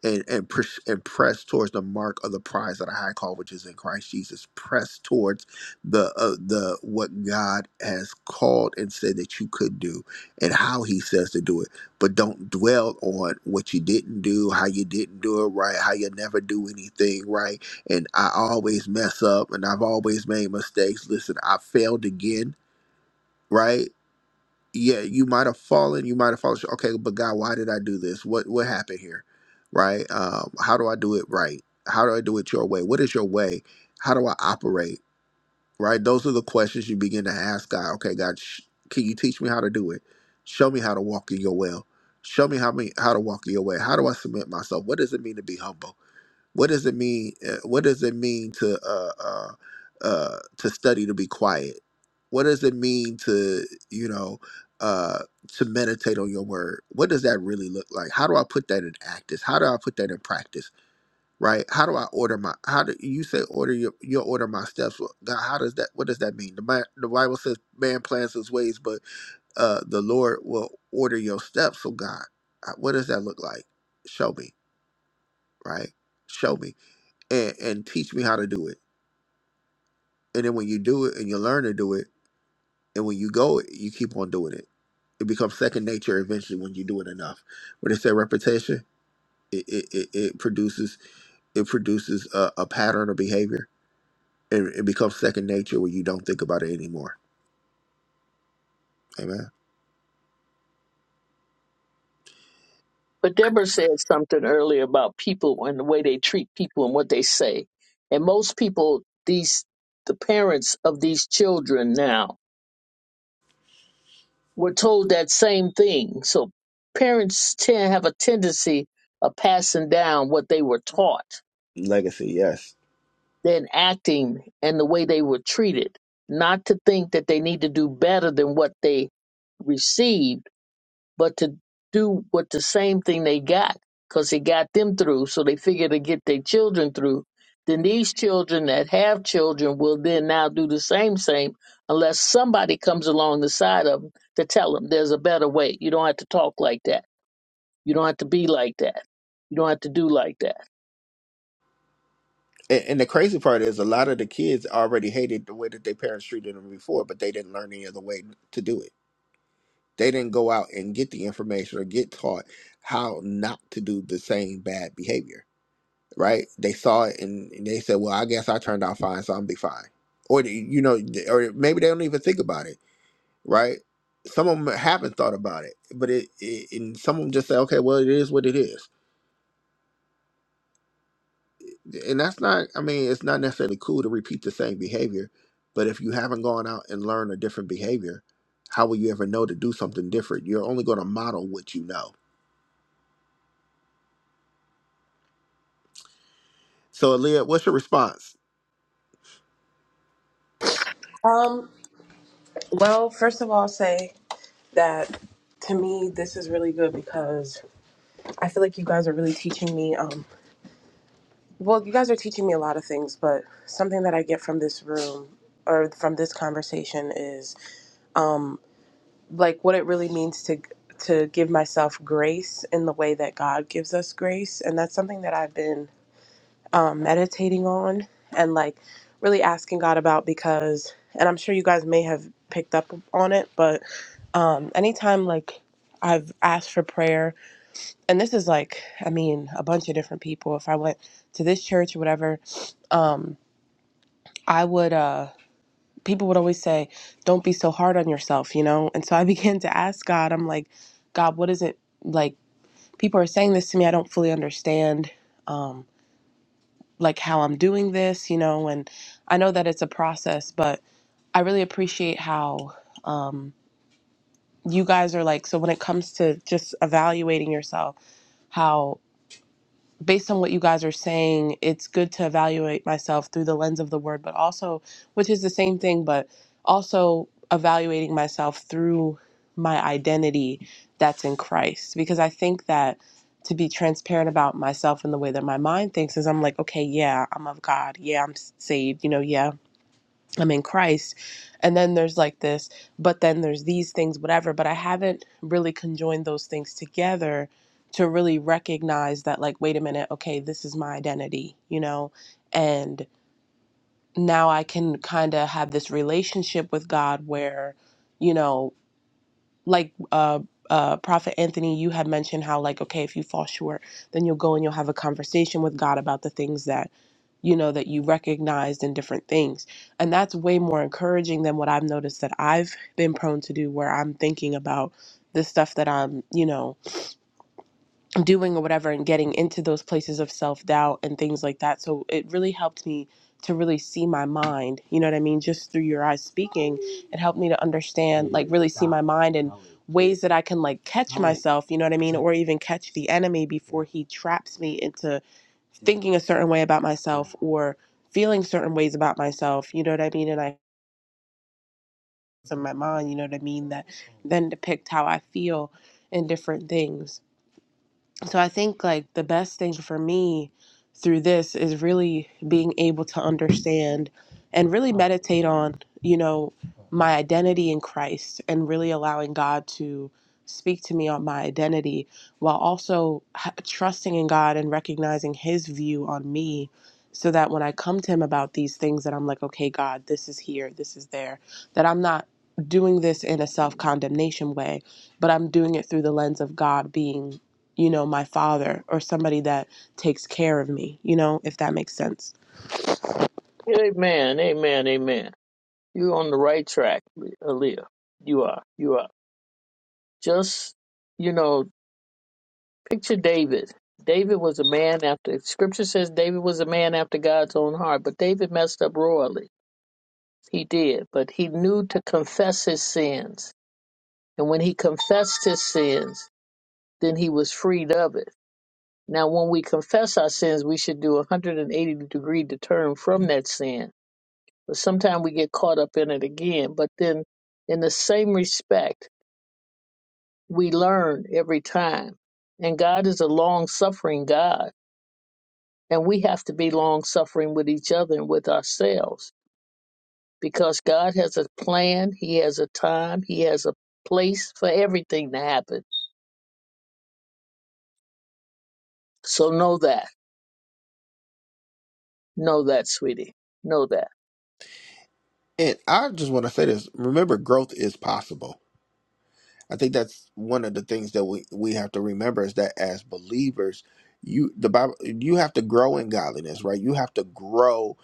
A: and, and, push, and press towards the mark of the prize of the high call, which is in Christ Jesus. Press towards the, uh, the what God has called and said that you could do and how He says to do it but don't dwell on what you didn't do, how you didn't do it right, how you never do anything right and I always mess up and I've always made mistakes. Listen, I failed again, right? Yeah, you might have fallen, you might have fallen. short. Okay, but God, why did I do this? What what happened here? Right? Um, how do I do it right? How do I do it your way? What is your way? How do I operate? Right? Those are the questions you begin to ask God. Okay, God, sh- can you teach me how to do it? Show me how to walk in your will. Show me how me how to walk in your way. How do I submit myself? What does it mean to be humble? What does it mean? uh, What does it mean to uh, uh, uh, to study to be quiet? What does it mean to you know uh, to meditate on your word? What does that really look like? How do I put that in practice? How do I put that in practice? Right? How do I order my? How do you say order your your order my steps? Well, God, how does that? What does that mean? The, Bi- the Bible says man plans his ways, but uh, the Lord will order your steps. So God, uh, what does that look like? Show me. Right? Show me and, and teach me how to do it. And then when you do it and you learn to do it, and when you go, you keep on doing it. It becomes second nature eventually when you do it enough. When they say repetition. It, it, it, it produces it produces a, a pattern of behavior, and it becomes second nature where you don't think about it anymore. Amen.
E: But Deborah said something earlier about people and the way they treat people and what they say. And most people, these the parents of these children now were told that same thing. So parents tend have a tendency of passing down what they were taught,
A: Legacy, yes.
E: then acting and the way they were treated. Not to think that they need to do better than what they received but to do what the same thing they got because it got them through so they figure to get their children through then these children that have children will then now do the same same unless somebody comes along the side of them to tell them there's a better way you don't have to talk like that you don't have to be like that you don't have to do like that
A: And, and the crazy part is, a lot of the kids already hated the way that their parents treated them before, but they didn't learn any other way to do it They didn't go out and get the information or get taught how not to do the same bad behavior, right? They saw it and, and they said, "Well, I guess I turned out fine, so I'm be fine." Or they- you know, th- or maybe they don't even think about it, right? Some of them haven't thought about it, but it, it and some of them just say, "Okay, well, it is what it is," and that's not. I mean, it's not necessarily cool to repeat the same behavior, but if you haven't gone out and learned a different behavior, how will you ever know to do something different? You're only going to model what you know So, Aaliyah, what's your response?
F: Um. Well, first of all, I'll say that to me, this is really good because I feel like you guys are really teaching me. Um. Well, you guys are teaching me a lot of things, but something that I get from this room or from this conversation is um, like what it really means to to give myself grace in the way that God gives us grace, and that's something that I've been um, meditating on and like really asking God about because, and I'm sure you guys may have picked up on it, but um, anytime like I've asked for prayer, and this is like I mean a bunch of different people. If I went to this church or whatever, um, I would. Uh, people would always say, "Don't be so hard on yourself," you know. And so I (laughs) began to ask God. I'm like, God, what is it like? People are saying this to me. I don't fully understand, um, like how I'm doing this, you know. And I know that it's a process, but I really appreciate how um, you guys are like. So when it comes to just evaluating yourself, how? based on what you guys are saying, it's good to evaluate myself through the lens of the word, but also, which is the same thing, but also evaluating myself through my identity that's in Christ. Because I think that to be transparent about myself in the way that my mind thinks is I'm like, okay, yeah, I'm of God. Yeah, I'm saved. You know, yeah, I'm in Christ. And then there's like this, but then there's these things, whatever. But I haven't really conjoined those things together to really recognize that, like, wait a minute, okay, this is my identity, you know? And now I can kind of have this relationship with God where, you know, like uh uh prophet anthony you had mentioned how like okay if you fall short then you'll go and you'll have a conversation with god about the things that you know that you recognized in different things and that's way more encouraging than what i've noticed that i've been prone to do where i'm thinking about the stuff that i'm you know doing or whatever and getting into those places of self doubt and things like that. So it really helped me to really see my mind, you know what I mean? Just through your eyes speaking, it helped me to understand, like, really see my mind and ways that I can, like, catch myself, you know what I mean? Or even catch the enemy before he traps me into thinking a certain way about myself or feeling certain ways about myself, you know what I mean? And I, in my mind, you know what I mean? That then depict how I feel in different things. So I think like the best thing for me through this is really being able to understand and really meditate on, you know, my identity in Christ and really allowing God to speak to me on my identity while also h- trusting in God and recognizing his view on me so that when I come to him about these things that I'm like okay God this is here this is there that I'm not doing this in a self-condemnation way but I'm doing it through the lens of God being you know my father or somebody that takes care of me you know if that makes sense
E: amen amen amen you're on the right track leah you are you are just you know Picture David. David was a man after scripture says David was a man after God's own heart, but David messed up royally. He did, but he knew to confess his sins. And when he confessed his sins, then he was freed of it. Now, when we confess our sins, we should do a 180 degree turn from that sin. But sometimes we get caught up in it again. But then, in the same respect, we learn every time. And God is a long suffering God. And we have to be long suffering with each other and with ourselves because God has a plan, He has a time, He has a place for everything to happen. So know that. Know that, sweetie. Know that.
A: And I just want to say this: remember, growth is possible. I think that's one of the things that we we have to remember is that as believers, you the Bible you have to grow in godliness, right? You have to grow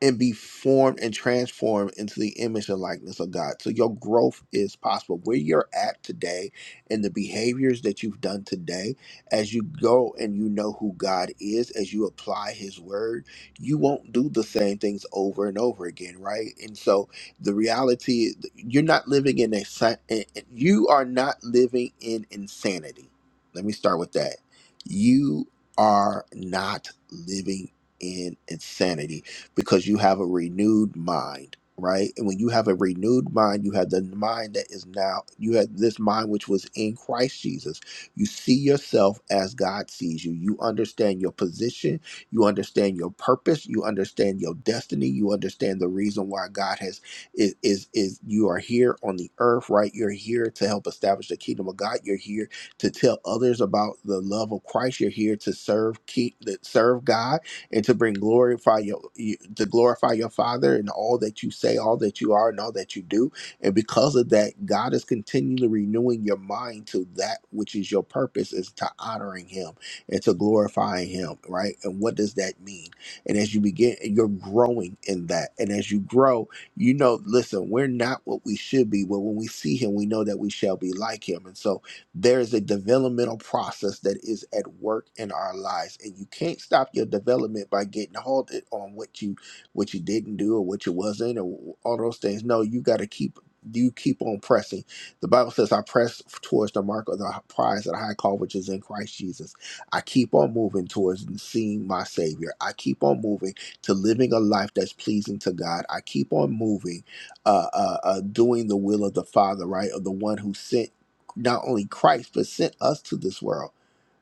A: and be formed and transformed into the image and likeness of God. So your growth is possible. Where you're at today and the behaviors that you've done today, as you go and you know who God is, as you apply his word, you won't do the same things over and over again, right? And so the reality you're not living in a sa- you are not living in insanity. Let me start with that. You are not living in insanity because you have a renewed mind, right? And when you have a renewed mind, you have the mind that is now, you have this mind which was in Christ Jesus. You see yourself as God sees you. You understand your position, you understand your purpose, you understand your destiny, you understand the reason why God has is is, is you are here on the earth, right? You're here to help establish the kingdom of God. You're here to tell others about the love of Christ. You're here to serve keep serve God and to bring glorify your you, to glorify your Father in all that you say, all that you are, and all that you do. And because of that, God is continually renewing your mind to that which is your purpose, is to honoring Him and to glorifying Him, right? And what does that mean? And as you begin, you're growing in that. And as you grow, you know, listen, we're not what we should be, but when we see Him, we know that we shall be like Him. And so there is a developmental process that is at work in our lives and you can't stop your development by getting halted on what you what you didn't do or what you wasn't or all those things no you got to keep you keep on pressing the bible says i press towards the mark of the prize of the high call which is in christ jesus i keep on moving towards seeing my savior i keep on moving to living a life that's pleasing to god i keep on moving uh, uh, uh doing the will of the father right of the one who sent not only Christ, but sent us to this world,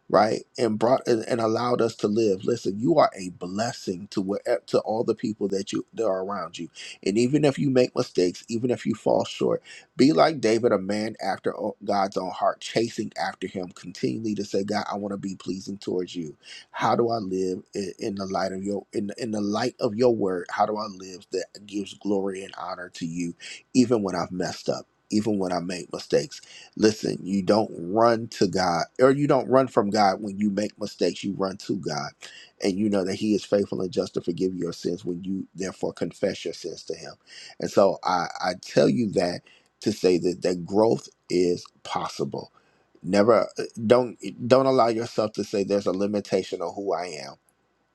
A: right? And brought and, and allowed us to live. Listen, you are a blessing to what to all the people that you that are around you. And even if you make mistakes, even if you fall short, be like David, a man after o- God's own heart, chasing after him continually to say, God, I want to be pleasing towards you. How do I live in, in the light of your in, in the light of your word? How do I live that gives glory and honor to you, even when I've messed up, even when I make mistakes? Listen, you don't run to God or you don't run from God when you make mistakes. You run to God and you know that He is faithful and just to forgive your sins when you therefore confess your sins to Him. And so I, I tell you that to say that, that growth is possible. Never uh, don't don't allow yourself to say there's a limitation on who I am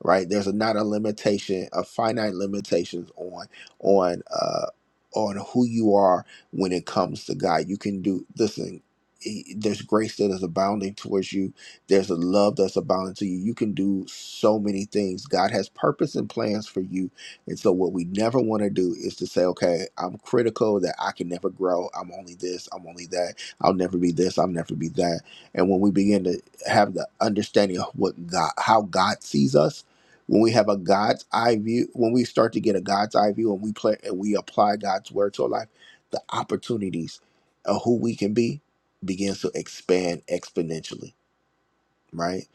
A: right? There's not a limitation, a finite limitations on on uh on who you are when it comes to God. You can do listen. e- There's grace that is abounding towards you. There's a love that's abounding to you. You can do so many things. God has purpose and plans for you. And so, what we never want to do is to say, okay, I'm critical that I can never grow. I'm only this. I'm only that. I'll never be this. I'll never be that. And when we begin to have the understanding of what God, how God sees us, when we have a God's eye view, when we start to get a God's eye view and we play and we apply God's word to our life, the opportunities of who we can be begins to expand exponentially, right?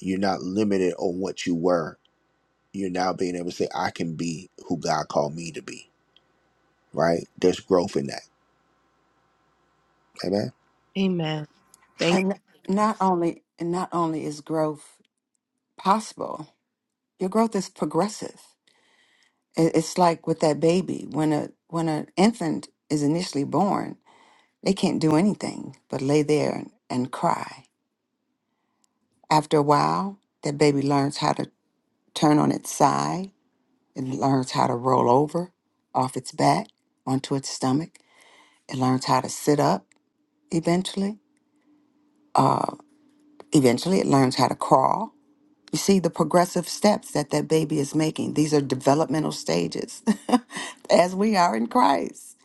A: You're not limited on what you were. You're now being able to say, I can be who God called me to be, right? There's growth in that. Amen.
F: amen thank
D: And not only and not only is growth possible, your growth is progressive. I- It's like with that baby when a when an infant is initially born, they can't do anything but lay there and cry. After a while, that baby learns how to turn on its side. It learns how to roll over off its back onto its stomach. It learns how to sit up eventually. Eventually, it learns how to crawl. You see the progressive steps that that baby is making. These are developmental stages (laughs) as we are in Christ.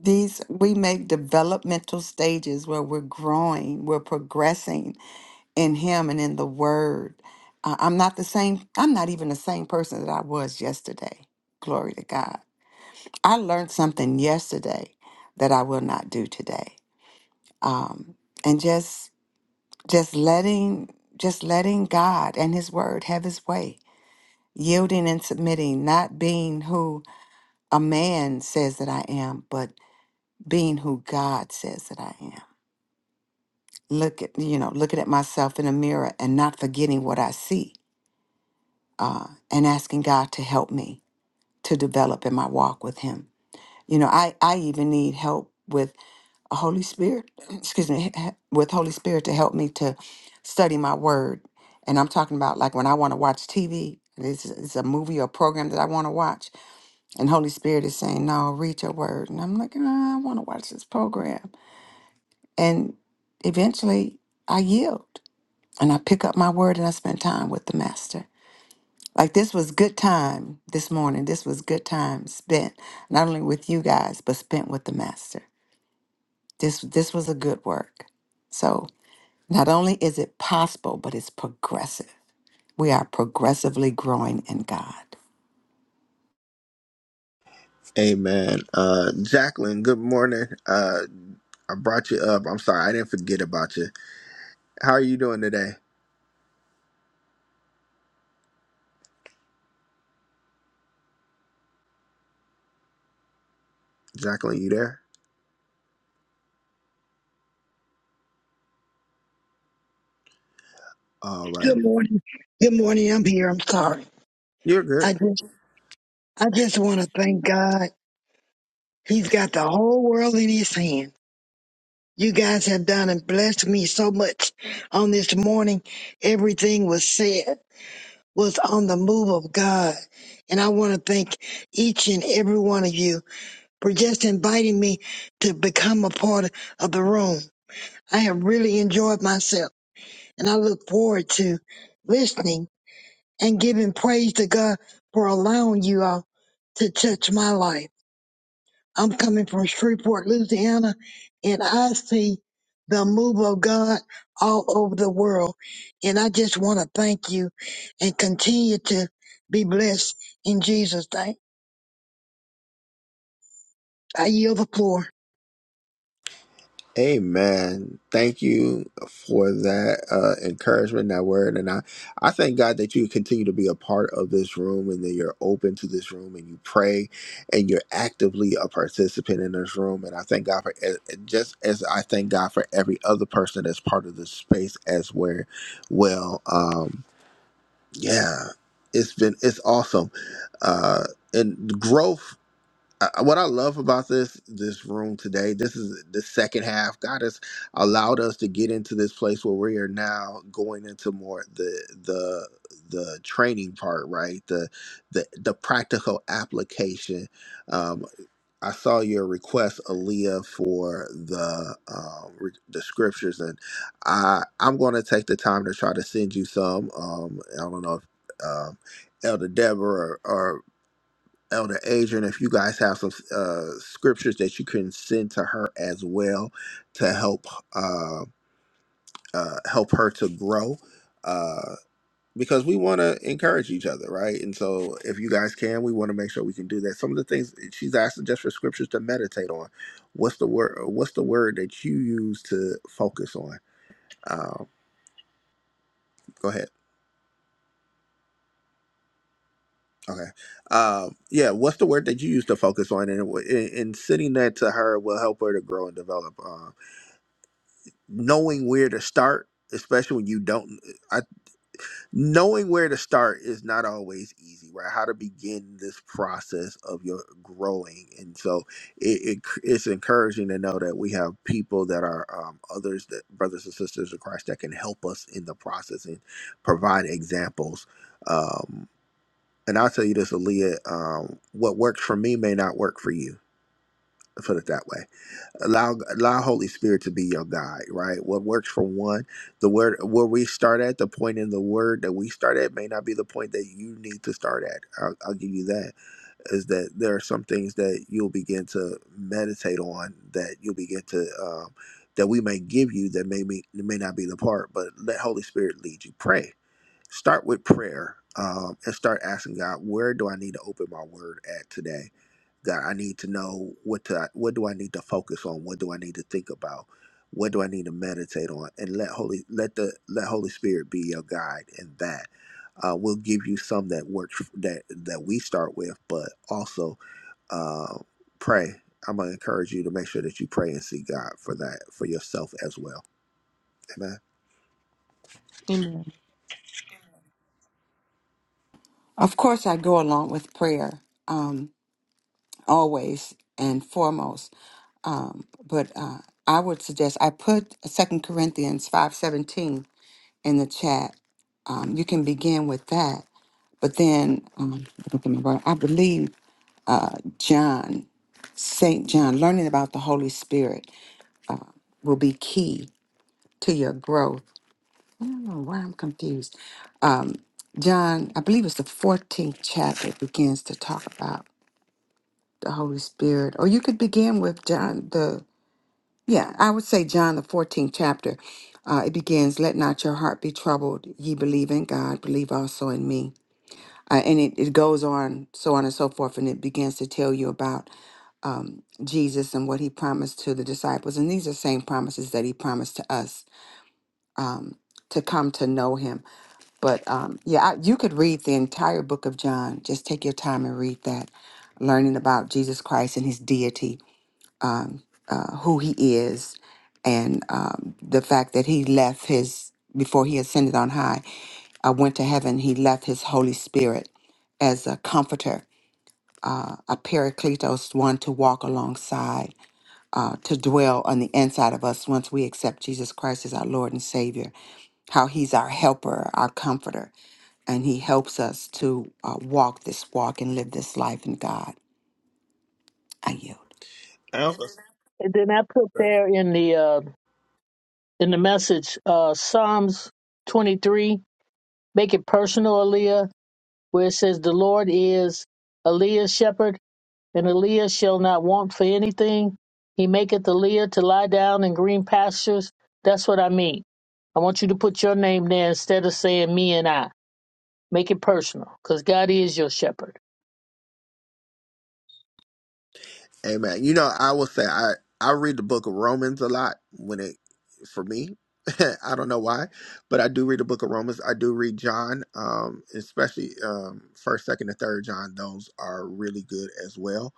D: These we make developmental stages where we're growing, we're progressing in Him and in the Word. Uh, I'm not the same, I'm not even the same person that I was yesterday. Glory to God. I learned something yesterday that I will not do today. Um, and just just letting just letting God and his word have his way yielding and submitting not being who a man says that I am but being who God says that I am look at you know looking at myself in the mirror and not forgetting what I see uh, and asking God to help me to develop in my walk with him you know I I even need help with. Holy Spirit, (clears throat) excuse me, h- h- with Holy Spirit to help me to study my word. And I'm talking about like when I want to watch TV, it's, it's a movie or program that I want to watch. And Holy Spirit is saying, no, read your word. And I'm like, "Ah, I want to watch this program. And eventually I yield and I pick up my word and I spend time with the master. Like this was good time this morning. This was good time spent not only with you guys, but spent with the master. This, this was a good work. So Not only is it possible, but it's progressive. We are progressively growing in God.
A: Amen. Uh Jacqueline, good morning. Uh I brought you up. I'm sorry, I didn't forget about you. How are you doing today? Jacqueline, you there? All right.
G: Good morning. Good morning. I'm here. I'm sorry.
A: You're good.
G: I just I just want to thank God. He's got the whole world in his hand. You guys have done and blessed me so much on this morning. Everything was said was on the move of God. And I want to thank each and every one of you for just inviting me to become a part of the room. I have really enjoyed myself and I look forward to listening and giving praise to God for allowing you all to touch my life. I'm coming from Shreveport, Louisiana, and I see the move of God all over the world. And I just want to thank you and continue to be blessed in Jesus' name. I yield the floor.
A: Amen. Thank you for that uh, encouragement, that word, and I, I thank God that you continue to be a part of this room, and that you're open to this room, and you pray, and you're actively a participant in this room, and I thank God for eh, eh, just as I thank God for every other person that's part of this space as where, well, um, yeah, it's been it's awesome, uh, and growth. I- what I love about this this room today, this is the second half. God has allowed us to get into this place where we are now going into more the the the training part, right? The the the practical application. Um, I saw your request, Aaliyah, for the um, re- the scriptures, and I I'm going to take the time to try to send you some. Um, I don't know if um, Elder Deborah or, Elder Adrian, if you guys have some uh, scriptures that you can send to her as well to help uh, uh, help her to grow, uh, because we want to encourage each other, right? And so, if you guys can, we want to make sure we can do that. Some of the things she's asking just for scriptures to meditate on. What's the word? What's the word that you use to focus on? Um, go ahead. Okay. Um, yeah. What's the word that you use to focus on? And, it w- and and sending that to her will help her to grow and develop. um, knowing where to start, especially when you don't, I, knowing where to start is not always easy, right? How to begin this process of your growing, and so it, it it's encouraging to know that we have people that are um, others that brothers and sisters of Christ that can help us in the process and provide examples. Um, and I'll tell you this, Aaliyah, um, what works for me may not work for you. Put it that way allow allow holy spirit to be your guide right what works for one the word where we start at the point in the word that we start at may not be the point that you need to start at i'll, I'll give you that is that there are some things that you'll begin to meditate on that you'll begin to um, that we may give you that may be, may not be the part but let holy spirit lead you pray start with prayer um, and start asking God, where do I need to open my word at today? God, I need to know what to what do I need to focus on? What do I need to think about? What do I need to meditate on? And let Holy let the let Holy Spirit be your guide in that. Uh, we'll give you some that works that that we start with, but also uh, pray. I'm gonna encourage you to make sure that you pray and seek God for that for yourself as well. Amen.
F: you
D: Of course, I go along with prayer um, always and foremost, um, but uh, I would suggest I put Second Corinthians five seventeen in the chat. Um, you can begin with that, but then um, I don't remember, I believe uh, John, Saint John, learning about the Holy Spirit will be key to your growth do why I'm confused. Um, John, I believe it's the 14th chapter It begins to talk about the Holy Spirit, or you could begin with John the yeah, I would say John the 14th chapter. Uh, it begins, "Let not your heart be troubled. Ye believe in God, believe also in me." Uh, and it, it goes on, so on and so forth, and it begins to tell you about um, Jesus and what he promised to the disciples. And these are same promises that he promised to us um, to come to know him. But um, yeah, I, you could read the entire book of John. Just take your time and read that, learning about Jesus Christ and his deity, um, uh, who he is, and um, the fact that he left his, before he ascended on high, uh, went to heaven, he left his Holy Spirit as a comforter, uh, a paracletos, one to walk alongside uh, to dwell on the inside of us once we accept Jesus Christ as our Lord and Savior, how He's our helper, our comforter, and He helps us to uh, walk this walk and live this life in God. I yield.
E: And then I put there in the uh, in the message uh, Psalms 23, make it personal, Aaliyah, where it says, The Lord is Aaliyah's shepherd. and Aaliyah shall not want for anything. He maketh Aaliyah to lie down in green pastures. That's what I mean. I want you to put your name there instead of saying me and I. Make it personal, because God is your shepherd.
A: Amen. You know, I will say I I read the book of Romans a lot when it for me. (laughs) I don't know why, but I do read the book of Romans. I do read John, um, especially um first, second, and third John. Those are really good as well.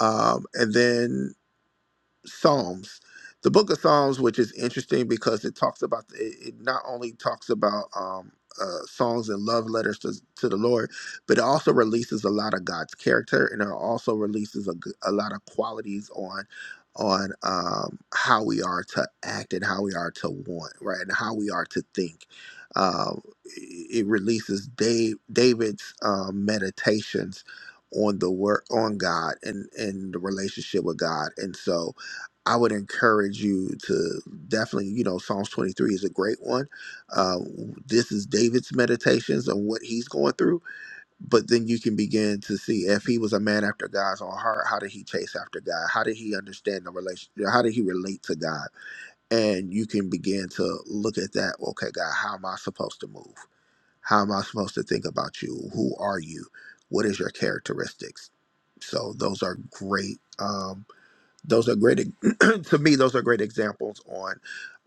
A: Um, and then Psalms. The book of Psalms, which is interesting because it talks about, it, it not only talks about um, uh, songs and love letters to, to the Lord, but it also releases a lot of God's character and it also releases a, g- a lot of qualities on on um, how we are to act and how we are to want, right? And how we are to think. Um, it it releases Dave, David's um, meditations on the work on God and and the relationship with God. And so I would encourage you to definitely, you know, Psalms 23 is a great one. Uh, this is David's meditations on what he's going through. But then you can begin to see if he was a man after God's own heart, how did he chase after God? How did he understand the relation? How did he relate to God? And you can begin to look at that. Okay, God, how am I supposed to move? How am I supposed to think about you? Who are you? What is your characteristics? So those are great. Um, those are great e- (clears throat) to me those are great examples on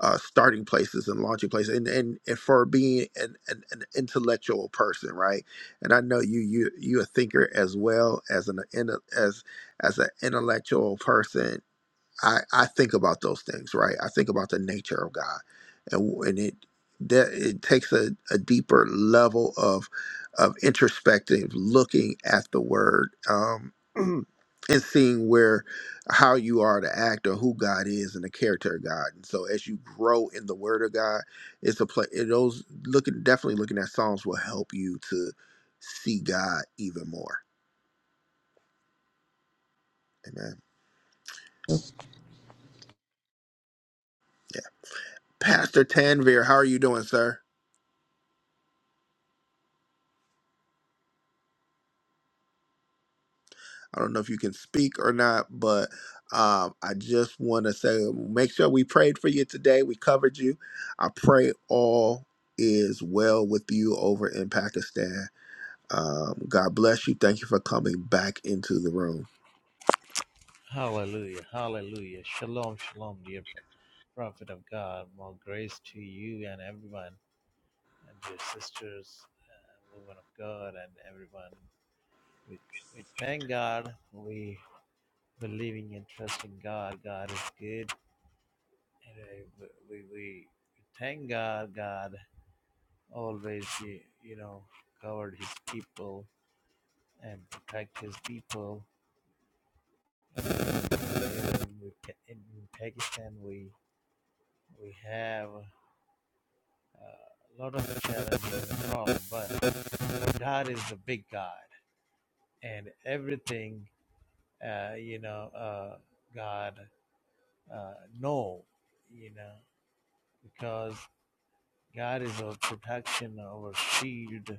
A: uh, starting places and launching places and, and, and for being an, an, an intellectual person right and i know you you you a thinker as well as an inter- as as an intellectual person I, I think about those things, right? I think about the nature of God, and and it that it takes a, a deeper level of of introspective looking at the Word um, (clears throat) and seeing where how you are to act or who God is and the character of God. And so, as you grow in the Word of God, it's a place. Those looking definitely looking at Psalms will help you to see God even more. Amen. Pastor Tanvir, how are you doing, sir? I don't know if you can speak or not, but um, I just want to say make sure we prayed for you today. We covered you. I pray all is well with you over in Pakistan. Um, God bless you. Thank you for coming back into the room.
H: Hallelujah, hallelujah. Shalom, shalom, dear pro- prophet of God. More grace to you and everyone, and dear sisters, uh, woman of God, and everyone. We, we thank God. We believing and trusting God. God is good. And uh, we, we, we thank God. God always, you, you know, covered his people and protect his people. You know, we, in Pakistan, we, we have. uh, a lot of challenges and problem, but God is a big God, and everything uh, you know, uh, God uh, know, you know, because God is our protection, our shield,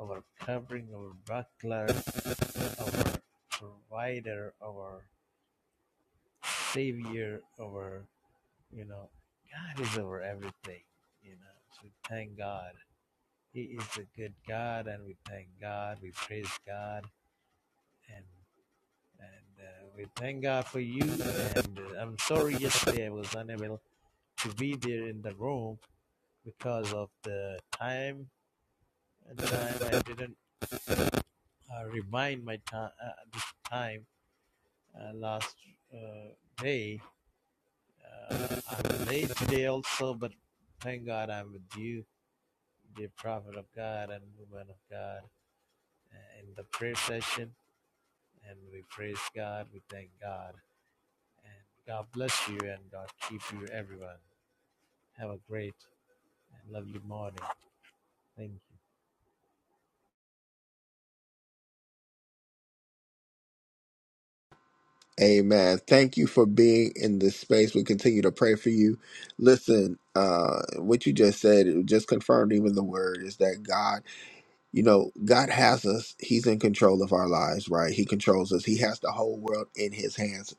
H: our covering, our buckler, our provider, our savior, our you know, God is our everything, you know. So we thank God. He is a good God, and we thank God. We praise God and and uh, we thank God for you. And uh, I'm sorry yesterday I was unable to be there in the room because of the time. At the time I didn't uh, remind my time uh, this time uh, last uh, day. Uh, I'm late today also, but thank God I'm with you, dear prophet of God and woman of God, uh, in the prayer session. And we praise God, we thank God, and God bless you, and God keep you, everyone. Have a great and lovely morning. Thank you.
A: Amen. Thank you for being in this space. We continue to pray for you. Listen, uh, what you just said, it just confirmed even the word is that God. you know, God has us. He's in control of our lives, right? He controls us. He has the whole world in his hands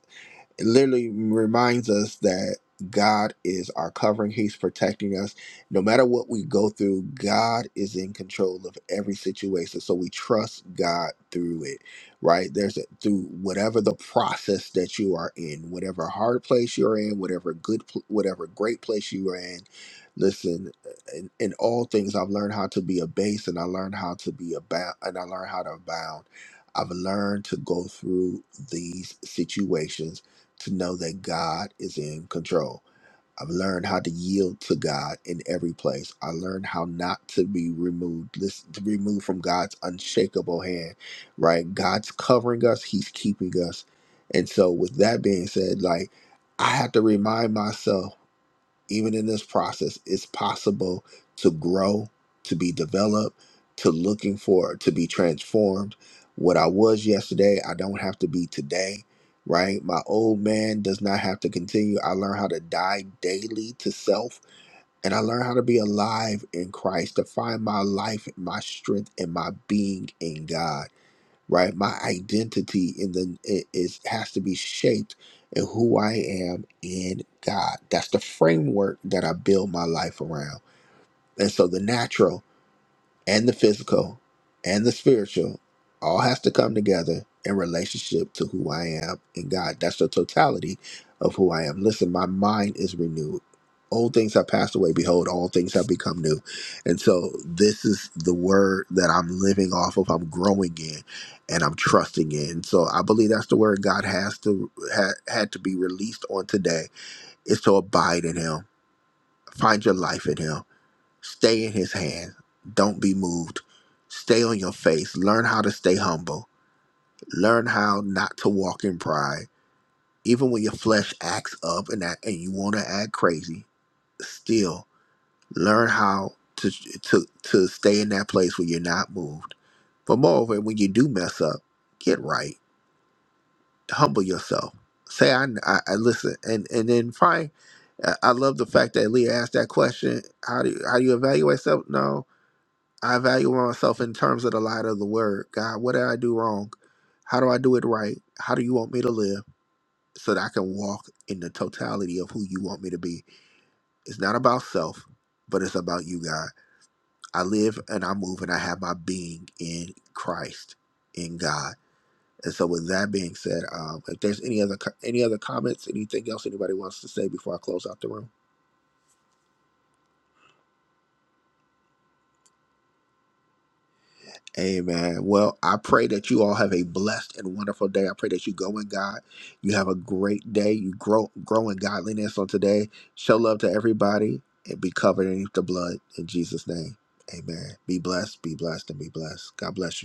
A: it literally reminds us that God is our covering, He's protecting us. No matter what we go through, God is in control of every situation. So we trust God through it, right? There's a, through whatever the process that you are in, whatever hard place you're in, whatever good, pl- whatever great place you are in. Listen, in, in all things, I've learned how to be a base, and I learned how to be about, and I learned how to abound. I've learned to go through these situations to know that God is in control. I've learned how to yield to God in every place. I learned how not to be removed, listen, to be removed from God's unshakable hand, right? God's covering us, He's keeping us. And so, with that being said, like, I have to remind myself even in this process, it's possible to grow, to be developed, to looking for, to be transformed. What I was yesterday, I don't have to be today, right? My old man does not have to continue. I learn how to die daily to self, and I learn how to be alive in Christ, to find my life, my strength, and my being in God right? My identity in the it is has to be shaped in who I am in God. That's the framework that I build my life around. And so the natural and the physical and the spiritual all has to come together in relationship to who I am in God. That's the totality of who I am. Listen, my mind is renewed. Old things have passed away. Behold, all things have become new. And so this is the word that I'm living off of. I'm growing in and I'm trusting in. So I believe that's the word God has to ha, had to be released on today is to abide in him. Find your life in him Stay in his hand. Don't be moved. Stay on your face. Learn how to stay humble. Learn how not to walk in pride. Even when your flesh acts up and act, and you want to act crazy, still learn how to, to to stay in that place where you're not moved. But moreover, when you do mess up, get right. Humble yourself. Say I, I, I listen, and and then find. I I love the fact that Leah asked that question. How do you, how do you evaluate yourself? No, I evaluate myself in terms of the light of the word. God, what did I do wrong? How do I do it right? How do you want me to live so that I can walk in the totality of who you want me to be? It's not about self, but it's about you, God. I live and I move and I have my being in Christ, in God. And so, with that being said, um, if there's any other co- any other comments, anything else anybody wants to say before I close out the room. Amen. Well, I pray that you all have a blessed and wonderful day. I pray that you go in God. You have a great day. You grow grow in godliness on today. Show love to everybody and be covered underneath the blood in Jesus' name. Amen. Be blessed, be blessed, and be blessed. God bless you.